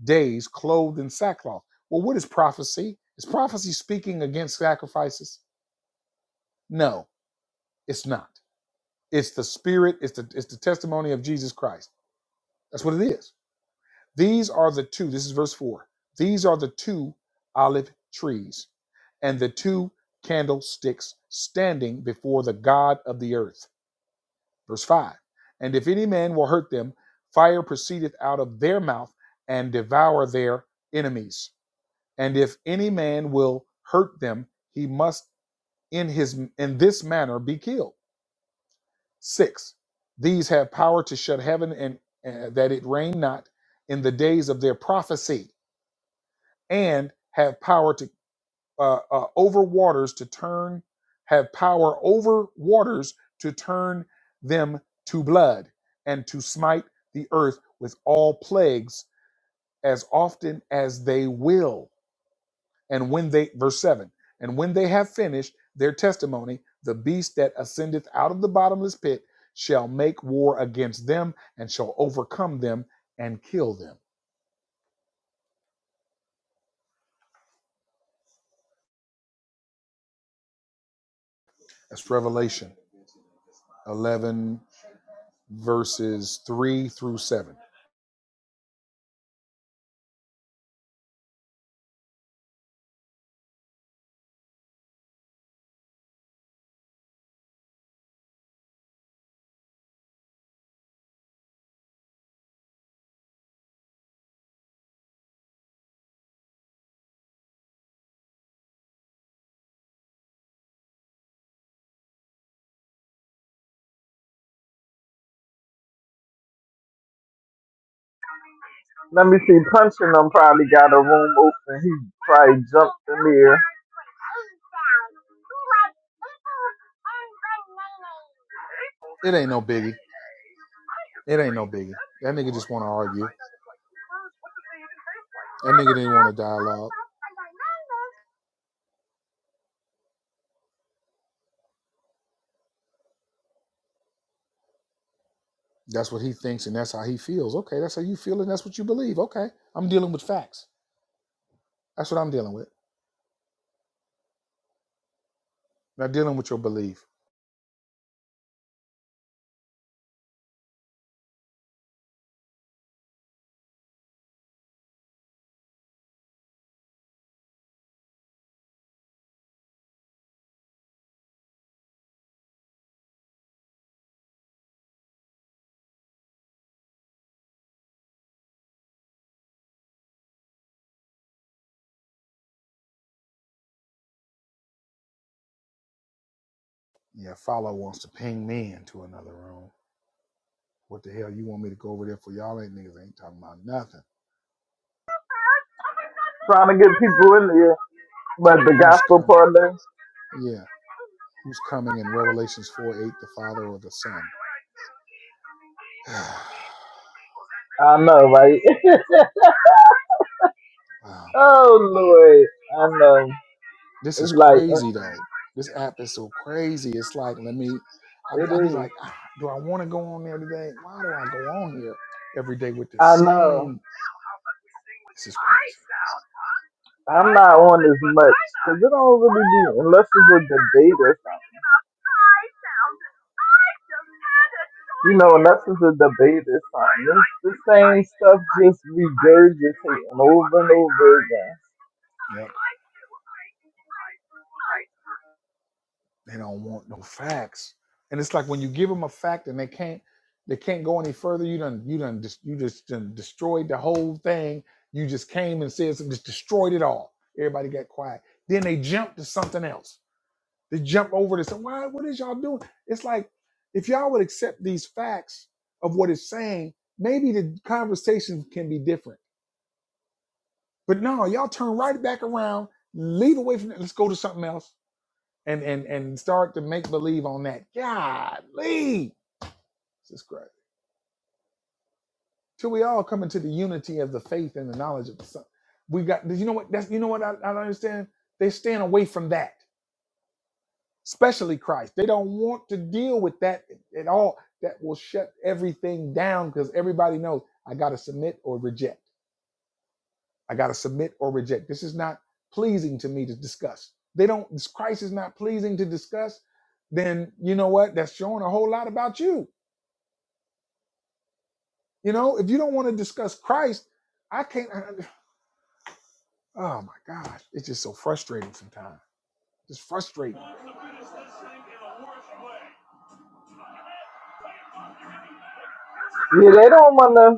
[SPEAKER 1] days clothed in sackcloth well what is prophecy is prophecy speaking against sacrifices no it's not it's the spirit it's the it's the testimony of jesus christ that's what it is these are the two this is verse 4 these are the two olive trees and the two candlesticks standing before the God of the earth. Verse 5 And if any man will hurt them, fire proceedeth out of their mouth and devour their enemies. And if any man will hurt them, he must in his in this manner be killed. 6 These have power to shut heaven and uh, that it rain not in the days of their prophecy and have power to uh, uh, over waters to turn, have power over waters to turn them to blood, and to smite the earth with all plagues as often as they will. And when they, verse 7, and when they have finished their testimony, the beast that ascendeth out of the bottomless pit shall make war against them and shall overcome them and kill them. That's Revelation 11, verses 3 through 7.
[SPEAKER 3] Let me see. Punching them probably got a room open. He probably jumped in there
[SPEAKER 1] It ain't no biggie It ain't no biggie. That nigga just want to argue. That nigga didn't want to dialogue. That's what he thinks and that's how he feels. Okay, that's how you feel and that's what you believe. Okay, I'm dealing with facts. That's what I'm dealing with. Not dealing with your belief. Yeah, follow wants to ping me into another room. What the hell you want me to go over there for? Y'all ain't niggas ain't talking about nothing.
[SPEAKER 3] trying to get people in there. But the
[SPEAKER 1] Who's
[SPEAKER 3] gospel
[SPEAKER 1] coming?
[SPEAKER 3] parlor,
[SPEAKER 1] Yeah, who's coming in Revelations 4 8, the Father or the Son? oh
[SPEAKER 3] I know, right?
[SPEAKER 1] man.
[SPEAKER 3] oh Lord, I know.
[SPEAKER 1] This is
[SPEAKER 3] It's like uh,
[SPEAKER 1] crazy though. This app is so crazy. It's like, let me, I'll be,
[SPEAKER 3] it
[SPEAKER 1] I'll be
[SPEAKER 3] is.
[SPEAKER 1] like, ah, do I want to go on there today? Why do I go on here every day with the
[SPEAKER 3] I know.
[SPEAKER 1] same? This is crazy.
[SPEAKER 3] I'm not on as much because it don't really be unless it's a debate or something. You know, unless it's a debate or something. It's the same stuff just regurgitating over and over again.
[SPEAKER 1] Yep. They don't want no facts. And it's like when you give them a fact and they can't, they can't go any further. You done, you done, just, you just done destroyed the whole thing. You just came and said, some- just destroyed it all. Everybody got quiet. Then they jumped to something else They jump over this. Why? What is y'all doing? It's like if y'all would accept these facts of what it's saying, maybe the conversation can be different. But no, y'all turn right back around, leave away from that. Let's go to something else and and and start to make believe on that. Golly, this is crazy. Till we all come into the unity of the faith and the knowledge of the Son, we got. You know what? That's you know what I, I don't understand. they stand away from that. especially Christ. They don't want to deal with that at all. That will shut everything down because everybody knows I got to submit or reject. I got to submit or reject. This is not pleasing to me to discuss. They don't, this Christ is not pleasing to discuss. Then you know what? That's showing a whole lot about you. You know, if you don't want to discuss Christ, I can't. oh my gosh, it's just so frustrating sometimes. Just frustrating.
[SPEAKER 3] Yeah, they don't wanna.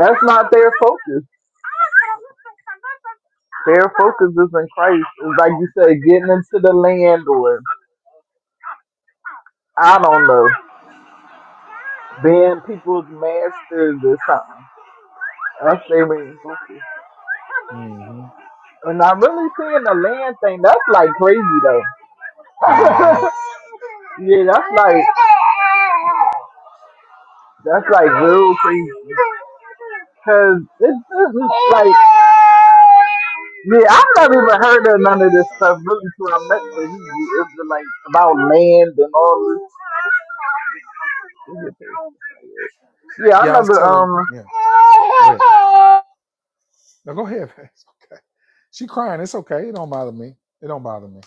[SPEAKER 3] That's not their focus. Their focus is in Christ. It's like you said, getting into the land or I don't know. Being people's masters or something. That's their main focus.
[SPEAKER 1] hmm
[SPEAKER 3] And I'm really seeing the land thing. That's like crazy though.
[SPEAKER 1] hmm
[SPEAKER 3] yeah, that's like that's like real crazy. Cause it's, it's just like yeah, I've never even heard of none of this stuff really till I met the Hebrew Israelites about land and all this. Yeah, I
[SPEAKER 1] Yeah, I was
[SPEAKER 3] never.
[SPEAKER 1] telling.
[SPEAKER 3] Um,
[SPEAKER 1] Yeah, go ahead. No, go ahead. It's okay. She crying. It's okay. It don't bother me. It don't bother me.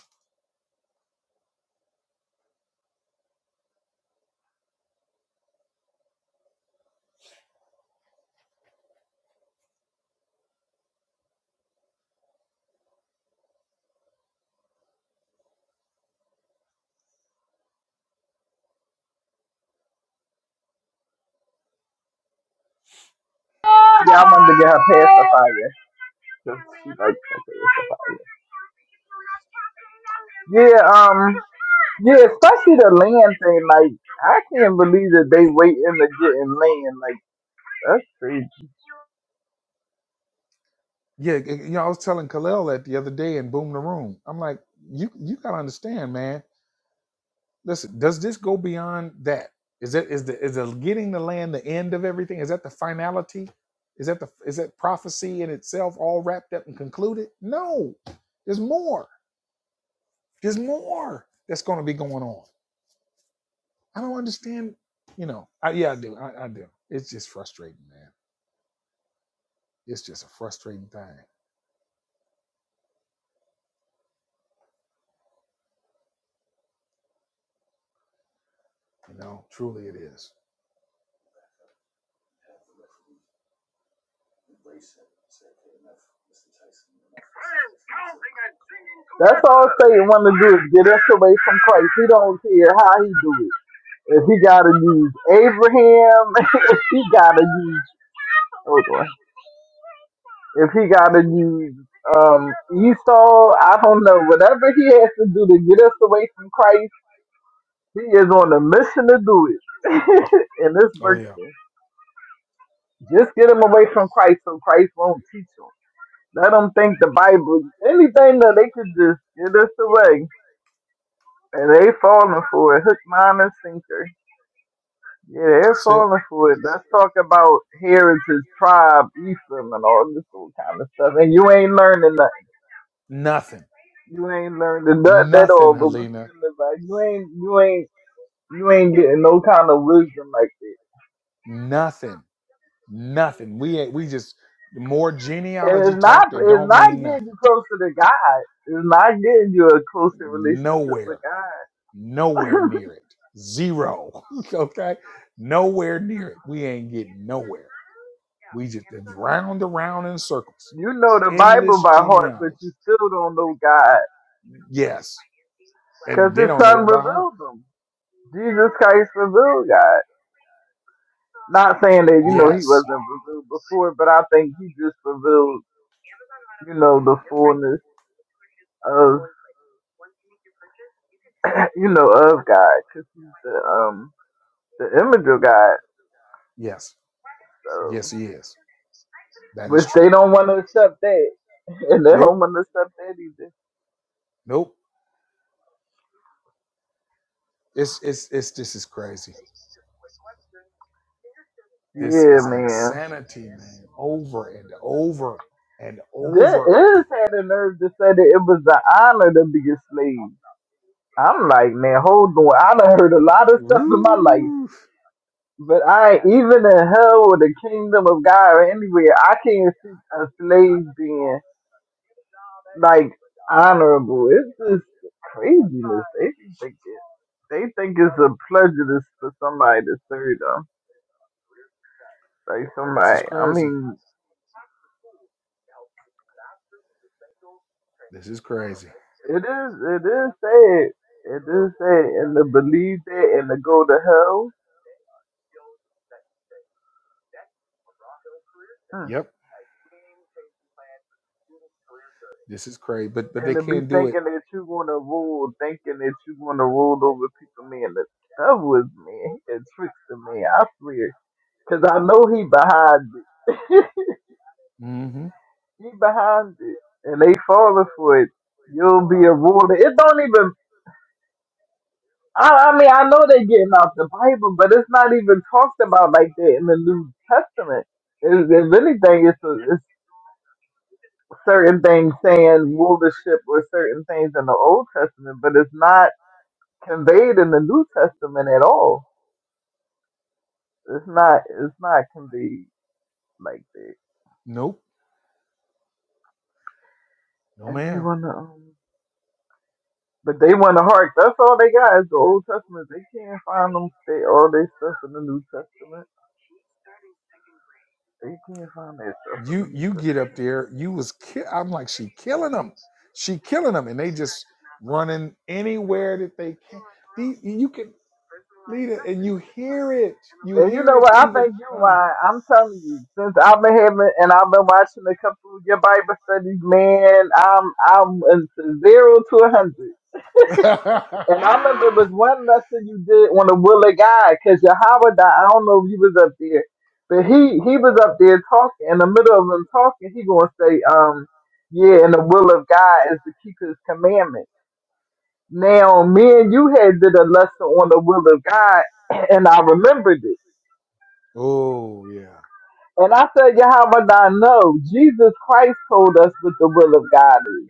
[SPEAKER 3] yeah, I wanted to get her past the fire. 'cause she like fucking with the fire. Yeah, um, yeah, especially the land thing. Like, I can't believe that they waiting to get in land. Like, that's crazy.
[SPEAKER 1] Yeah, it- you know, I was telling Kalel that the other day in Boom the Room. I'm like, you you gotta understand, man. Listen, does this go beyond that? Is it is the is the getting the land the end of everything? Is that the finality? Is that the is that prophecy in itself all wrapped up and concluded? No, there's more. There's more that's going to be going on. I don't understand. You know, I, yeah, I do. I, I do. It's just frustrating, man. It's just a frustrating thing. You know, truly it is.
[SPEAKER 3] That's all Satan want to do is get us away from Christ. He don't care how he do it. If he gotta use Abraham, if he gotta use hold on, if he gotta use um Esau, I don't know. Whatever he has to do to get us away from Christ He is on a mission to do it. and it's
[SPEAKER 1] Oh yeah,
[SPEAKER 3] working. Just get him away from Christ so Christ won't teach him. Let them think the Bible, anything that they could just get us away. And they falling for it, hook, line, and sinker. Yeah, they're
[SPEAKER 1] that's it.
[SPEAKER 3] falling for it. Let's talk about heritage, tribe, Ephraim, and all this old kind of stuff. And you ain't learning nothing.
[SPEAKER 1] Nothing,
[SPEAKER 3] You ain't learning nothing at
[SPEAKER 1] nothing,
[SPEAKER 3] all. But what's
[SPEAKER 1] Helena,
[SPEAKER 3] in the Bible? You ain't, you ain't, you ain't getting no kind of wisdom like that.
[SPEAKER 1] nothing, nothing. We ain't- we just more genealogy
[SPEAKER 3] It's not
[SPEAKER 1] talk that
[SPEAKER 3] it's
[SPEAKER 1] don't
[SPEAKER 3] not
[SPEAKER 1] mean
[SPEAKER 3] getting you
[SPEAKER 1] nothing.
[SPEAKER 3] closer to God. It's not getting you a closer relationship with
[SPEAKER 1] Nowhere,
[SPEAKER 3] God.
[SPEAKER 1] nowhere near it. Zero. okay, nowhere near it. We ain't getting nowhere. We just it's round around in circles.
[SPEAKER 3] you know the Bible
[SPEAKER 1] Endless
[SPEAKER 3] by heart, but
[SPEAKER 1] genealogy.
[SPEAKER 3] you still don't know God
[SPEAKER 1] Yes,
[SPEAKER 3] because
[SPEAKER 1] and they
[SPEAKER 3] His
[SPEAKER 1] don't
[SPEAKER 3] Son
[SPEAKER 1] know it by heart.
[SPEAKER 3] revealed Him. Jesus Christ revealed God. Not saying that you know He
[SPEAKER 1] Yes,
[SPEAKER 3] wasn't revealed before, but I think He just revealed you know the fullness of you know of God because He's the um the image of God.
[SPEAKER 1] yes,
[SPEAKER 3] So,
[SPEAKER 1] yes. He is. That is
[SPEAKER 3] Which they
[SPEAKER 1] true.
[SPEAKER 3] don't want to accept that. And they don't
[SPEAKER 1] Nope.
[SPEAKER 3] want to accept that either.
[SPEAKER 1] Nope It's it's it's this is crazy. This
[SPEAKER 3] Yeah,
[SPEAKER 1] is
[SPEAKER 3] man.
[SPEAKER 1] insanity, man. Over and over and
[SPEAKER 3] That
[SPEAKER 1] over.
[SPEAKER 3] is had the nerve to say that it was an honor to be a slave. I'm like, man, hold on. I done heard a lot of stuff in my life.
[SPEAKER 1] Woo.
[SPEAKER 3] But I ain't even in hell or the kingdom of God or anywhere, I can't see a slave being. like honorable. It's just craziness. They be thinking they think it's a pleasure to, for somebody to serve them. Like
[SPEAKER 1] This is
[SPEAKER 3] somebody, I
[SPEAKER 1] crazy.
[SPEAKER 3] mean,
[SPEAKER 1] This is crazy.
[SPEAKER 3] it is. It is sad. It is sad, and to believe that and to go to hell. hmm,
[SPEAKER 1] Yep. This is crazy. But but they
[SPEAKER 3] And to be
[SPEAKER 1] can't do it.
[SPEAKER 3] thinking that you're gonna rule, thinking that you're gonna rule over people, man. The devil is man. He tricks to me. I swear. Cause I know he behind it.
[SPEAKER 1] Mm-hmm.
[SPEAKER 3] he behind it, and they falling for it. You'll be a ruler. It don't even. I, I mean, I know they getting out the Bible, but it's not even talked about like that in the New Testament. If, if anything, it's, a, it's certain things saying rulership or certain things in the Old Testament, but it's not conveyed in the New Testament at all. It's not. It's not conveyed like that.
[SPEAKER 1] Nope. No
[SPEAKER 3] And they
[SPEAKER 1] ma'am.
[SPEAKER 3] wanna. um, But they want to heart. That's all they got is the Old Testament. They can't find them. They all they stuff in the New Testament. They can't find that stuff in
[SPEAKER 1] You
[SPEAKER 3] the New
[SPEAKER 1] you get up
[SPEAKER 3] Testament.
[SPEAKER 1] there. You was ki- I'm like she killing them. She killing them, and they just running anywhere that they can. These you can lead it, and you hear it. You
[SPEAKER 3] And you
[SPEAKER 1] hear
[SPEAKER 3] know
[SPEAKER 1] it
[SPEAKER 3] what? I
[SPEAKER 1] even.
[SPEAKER 3] think you right. I'm telling you, since I've been having and I've been watching a couple of your Bible studies, man, I'm I'm into zero to a hundred. And I remember it
[SPEAKER 1] Oh.
[SPEAKER 3] was one lesson you did on the will of God, because Yahweh, died. I don't know if you was up there, but he he was up there talking. In the middle of him talking, he gonna say, um, yeah, and the will of God is to keep His commandment. Now, me and you had did a lesson on the will of God, and I remembered it.
[SPEAKER 1] Oh, yeah.
[SPEAKER 3] And I said, Yahweh, I know Jesus Christ told us what the will of God is,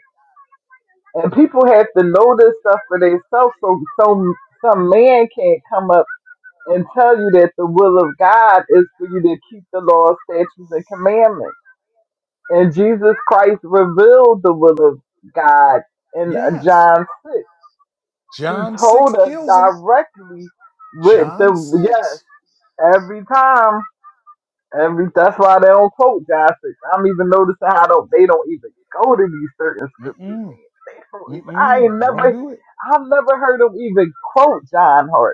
[SPEAKER 3] and people have to know this stuff for themselves, so so some man can't come up and tell you that the will of God is for you to keep the law, statutes, and commandments. And Jesus Christ revealed the will of God in uh,
[SPEAKER 1] Yes.
[SPEAKER 3] John 6. He
[SPEAKER 1] John 6
[SPEAKER 3] told us
[SPEAKER 1] kills him.
[SPEAKER 3] directly with
[SPEAKER 1] John
[SPEAKER 3] the,
[SPEAKER 1] 6.
[SPEAKER 3] yes, every time. Every, that's why they don't quote John 6. I'm even noticing how don't, they don't even go to these certain scriptures,
[SPEAKER 1] Mm-mm.
[SPEAKER 3] man. They don't even, I
[SPEAKER 1] Mm-mm.
[SPEAKER 3] ain't
[SPEAKER 1] Won't
[SPEAKER 3] never,
[SPEAKER 1] do it.
[SPEAKER 3] I've never heard them even quote John Hardy.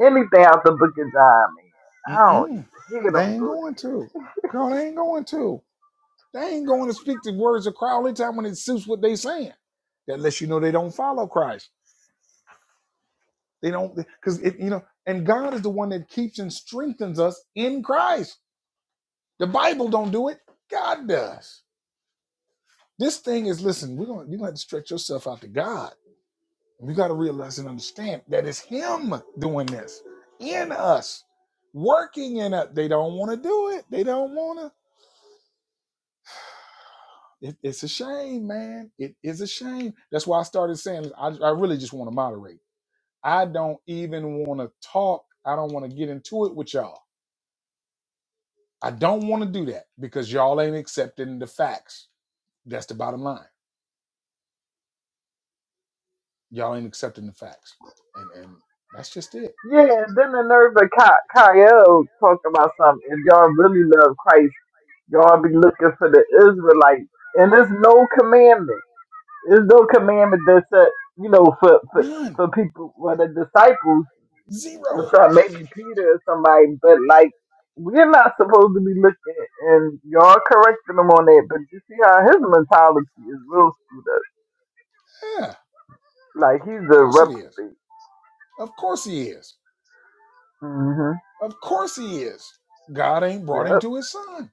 [SPEAKER 3] Anything out the book of John, man. I don't
[SPEAKER 1] Mm-mm.
[SPEAKER 3] even hear
[SPEAKER 1] They
[SPEAKER 3] them
[SPEAKER 1] ain't
[SPEAKER 3] go there.
[SPEAKER 1] going to. Girl, they ain't going to. They ain't going to speak the words of Christ all the time when it suits what they saying. That lets you know they don't follow Christ. They don't, because, it you know, and God is the one that keeps and strengthens us in Christ. The Bible don't do it. God does. This thing is, listen, we're going to, you're going to have to stretch yourself out to God We got to realize and understand that it's Him doing this in us, working in us. They don't want to do it. They don't want to. It, it's a shame, man. It is a shame. That's why I started saying I, I really just want to moderate. I don't even want to talk. I don't want to get into it with y'all. I don't want to do that because y'all ain't accepting the facts. That's the bottom line. Y'all ain't accepting the facts, and and that's just it.
[SPEAKER 3] Yeah, and then the nerve of Ky- Kyle talking about something. If y'all really love Christ, y'all be looking for the Israelites. And there's no commandment. There's no commandment that said, you know, for, for,
[SPEAKER 1] None,
[SPEAKER 3] for people, for the disciples,
[SPEAKER 1] zero.
[SPEAKER 3] or some, maybe Peter or somebody, but like, we're not supposed to be looking, and y'all correcting him on that, but you see how his mentality is real screwed up.
[SPEAKER 1] Yeah, of
[SPEAKER 3] Like, he's a
[SPEAKER 1] course it is.
[SPEAKER 3] reprobate.
[SPEAKER 1] Of course he is.
[SPEAKER 3] hmm
[SPEAKER 1] Of course he is. God ain't brought him
[SPEAKER 3] Yep.
[SPEAKER 1] to his son.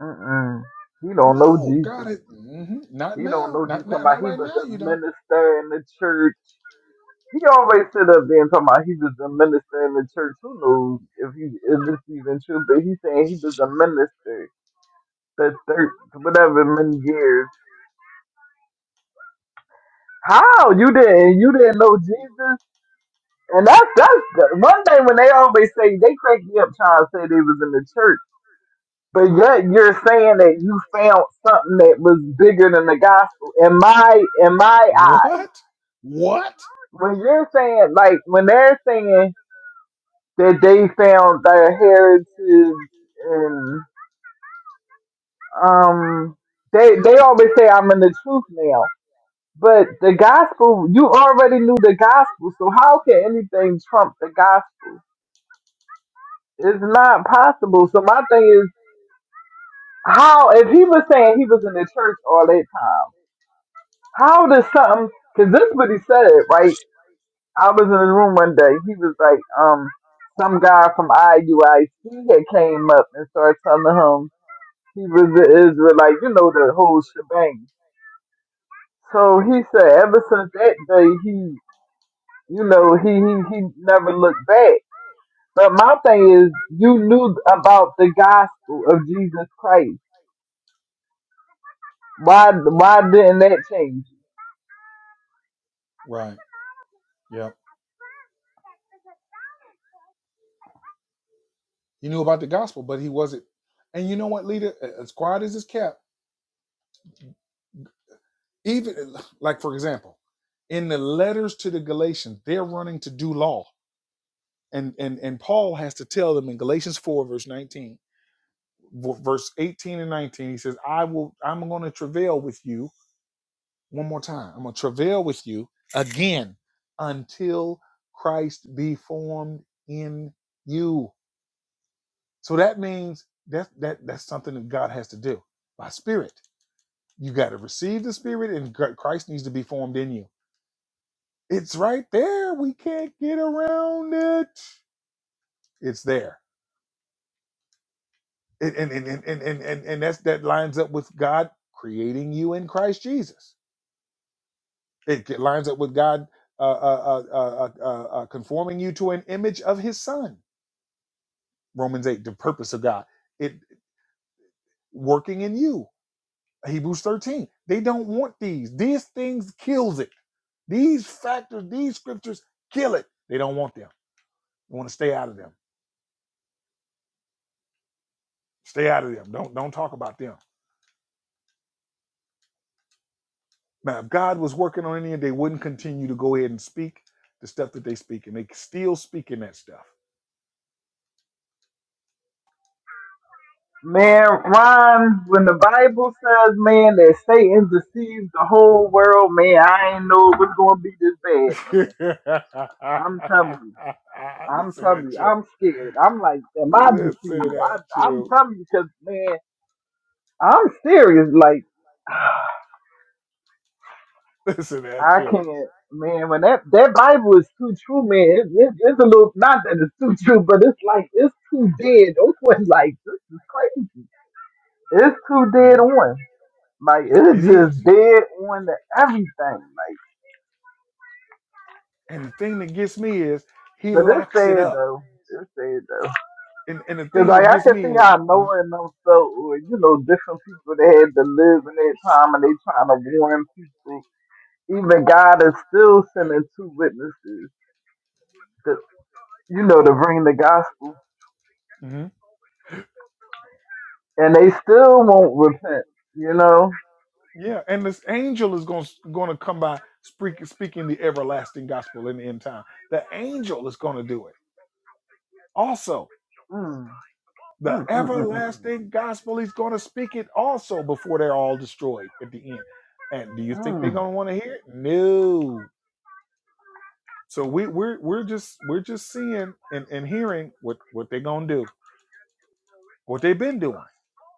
[SPEAKER 3] Mm-mm. He don't know
[SPEAKER 1] No, God
[SPEAKER 3] Jesus.
[SPEAKER 1] is mhm, not
[SPEAKER 3] He don't
[SPEAKER 1] now.
[SPEAKER 3] know Jesus.
[SPEAKER 1] Not
[SPEAKER 3] Talking
[SPEAKER 1] now. Not
[SPEAKER 3] about he
[SPEAKER 1] right
[SPEAKER 3] was
[SPEAKER 1] now.
[SPEAKER 3] a
[SPEAKER 1] You don't.
[SPEAKER 3] minister in the church. He always sit up there and talking about he was a minister in the church. Who knows if he if this even true? But he's saying he was a minister for thir whatever many years. How you didn't you didn't know Jesus? And that's that's the one thing when they always say they crank me up trying to say they was in the church. But yet you're saying that you found something that was bigger than the gospel. In my in my eyes,
[SPEAKER 1] What? What?
[SPEAKER 3] when you're saying like when they're saying that they found their heritage and um they they always say I'm in the truth now. But the gospel, you already knew the gospel, so how can anything trump the gospel? It's not possible. So my thing is, how if he was saying he was in the church all that time? How does something? Because this is what he said, right? I was in his room one day. He was like, um, some guy from IUIC had came up and started telling him he was an Israelite, you know, the whole shebang. So he said, ever since that day, he, you know, he he he never looked back. But my thing is, you knew about the gospel of Jesus Christ. Why why didn't that change?
[SPEAKER 1] Right. Yep. He knew about the gospel, but he wasn't. And you know what, leader? As quiet as it's kept, even like for example, in the letters to the Galatians, they're running to do law, and and and Paul has to tell them in Galatians four verse nineteen. verse 18 and 19 he says i will i'm going to travail with you one more time i'm going to travail with you again until christ be formed in you so that means that that that's something that god has to do by spirit you got to receive the spirit and christ needs to be formed in you it's right there we can't get around it it's there and and and and and, and and that's that lines up with god creating you in christ jesus It get- lines up with God uh, uh, uh, uh, uh, uh, uh, conforming you to an image of His Son. Romans eight, the purpose of God, it working in you. Hebrews thirteen. They don't want these. These things kills it. These factors, these scriptures kill it. They don't want them. They want to stay out of them. Stay out of them. Don't don't talk about them. Now, if God was working on any, of it, they wouldn't continue to go ahead and speak the stuff that they speak, and they still speaking that stuff.
[SPEAKER 3] Man, Ron, when the Bible says, man, that Satan deceives the whole world, man, I ain't know it was going to be this bad.
[SPEAKER 1] Listen
[SPEAKER 3] I'm telling you. I'm telling
[SPEAKER 1] at
[SPEAKER 3] you.
[SPEAKER 1] you.
[SPEAKER 3] I'm scared. I'm like, am I deceived?
[SPEAKER 1] Listen at
[SPEAKER 3] I, I'm
[SPEAKER 1] you.
[SPEAKER 3] telling you because, man, I'm serious. Like,
[SPEAKER 1] Listen at
[SPEAKER 3] I
[SPEAKER 1] you.
[SPEAKER 3] can't. Man, when that, that Bible is too true, man, it, it, it's a little, not that it's too true, but it's like, it's too dead Those ones, Like, this is crazy. It's too dead
[SPEAKER 1] Yeah,
[SPEAKER 3] on. Like,
[SPEAKER 1] it
[SPEAKER 3] it's just
[SPEAKER 1] is.
[SPEAKER 3] dead on to everything. Like,
[SPEAKER 1] And the thing that gets me is he
[SPEAKER 3] But it's
[SPEAKER 1] locks it
[SPEAKER 3] sad
[SPEAKER 1] up.
[SPEAKER 3] though. It's sad though.
[SPEAKER 1] And and the
[SPEAKER 3] Cause
[SPEAKER 1] thing that
[SPEAKER 3] like I
[SPEAKER 1] gets
[SPEAKER 3] can
[SPEAKER 1] me
[SPEAKER 3] see
[SPEAKER 1] is
[SPEAKER 3] how
[SPEAKER 1] uh,
[SPEAKER 3] Noah and them felt, or you know, different people that had to live in that time, and they trying to warn people. Even God is still sending two witnesses, to, you know, to bring the gospel,
[SPEAKER 1] mhm.
[SPEAKER 3] and they still won't repent. You know.
[SPEAKER 1] yeah. And this angel is going going to come by speak, speaking the everlasting gospel in the end time. The angel is going to do it also.
[SPEAKER 3] Mm,
[SPEAKER 1] the
[SPEAKER 3] mm, mm, mm, mm, mm.
[SPEAKER 1] everlasting gospel. He's going to speak it also before they're all destroyed at the end. And do you think they're
[SPEAKER 3] Mm.
[SPEAKER 1] going to want to hear it? No. So we we're we're just we're just seeing and, and hearing what what they're going to do, what they've been doing.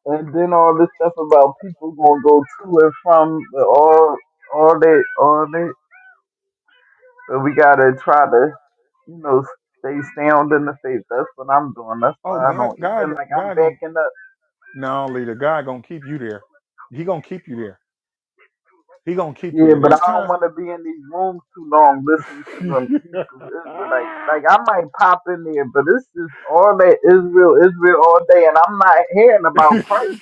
[SPEAKER 3] And then all this stuff about people gonna go to and from all, all that, all that. But we gotta try to, you know, stay sound in the faith. That's what I'm doing. That's
[SPEAKER 1] Oh
[SPEAKER 3] why I
[SPEAKER 1] God,
[SPEAKER 3] don't
[SPEAKER 1] God,
[SPEAKER 3] even like I'm
[SPEAKER 1] God going to
[SPEAKER 3] backing up.
[SPEAKER 1] no leader. God going to keep you there. He going to keep you there. He going to keep you
[SPEAKER 3] Yeah,
[SPEAKER 1] there.
[SPEAKER 3] but I
[SPEAKER 1] There's
[SPEAKER 3] don't
[SPEAKER 1] times.
[SPEAKER 3] want to be in these rooms too long listening to them Hebrew Israelites. Like I might pop in there, but it's just all that Israel, Israel all day, and I'm not hearing about Christ.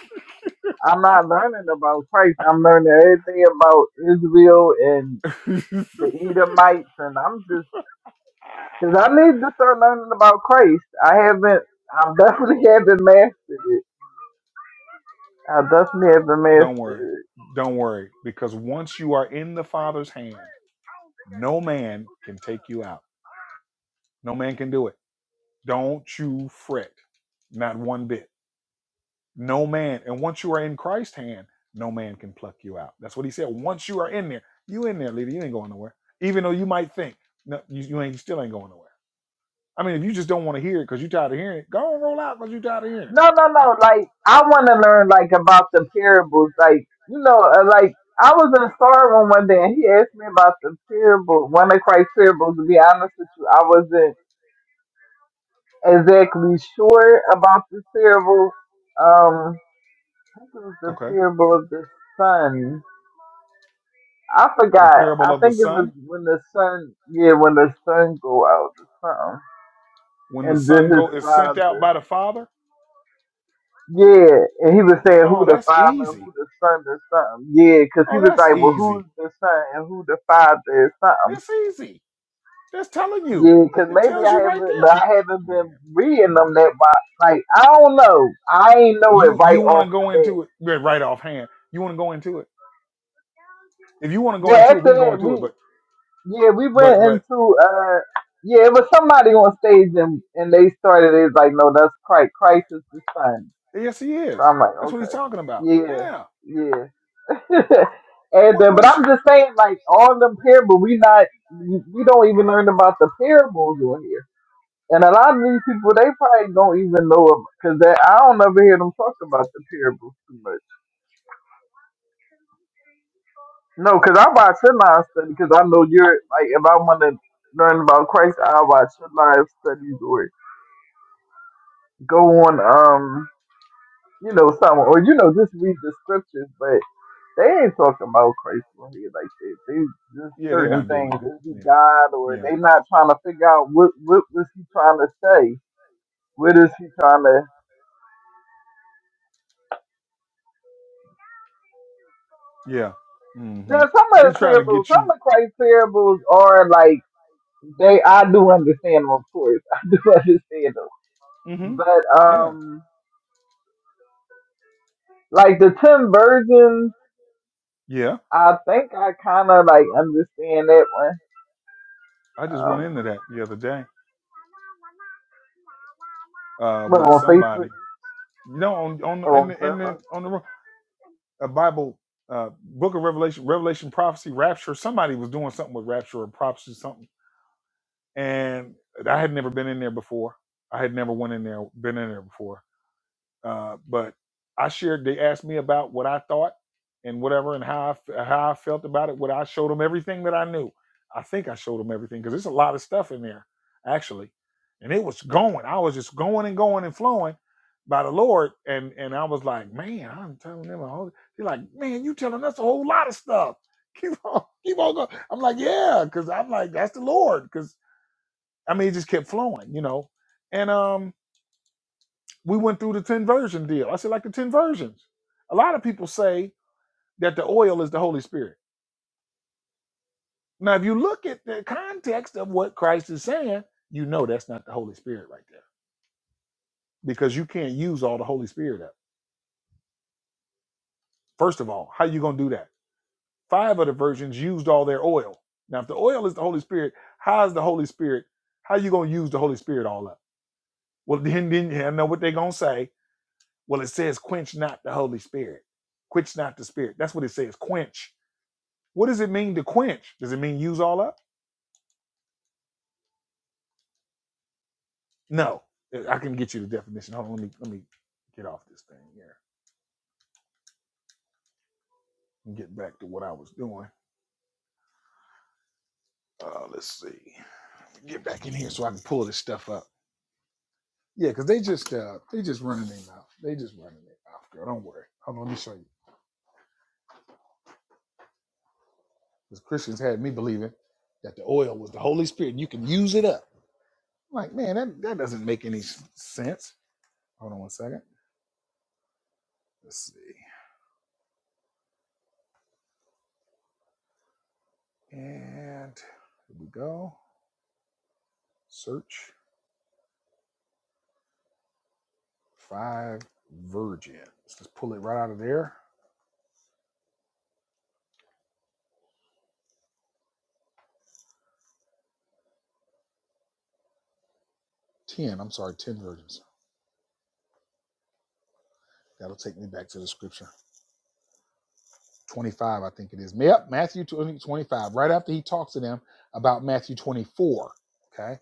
[SPEAKER 3] I'm not learning about Christ. I'm learning everything about Israel and the Edomites, and I'm just because I need to start learning about Christ. I haven't. I definitely haven't mastered it. Uh, that's me every man.
[SPEAKER 1] Don't worry. Don't worry, because once you are in the Father's hand No man can take you out. No man can do it. Don't you fret, not one bit. No man. And once you are in Christ's hand, no man can pluck you out. That's what he said. Once you are in there, you in there, leader. You ain't going nowhere. Even though you might think, no, you, you ain't. You still ain't going nowhere. I mean, if you just don't want to hear it because you tired of hearing it, go and roll out because you tired of hearing it.
[SPEAKER 3] No, no, no. Like I want to learn like about the parables. Like you know, uh, like I was in a store room one day and he asked me about the parable, one of Christ's parables. To be honest with you, I wasn't exactly sure about this parable. Um, this was the
[SPEAKER 1] Okay.
[SPEAKER 3] parable of the sun. I
[SPEAKER 1] The
[SPEAKER 3] forgot.
[SPEAKER 1] parable
[SPEAKER 3] I
[SPEAKER 1] of the
[SPEAKER 3] think it was
[SPEAKER 1] son.
[SPEAKER 3] when the sun, yeah, when the sun go out or something,
[SPEAKER 1] When the
[SPEAKER 3] and
[SPEAKER 1] son
[SPEAKER 3] then his
[SPEAKER 1] go is sent out
[SPEAKER 3] father.
[SPEAKER 1] by the father.
[SPEAKER 3] Yeah, and he was saying
[SPEAKER 1] Oh,
[SPEAKER 3] who the
[SPEAKER 1] that's
[SPEAKER 3] father and
[SPEAKER 1] easy.
[SPEAKER 3] who the son or something. Yeah, 'cause he
[SPEAKER 1] Oh,
[SPEAKER 3] was
[SPEAKER 1] that's
[SPEAKER 3] like, well, who's
[SPEAKER 1] easy.
[SPEAKER 3] the son and who the father is something.
[SPEAKER 1] It's easy. That's telling you.
[SPEAKER 3] Yeah, 'cause
[SPEAKER 1] It
[SPEAKER 3] maybe
[SPEAKER 1] tells you
[SPEAKER 3] I
[SPEAKER 1] right
[SPEAKER 3] haven't,
[SPEAKER 1] there.
[SPEAKER 3] but I haven't been
[SPEAKER 1] Man,
[SPEAKER 3] reading them that
[SPEAKER 1] mm-mm.
[SPEAKER 3] much. Like I don't know, I ain't know it
[SPEAKER 1] you you
[SPEAKER 3] right
[SPEAKER 1] want
[SPEAKER 3] off
[SPEAKER 1] to
[SPEAKER 3] the
[SPEAKER 1] go
[SPEAKER 3] bat.
[SPEAKER 1] into it right right offhand. You want to go into it. If you want to
[SPEAKER 3] But
[SPEAKER 1] go into it, we
[SPEAKER 3] after
[SPEAKER 1] can go
[SPEAKER 3] that,
[SPEAKER 1] into it.
[SPEAKER 3] we
[SPEAKER 1] But
[SPEAKER 3] yeah we
[SPEAKER 1] but
[SPEAKER 3] went
[SPEAKER 1] but
[SPEAKER 3] into uh yeah it was somebody on stage and and they started it's like no that's Christ Christ is the son.
[SPEAKER 1] yes, he
[SPEAKER 3] So
[SPEAKER 1] is.
[SPEAKER 3] I'm like
[SPEAKER 1] That's what he's
[SPEAKER 3] okay
[SPEAKER 1] talking about.
[SPEAKER 3] yeah
[SPEAKER 1] Yeah.
[SPEAKER 3] yeah. and
[SPEAKER 1] On-
[SPEAKER 3] then, but
[SPEAKER 1] Once
[SPEAKER 3] I'm
[SPEAKER 1] you
[SPEAKER 3] just saying, like on the parable, we not we don't even learn about the parables on here. And a lot of these people, they probably don't even know it because I don't ever hear them talk about the parables too much. No, because I watch your live study because I know you're like if I want to learn about Christ, I watch your live studies or go on um you know something or you know just read the scriptures. They ain't talking about crazy when he like that. They just
[SPEAKER 1] yeah, they're
[SPEAKER 3] certain
[SPEAKER 1] not doing
[SPEAKER 3] things.
[SPEAKER 1] that.
[SPEAKER 3] Is he God
[SPEAKER 1] Yeah,
[SPEAKER 3] or
[SPEAKER 1] yeah,
[SPEAKER 3] they not trying to figure out what what was he trying to say? What is he trying to?
[SPEAKER 1] yeah.
[SPEAKER 3] Now
[SPEAKER 1] Mm-hmm.
[SPEAKER 3] some of
[SPEAKER 1] He's
[SPEAKER 3] the
[SPEAKER 1] trying to
[SPEAKER 3] parables,
[SPEAKER 1] get
[SPEAKER 3] some
[SPEAKER 1] you.
[SPEAKER 3] of Christ's parables are like they. I do understand them, of course. I do understand them,
[SPEAKER 1] Mm-hmm.
[SPEAKER 3] but
[SPEAKER 1] Yeah,
[SPEAKER 3] um, like the ten virgins,
[SPEAKER 1] yeah.
[SPEAKER 3] I think I kind of like understand that one.
[SPEAKER 1] I just went
[SPEAKER 3] Um,
[SPEAKER 1] into that the other day uh,
[SPEAKER 3] but
[SPEAKER 1] with
[SPEAKER 3] on Facebook,
[SPEAKER 1] somebody. You know, on on in
[SPEAKER 3] on
[SPEAKER 1] the in the
[SPEAKER 3] Clubhouse.
[SPEAKER 1] on the room. a Bible uh, book of Revelation, Revelation prophecy, rapture. Somebody was doing something with rapture or prophecy, something, and I had never been in there before. I had never went in there, been in there before uh, but I shared. They asked me about what I thought and whatever, and how I, f- how I felt about it. What I showed them everything that I knew. I think I showed them everything because there's a lot of stuff in there, actually. And it was going. I was just going and going and flowing by the Lord, and and I was like, man, I'm telling them. a whole-" They're like, man, you telling us a whole lot of stuff. Keep on, keep on going. I'm like, yeah, because I'm like, that's the Lord. Because I mean, it just kept flowing, you know. And um, we went through the 10 version deal. I said, like the 10 versions. A lot of people say that the oil is the Holy Spirit. Now, if you look at the context of what Christ is saying, you know that's not the Holy Spirit right there because you can't use all the Holy Spirit up. First of all, how you going to do that? Five of the virgins used all their oil. Now, if the oil is the Holy Spirit, how is the Holy Spirit? How you going to use the Holy Spirit all up? Well, then, then I know what they're going to say. Well, it says, quench not the Holy Spirit. Quench not the Spirit. That's what it says, quench. What does it mean to quench? Does it mean use all up? No. I can get you the definition. Hold on, let me let me get off this thing here and get back to what I was doing. Uh, let's see. Get back in here so I can pull this stuff up. Yeah, because they just uh they just running their mouth. They just running their mouth, girl. Don't worry. Hold on, let me show you. Because Christians had me believing that the oil was the Holy Spirit and you can use it up. I'm Like, man, that, that doesn't make any s- sense. Hold on one second. Let's see. And here we go. Search. Five virgins. Let's pull it right out of there. Ten, I'm sorry, ten virgins. That'll take me back to the scripture. 25, I think it is. Yep, Matthew 25, right after he talks to them about Matthew 24. Okay.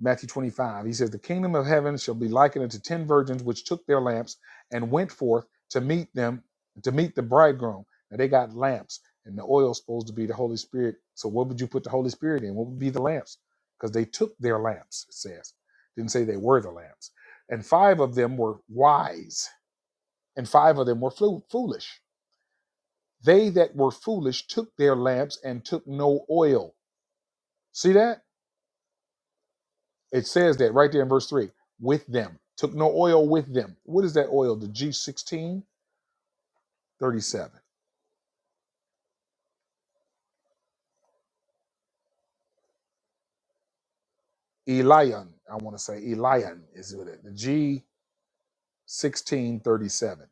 [SPEAKER 1] Matthew 25. He says, The kingdom of heaven shall be likened unto ten virgins which took their lamps and went forth to meet them, to meet the bridegroom. Now they got lamps, and the oil is supposed to be the Holy Spirit. So what would you put the Holy Spirit in? What would be the lamps? Because they took their lamps, it says. Didn't say they were the lamps. And five of them were wise, and five of them were flu- foolish. They that were foolish took their lamps and took no oil. See that? It says that right there in verse 3 with them, took no oil with them. What is that oil? The g sixteen thirty seven. Elian, I want to say Elian is with it. The g sixteen thirty seven.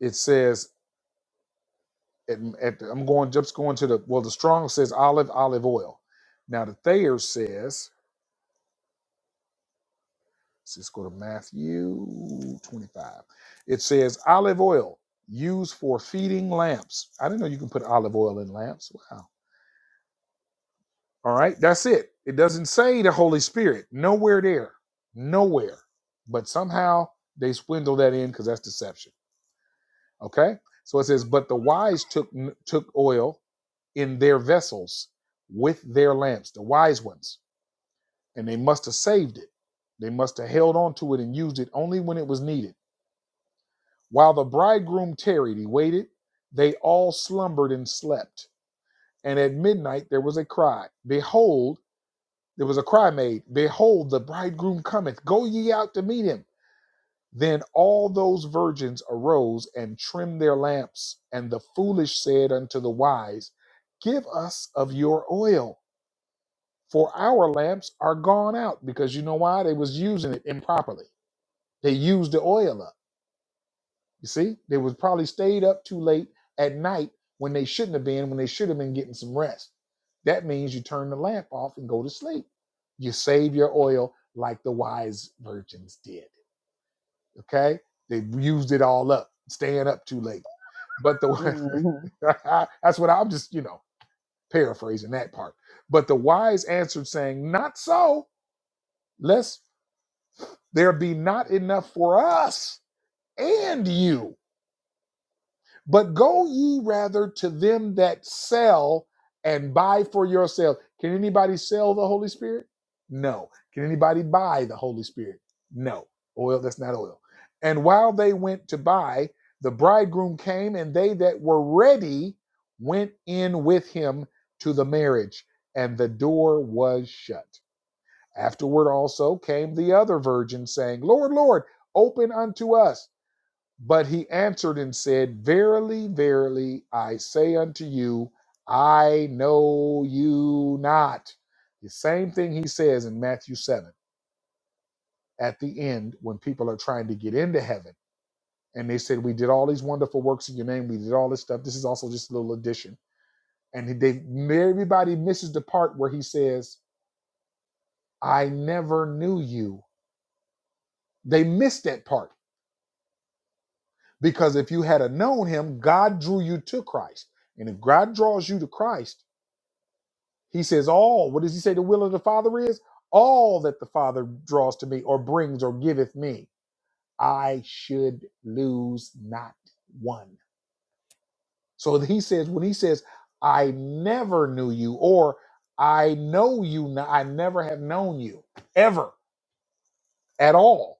[SPEAKER 1] It says, at, at the, I'm going just going to the, well, the strong says olive, olive oil. Now the Thayer says, let's just go to Matthew 25. It says olive oil used for feeding lamps. I didn't know you can put olive oil in lamps. Wow All right, that's it. It doesn't say the Holy Spirit. Nowhere there. Nowhere. But somehow they swindle that in because that's deception. Okay? So it says, but the wise took took oil in their vessels with their lamps, the wise ones, and they must have saved it. They must have held on to it and used it only when it was needed. While the bridegroom tarried, he waited, they all slumbered and slept. And at midnight there was a cry, Behold, There was a cry made, Behold, the bridegroom cometh, go ye out to meet him. Then all those virgins arose and trimmed their lamps. And the foolish said unto the wise, Give us of your oil, for our lamps are gone out. Because you know why? They was using it improperly. They used the oil up. You see, they was probably stayed up too late at night when they shouldn't have been, when they should have been getting some rest. That means you turn the lamp off and go to sleep. You save your oil like the wise virgins did. Okay, they used it all up, staying up too late. But the
[SPEAKER 3] hmm
[SPEAKER 1] that's what I'm just you know paraphrasing that part. But the wise answered, saying, "Not so, lest there be not enough for us and you." But go ye rather to them that sell and buy for yourselves. Can anybody sell the Holy Spirit? No. Can anybody buy the Holy Spirit? No. Oil, that's not oil. And while they went to buy, the bridegroom came, and they that were ready went in with him to the marriage, and the door was shut. Afterward also came the other virgins, saying, Lord, Lord, open unto us. But he answered and said, Verily, verily, I say unto you, I know you not. The same thing he says in Matthew 7 at the end when people are trying to get into heaven. And they said, We did all these wonderful works in your name. We did all this stuff. This is also just a little addition. And they, everybody misses the part where he says, I never knew you. They missed that part because if you had a known him, God drew you to Christ. And if God draws you to Christ, He says, All, what does he say the will of the Father is? All that the Father draws to me or brings or giveth me, I should lose not one. So he says, when he says, I never knew you, or I know you, not, I never have known you, ever, at all,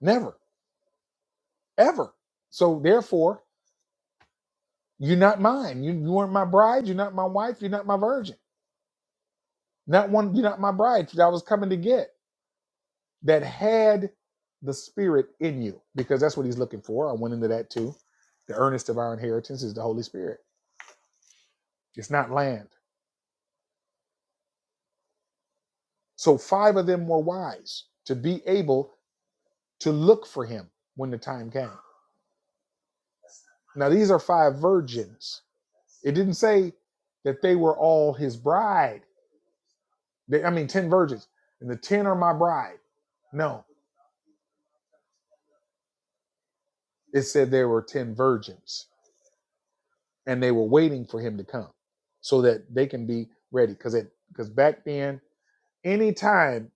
[SPEAKER 1] never, ever. So therefore, you're not mine. You, you weren't my bride. You're not my wife. You're not my virgin. Not one. You're not my bride that I was coming to get. that had the spirit in you because that's what he's looking for. I went into that too. The earnest of our inheritance is the Holy Spirit. It's not land. So five of them were wise to be able to look for him when the time came. Now these are five virgins. It didn't say that they were all his bride. They- I mean 10 virgins and the 10 are my bride. No. It said there were 10 virgins and they were waiting for him to come so that they can be ready cuz cuz back then Anytime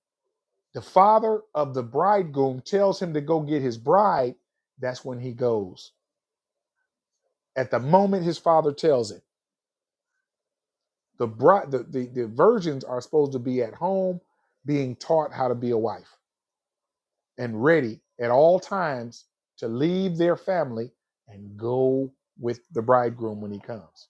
[SPEAKER 1] the father of the bridegroom tells him to go get his bride, that's when he goes. At the moment his father tells him, the bride, the, the, the virgins are supposed to be at home being taught how to be a wife and ready at all times to leave their family and go with the bridegroom when he comes.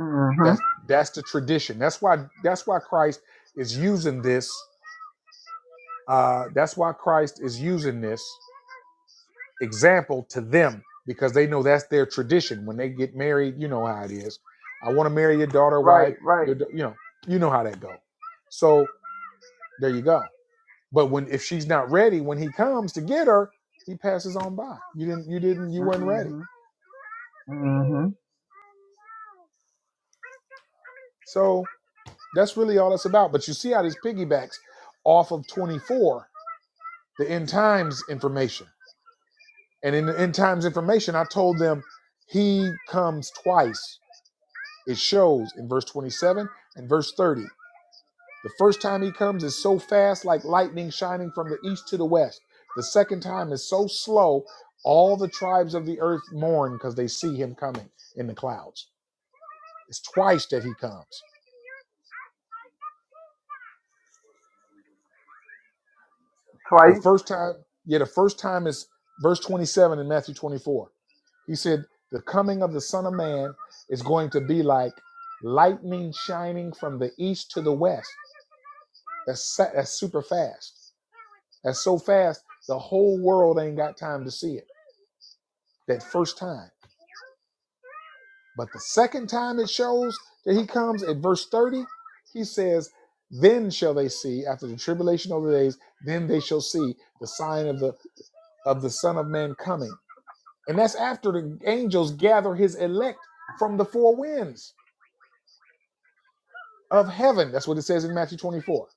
[SPEAKER 3] hmm
[SPEAKER 1] That's that's the tradition. That's why that's why Christ is using this. Uh, that's why Christ is using this example to them because they know that's their tradition when they get married you know how it is i want to marry your daughter
[SPEAKER 3] Right,
[SPEAKER 1] wife
[SPEAKER 3] right.
[SPEAKER 1] your da- you know you know how that go so there you go but when if she's not ready when he comes to get her he passes on by you didn't you didn't you weren't ready
[SPEAKER 3] hmm hmm
[SPEAKER 1] so that's really all it's about but you see how this piggybacks off of 24 the end times information and in the end times information i told them he comes twice It shows in verse 27 and verse 30. The first time he comes is so fast, like lightning shining from the east to the west. The second time is so slow, all the tribes of the earth mourn because they see him coming in the clouds. It's twice that he comes. The
[SPEAKER 3] Twice.
[SPEAKER 1] first time, yeah, the first time is verse 27 in Matthew 24. He said, The coming of the Son of Man is going to be like lightning shining from the east to the west. That's, sa- that's super fast. That's so fast, the whole world ain't got time to see it that first time. But the second time it shows that he comes at verse 30, he says, Then shall they see after the tribulation of the days, then they shall see the sign of the of the Son of Man coming. And that's after the angels gather his elect from the four winds of heaven. That's what it says in Matthew 24.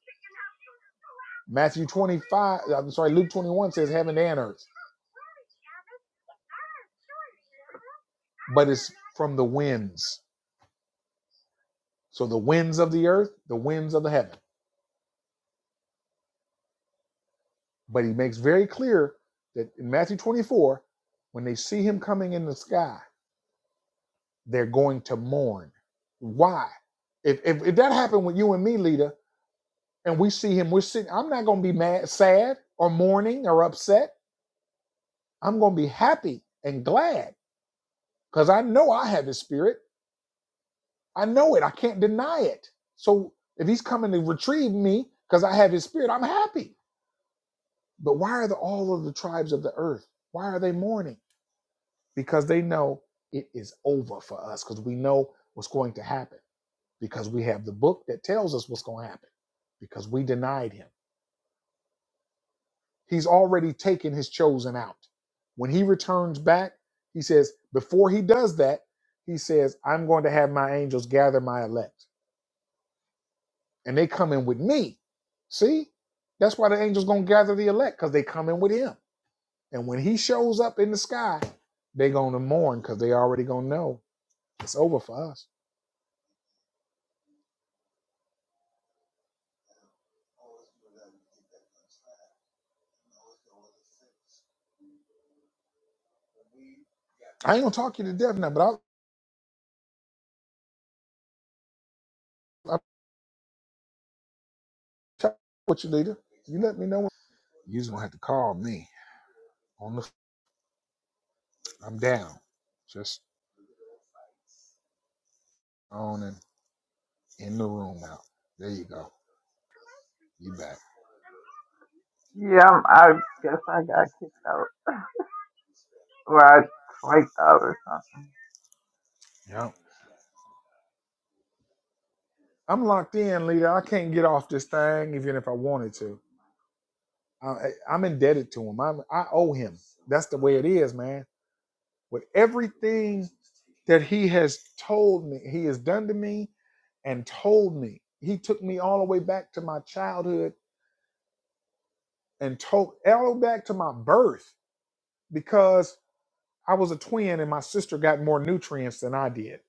[SPEAKER 1] Matthew 25, I'm sorry, Luke 21 says heaven and earth, but it's from the winds So the winds of the earth, the winds of the heaven. But he makes very clear that in Matthew 24, when they see him coming in the sky, they're going to mourn. Why? If, if, if that happened with you and me, leader, and we see him, we're sitting, I'm not going to be mad, sad or mourning or upset. I'm going to be happy and glad because I know I have his spirit. I know it. I can't deny it. So if he's coming to retrieve me because I have his spirit, I'm happy. But why are the, all of the tribes of the earth? Why are they mourning? Because they know it is over for us, because we know what's going to happen, because we have the book that tells us what's going to happen, because we denied him. He's already taken his chosen out. When he returns back, he says, before he does that, he says, I'm going to have my angels gather my elect, and they come in with me. See? That's why the angels going to gather the elect, because they come in with him And when he shows up in the sky, they are going to mourn because they already going to know it's over for us. I ain't going to talk you to death now, but I'll, I'll talk with you later. You let me know. When, you just going to have to call me. on the. I'm down. Just on and in the room out. There you go. You back.
[SPEAKER 3] Yeah, I guess I got kicked out. Well, I, twice out or something.
[SPEAKER 1] Yep. I'm locked in, leader. I can't get off this thing even if I wanted to. I, I- I'm indebted to him. I'm, I owe him. That's the way it is, man. With everything that he has told me, he has done to me and told me. He took me all the way back to my childhood and told all the way back to my birth because I was a twin and my sister got more nutrients than I did.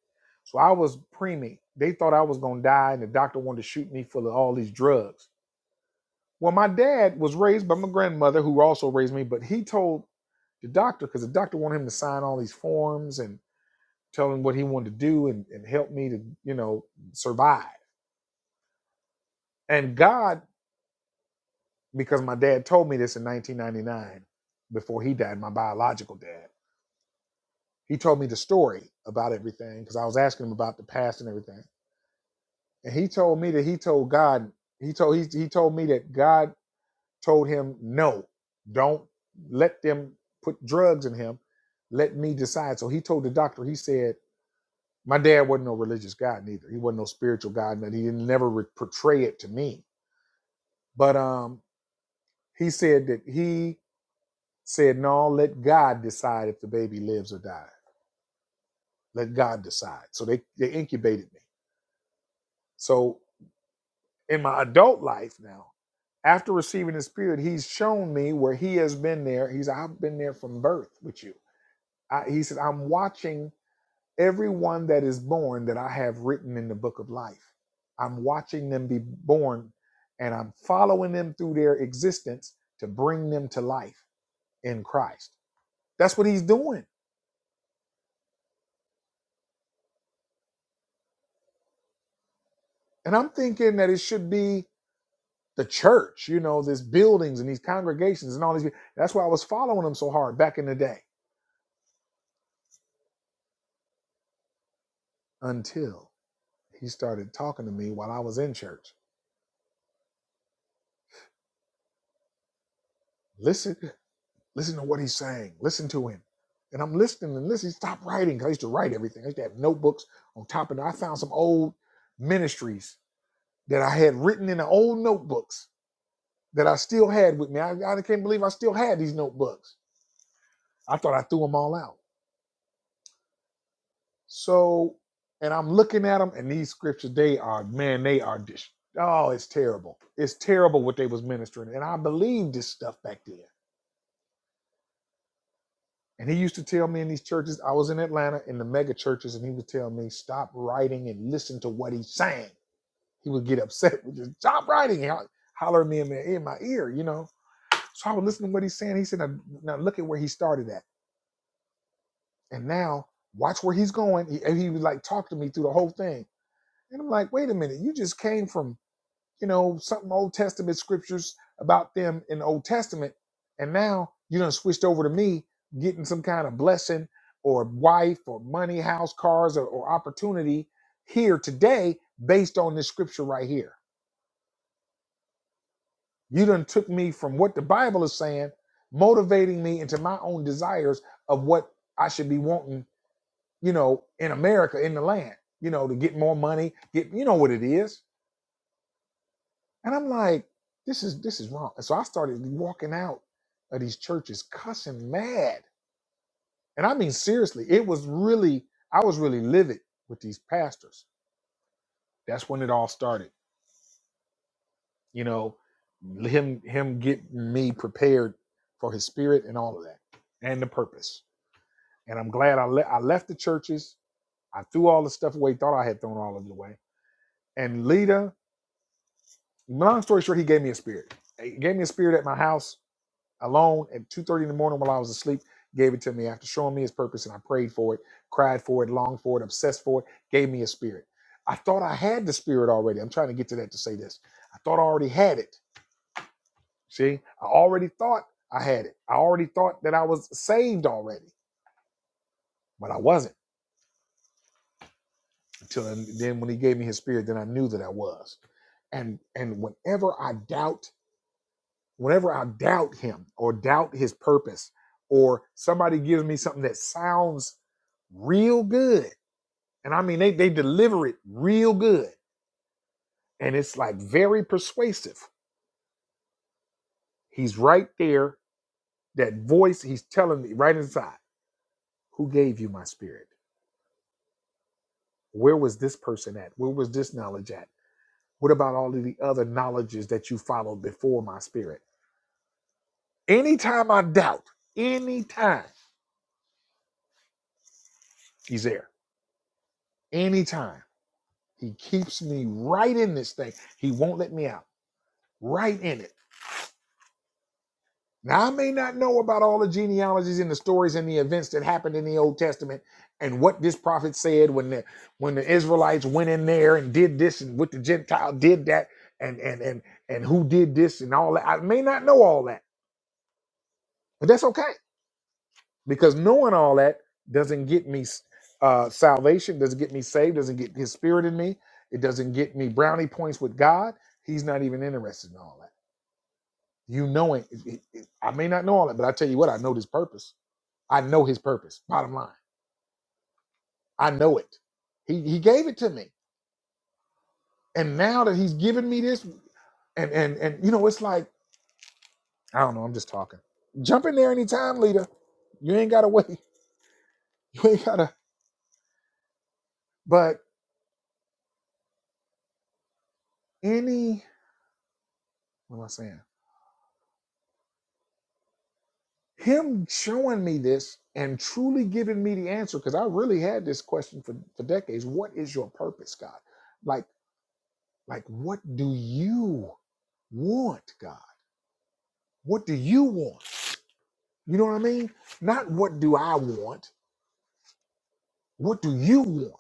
[SPEAKER 1] So I was preemie. They thought I was going to die and the doctor wanted to shoot me full of all these drugs. Well, my dad was raised by my grandmother who also raised me, but he told the doctor because the doctor wanted him to sign all these forms and tell him what he wanted to do and, and help me to, you know, survive. And God, because my dad told me this in 1999, before he died, my biological dad, he told me the story about everything because I was asking him about the past and everything. And he told me that he told God, he told he, he told me that God told him, no, don't let them put drugs in him. Let me decide. So he told the doctor, he said, my dad wasn't no religious guy neither. He wasn't no spiritual guy, and he didn't never re- portray it to me. But um, he said that he said, No, let God decide if the baby lives or dies. Let God decide. So they, they incubated me. So in my adult life now, after receiving the Spirit, He's shown me where He has been there. He's, I've been there from birth with you. I, he said, I'm watching everyone that is born that I have written in the book of life. I'm watching them be born and I'm following them through their existence to bring them to life in Christ. That's what He's doing. And I'm thinking that it should be the church, you know, these buildings and these congregations and all these. That's why I was following him so hard back in the day until he started talking to me while I was in church. Listen, listen to what he's saying. Listen to him. And I'm listening and listening. Stop writing. 'cause I used to write everything. I used to have notebooks on top of it. I found some old ministries that I had written in the old notebooks that I still had with me. I, I can't believe I still had these notebooks. I thought I threw them all out. So, and I'm looking at them, and these scriptures, they are, man, they are just, oh, it's terrible. It's terrible what they was ministering. And I believed this stuff back then. And he used to tell me in these churches, I was in Atlanta in the mega churches, and he would tell me, stop writing and listen to what he's saying. He would get upset with just stop writing. And holler at me in my, in my ear, you know. So I would listen to what he's saying. He said, now, now look at where he started at. And now watch where he's going. He, and he would like talk to me through the whole thing. And I'm like, wait a minute, you just came from you know, something Old Testament scriptures about them in the Old Testament. And now you done switched over to me getting some kind of blessing or wife or money, house, cars, or, or opportunity here today based on this scripture right here. You done took me from what the Bible is saying, motivating me into my own desires of what I should be wanting, you know, in America, in the land, you know, to get more money, get, you know what it is And I'm like, this is this is wrong. So I started walking out of these churches cussing mad. And I mean seriously, it was really I was really livid with these pastors. That's when it all started. You know, him him getting me prepared for his spirit and all of that and the purpose. And I'm glad I le- I left the churches. I threw all the stuff away, thought I had thrown all of it away. And Lita, long story short, he gave me a spirit. He gave me a spirit at my house alone at 2.30 in the morning while i was asleep gave it to me after showing me his purpose and i prayed for it cried for it longed for it obsessed for it gave me a spirit i thought i had the spirit already i'm trying to get to that to say this i thought i already had it see i already thought i had it i already thought that i was saved already but i wasn't until then when he gave me his spirit then i knew that i was and and whenever i doubt whenever I doubt him or doubt his purpose, or somebody gives me something that sounds real good, and I mean, they, they deliver it real good, and it's like very persuasive. He's right there, that voice, he's telling me right inside, Who gave you my spirit? Where was this person at? Where was this knowledge at? What about all of the other knowledges that you followed before my spirit? Anytime I doubt, anytime he's there, anytime. He keeps me right in this thing. He won't let me out. Right in it. Now I may not know about all the genealogies and the stories and the events that happened in the Old Testament and what this prophet said when the when the Israelites went in there and did this and what the Gentile did that and and and and who did this and all that. I may not know all that, but that's okay because knowing all that doesn't get me uh, salvation, doesn't get me saved, doesn't get His Spirit in me. It doesn't get me brownie points with God. He's not even interested in all that. You know it. it- it- I may not know all that, but I tell you what, I know this purpose. I know his purpose. Bottom line, I know it. He he gave it to me, and now that he's given me this, and and and you know, it's like I don't know. I'm just talking. Jump in there anytime, leader. You ain't gotta wait. You ain't gotta. But any, what am I saying? Him showing me this and truly giving me the answer, because I really had this question for for decades. What is your purpose, God? Like like what do you want god What do you want? You know what I mean? Not what do I want? What do you want?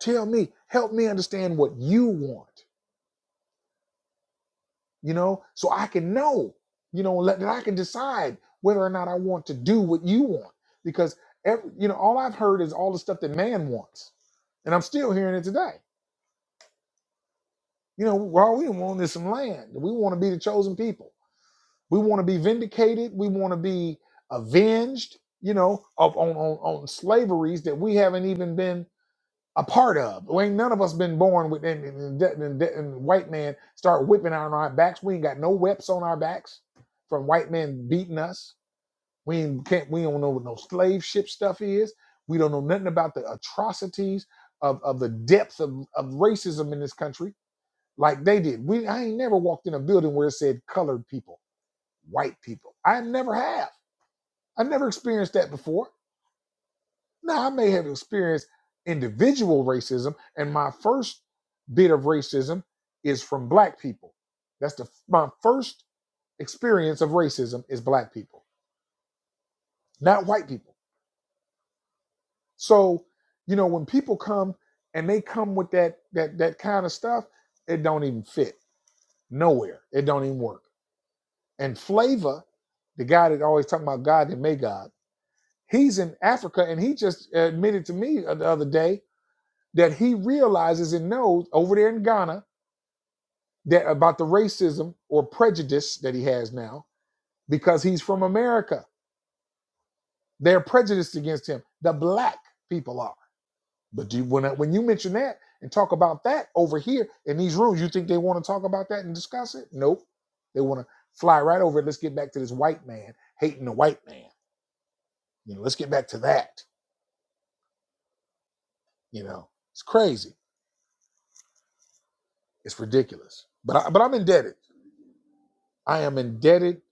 [SPEAKER 1] Tell me, help me understand what you want, you know, so I can know, you know, let, that I can decide whether or not I want to do what you want. Because, every, you know, all I've heard is all the stuff that man wants. And I'm still hearing it today. You know, well, we want is some land. We want to be the chosen people. We want to be vindicated. We want to be avenged, you know, of, on, on, on slaveries that we haven't even been a part of. We ain't none of us been born with, and, and, and, and- white man start whipping on our backs. We ain't got no whips on our backs from white men beating us. We ain't, can't, we don't know what no slave ship stuff is. We don't know nothing about the atrocities of, of the depth of, of racism in this country like they did. We I ain't never walked in a building where it said colored people white people. I never have. I never experienced that before. Now, I may have experienced individual racism, and my first bit of racism is from black people. That's the my first experience of racism is black people, not white people. So, you know, when people come and they come with that that that kind of stuff, it don't even fit nowhere. It don't even work. And Flavor, the guy that always talking about God that made God He's in Africa, and he just admitted to me the other day that he realizes and knows over there in Ghana that about the racism or prejudice that he has now because he's from America. They're prejudiced against him. The black people are. But do you, when when you mention that and talk about that over here in these rooms, you think they want to talk about that and discuss it? Nope. They want to fly right over it. Let's get back to this white man hating the white man. You know, let's get back to that. You know, it's crazy It's ridiculous. But I, but I'm indebted. I am indebted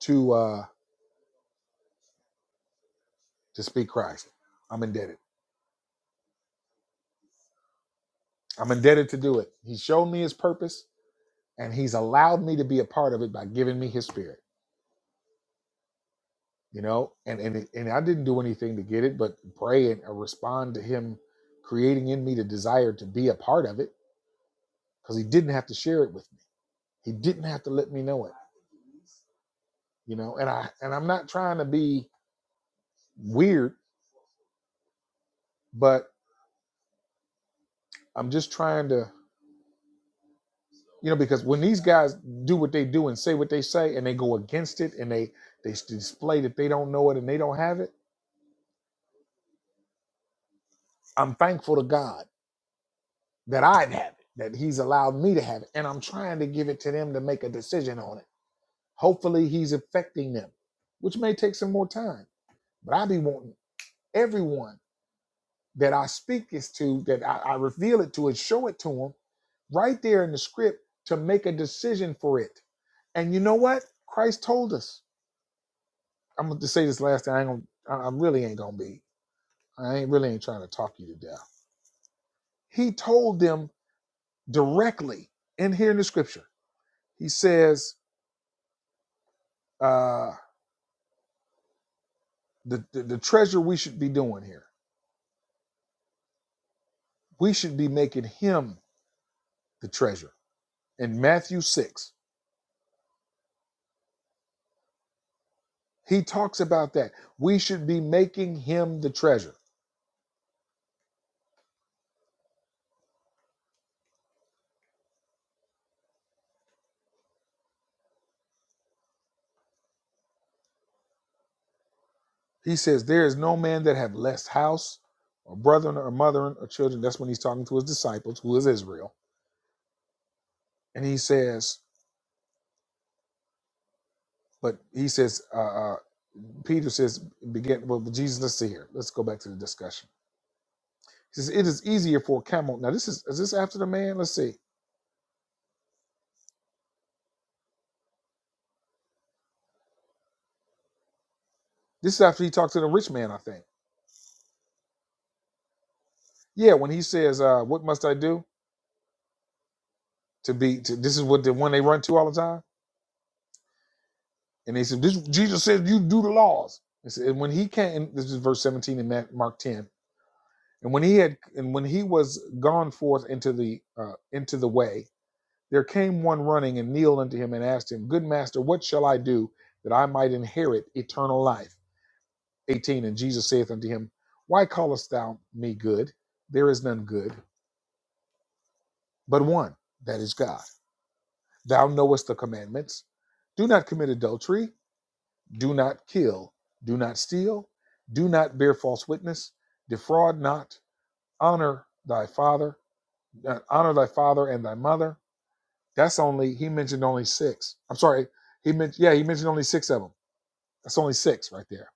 [SPEAKER 1] to uh to speak Christ. I'm indebted. I'm indebted to do it. He showed me his purpose and he's allowed me to be a part of it by giving me his spirit, you know? And and it- and I didn't do anything to get it but pray and uh, respond to him creating in me the desire to be a part of it cuz he didn't have to share it with me. He didn't have to let me know it, you know? And I and I'm not trying to be weird, but I'm just trying to you know because when these guys do what they do and say what they say and they go against it and they they s- display that they don't know it and they don't have it i'm thankful to god that i have it that he's allowed me to have it and i'm trying to give it to them to make a decision on it hopefully he's affecting them which may take some more time but i be wanting everyone that i speak this to that i, I reveal it to and show it to them right there in the script to make a decision for it and you know what christ told us I'm gonna just say this last thing. I ain't gonna, I really ain't gonna be. I ain't really ain't trying to talk you to death. He told them directly in here in the scripture. He says, uh, the, the the treasure we should be doing here. We should be making him the treasure. In Matthew six, he talks about that. We should be making him the treasure. He says, there is no man that have less house or brethren or mother or children. That's when he's talking to his disciples, who is Israel. And he says, but he says, uh, uh, Peter says, begin, well, Jesus, let's see here. Let's go back to the discussion. He says, it is easier for a camel. Now, this is, is this after the man? Let's see. This is after he talked to the rich man, I think. Yeah, when he says, uh, what must I do to be, to, this is what the one they run to all the time. And they said, this, Jesus said, you do the laws. He said, and when he came, this is verse 17 in Ma- Mark 10. And when he had, and when he was gone forth into the, uh, into the way, There came one running and kneeled unto him and asked him, Good master, what shall I do that I might inherit eternal life? 18. And Jesus saith unto him, Why callest thou me good? There is none good but one, that is God. Thou knowest the commandments do not commit adultery, do not kill, do not steal, do not bear false witness, defraud not, honor thy father, uh, honor thy father and thy mother. That's only he mentioned only six. I'm sorry, he mentioned yeah he mentioned only six of them That's only six right there.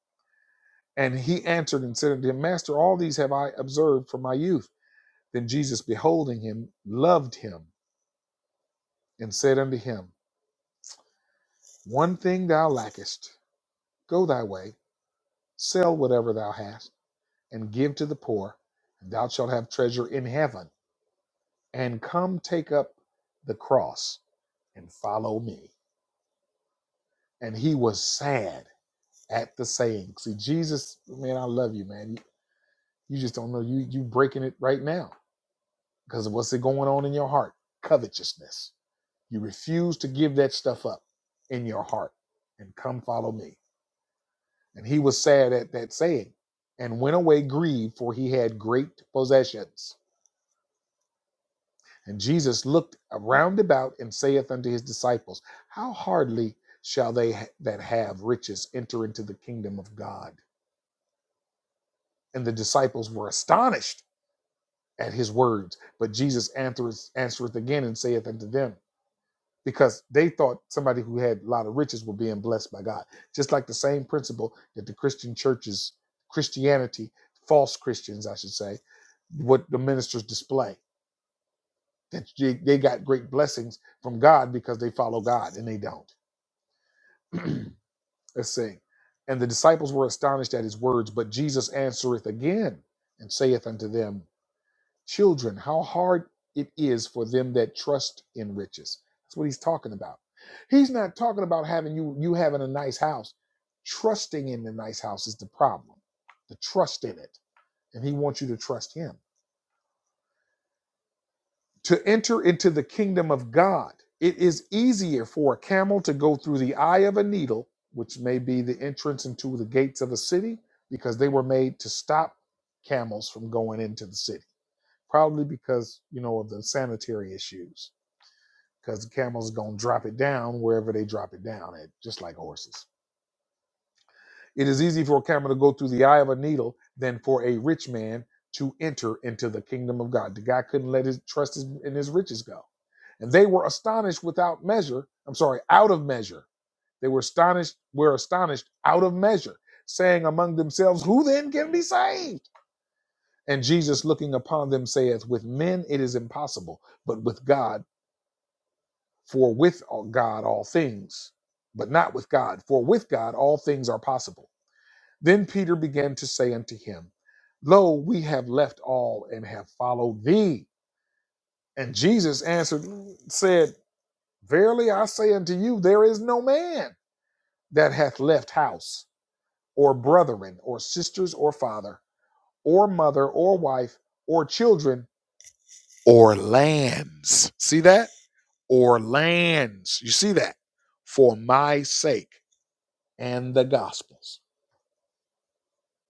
[SPEAKER 1] And he answered and said unto him, Master, all these have I observed from my youth. Then Jesus, beholding him, loved him and said unto him, One thing thou lackest. Go thy way, sell whatever thou hast, and give to the poor, and thou shalt have treasure in heaven. And come take up the cross and follow me. And he was sad at the saying. See, Jesus, man, I love you, man. You, you just don't know. You you breaking it right now because of what's going on in your heart covetousness you refuse to give that stuff up in your heart and come follow me and he was sad at that saying and went away grieved for he had great possessions and jesus looked around about and saith unto his disciples how hardly shall they ha- that have riches enter into the kingdom of god and the disciples were astonished at his words but jesus answereth, answereth again and saith unto them because they thought somebody who had a lot of riches were being blessed by God. Just like the same principle that the Christian churches, Christianity, false Christians, I should say, what the ministers display that they, they got great blessings from God because they follow God and they don't. Let's see. And the disciples were astonished at his words, but Jesus answereth again and saith unto them, Children, how hard it is for them that trust in riches. That's what he's talking about. He's not talking about having you you having a nice house. Trusting in the nice house is the problem. The trust in it. And he wants you to trust him. to enter into the kingdom of God. It is easier for a camel to go through the eye of a needle, which may be the entrance into the gates of a city, because they were made to stop camels from going into the city, probably because, you know, of the sanitary issues because the camel's going to drop it down wherever they drop it down at, just like horses. It is easy for a camel to go through the eye of a needle than for a rich man to enter into the kingdom of God. The guy couldn't let his trust his, in his riches go. And they were astonished without measure. I'm sorry, out of measure. They were astonished, were astonished out of measure, saying among themselves, Who then can be saved? And Jesus looking upon them saith, With men it is impossible, but with God For with God all things, but not with God. For with God all things are possible. Then Peter began to say unto him, Lo, we have left all and have followed thee. And Jesus answered, said, Verily I say unto you, there is no man that hath left house, or brethren, or sisters, or father, or mother, or wife, or children, or lands. See that? Or lands. You see that? For my sake and the gospels.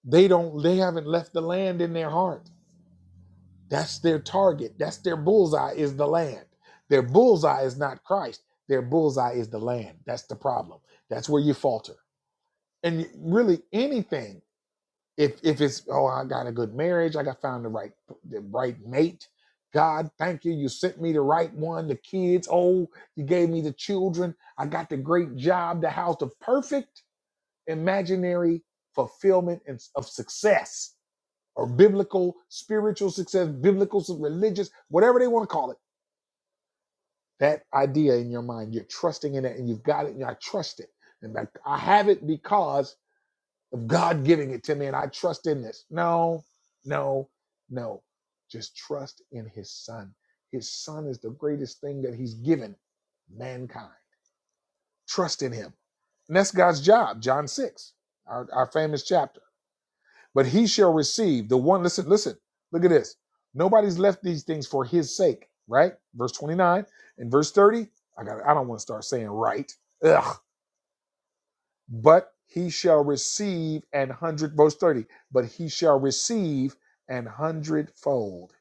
[SPEAKER 1] They don't they haven't left the land in their heart. That's their target. That's their bullseye is the land. Their bullseye is not Christ. Their bullseye is the land. That's the problem. That's where you falter. And really anything if if it's oh I got a good marriage, I got found the right the right mate. God, thank you. You sent me the right one, the kids. Oh, you gave me the children. I got the great job, the house, the perfect. imaginary fulfillment and- of success or biblical, spiritual success, biblical, religious, whatever they want to call it. That idea in your mind, you're trusting in it and you've got it and I trust it. And like, I have it because of God giving it to me and I trust in this. No, no, no. Just trust in his son. His son is the greatest thing that he's given mankind. Trust in him. And that's God's job, John 6, our, our famous chapter. but he shall receive the one. Listen, listen, look at this. Nobody's left these things for his sake, right? Verse 29 and verse 30. I got I don't want to start saying right. Ugh. But he shall receive an hundred, verse 30, but he shall receive an hundredfold.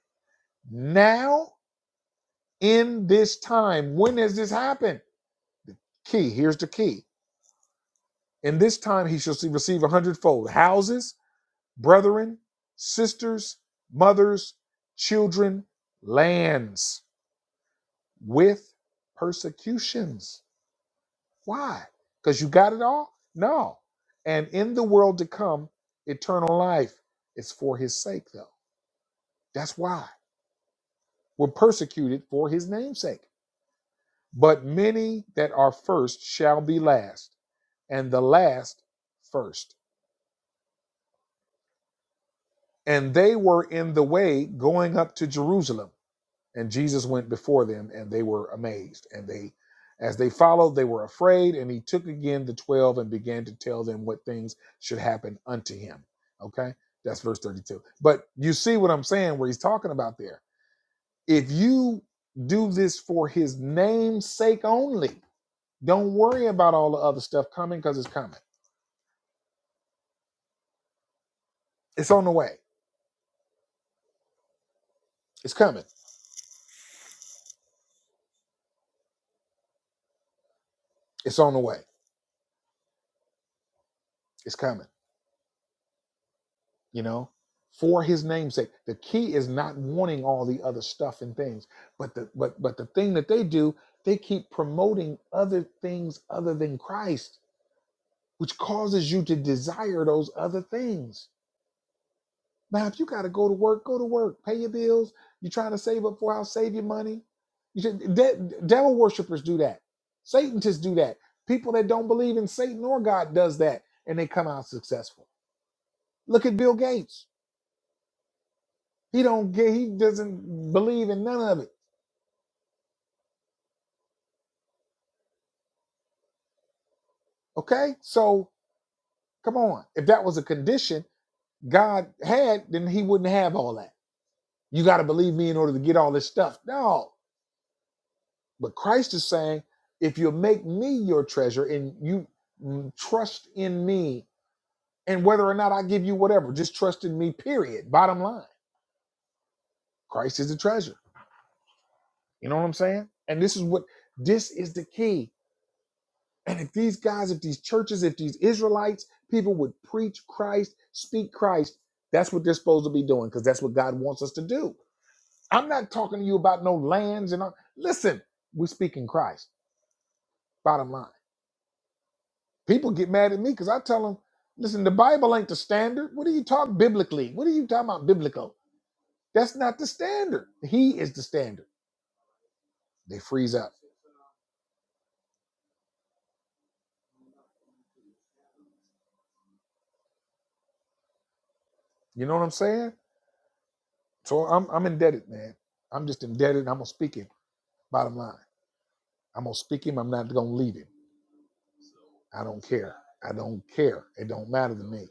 [SPEAKER 1] Now, in this time, when has this happened? Key, here's the key. In this time, he shall receive a hundredfold houses, brethren, sisters, mothers, children, lands with persecutions. Why? Because you got it all? No. And in the world to come, eternal life is for his sake, though. That's why we're persecuted for his name's sake. But many that are first shall be last, and the last first. And they were in the way going up to Jerusalem. and Jesus went before them, and they were amazed. And they, as they followed, they were afraid. And he took again the twelve and began to tell them what things should happen unto him. Okay, that's verse thirty-two. But you see what I'm saying, where he's talking about there. If you do this for his name's sake only, don't worry about all the other stuff coming because it's coming. It's on the way. It's coming. It's on the way. It's coming. you know, for his namesake. The key is not wanting all the other stuff and things, but the but but the thing that they do, they keep promoting other things other than Christ, which causes you to desire those other things. Now, if you got to go to work, go to work, pay your bills. You're trying to save up for a house, save your money. You should, de- devil worshippers do that. Satanists do that. People that don't believe in Satan or God does that, and they come out successful. Look at Bill Gates He don't get he doesn't believe in none of it. Okay? So come on. If that was a condition God had, then he wouldn't have all that. You got to believe me in order to get all this stuff. No. But Christ is saying, if you make me your treasure and you mm, trust in me, and whether or not I give you whatever, just trust in me, period. Bottom line. Christ is the treasure. You know what I'm saying? And this is what this is the key And if these guys, if these churches, if these Israelites, people would preach Christ, speak Christ, that's what they're supposed to be doing because that's what God wants us to do. I'm not talking to you about no lands and all. Listen, we're speaking Christ. Bottom line. People get mad at me because I tell them, listen, the Bible ain't the standard. What are you talking biblically? What are you talking about biblical? That's not the standard. He is the standard. They freeze up. You know what I'm saying? So I'm, I'm indebted, man. I'm just indebted. and I'm going to speak it. Bottom line. I'm gonna speak him. I'm not gonna leave him. I don't care. I don't care. It don't matter to me.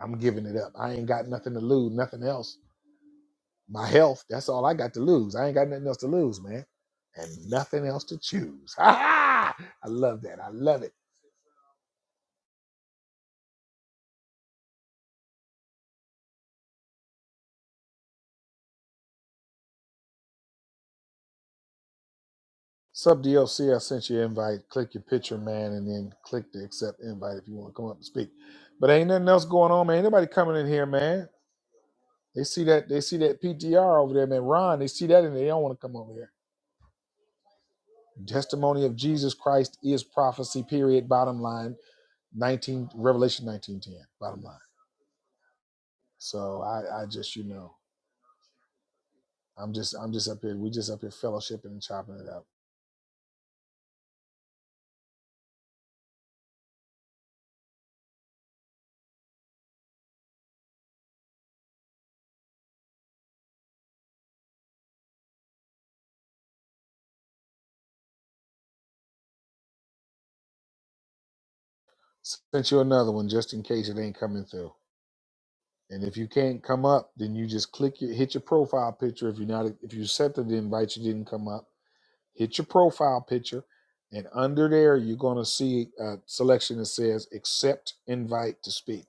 [SPEAKER 1] I'm giving it up. I ain't got nothing to lose. Nothing else. My health. That's all I got to lose. I ain't got nothing else to lose, man, and nothing else to choose. Ha ha! I love that. I love it. Sub D L C. I sent you an invite. Click your picture, man, and then click the accept invite if you want to come up and speak. But ain't nothing else going on, man. Ain't Nobody coming in here, man. They see that they see that PTR over there, man. Ron, they see that and they don't want to come over here. testimony of Jesus Christ is prophecy. Period. Bottom line, nineteen Revelation nineteen ten. Bottom line. So I, I just you know, I'm just I'm just up here. We just up here fellowshipping and chopping it up. Sent you another one just in case it ain't coming through. And if you can't come up, then you just click your hit your profile picture. If you're not if you set the invite, you didn't come up. Hit your profile picture, and under there you're gonna see a selection that says accept invite to speak.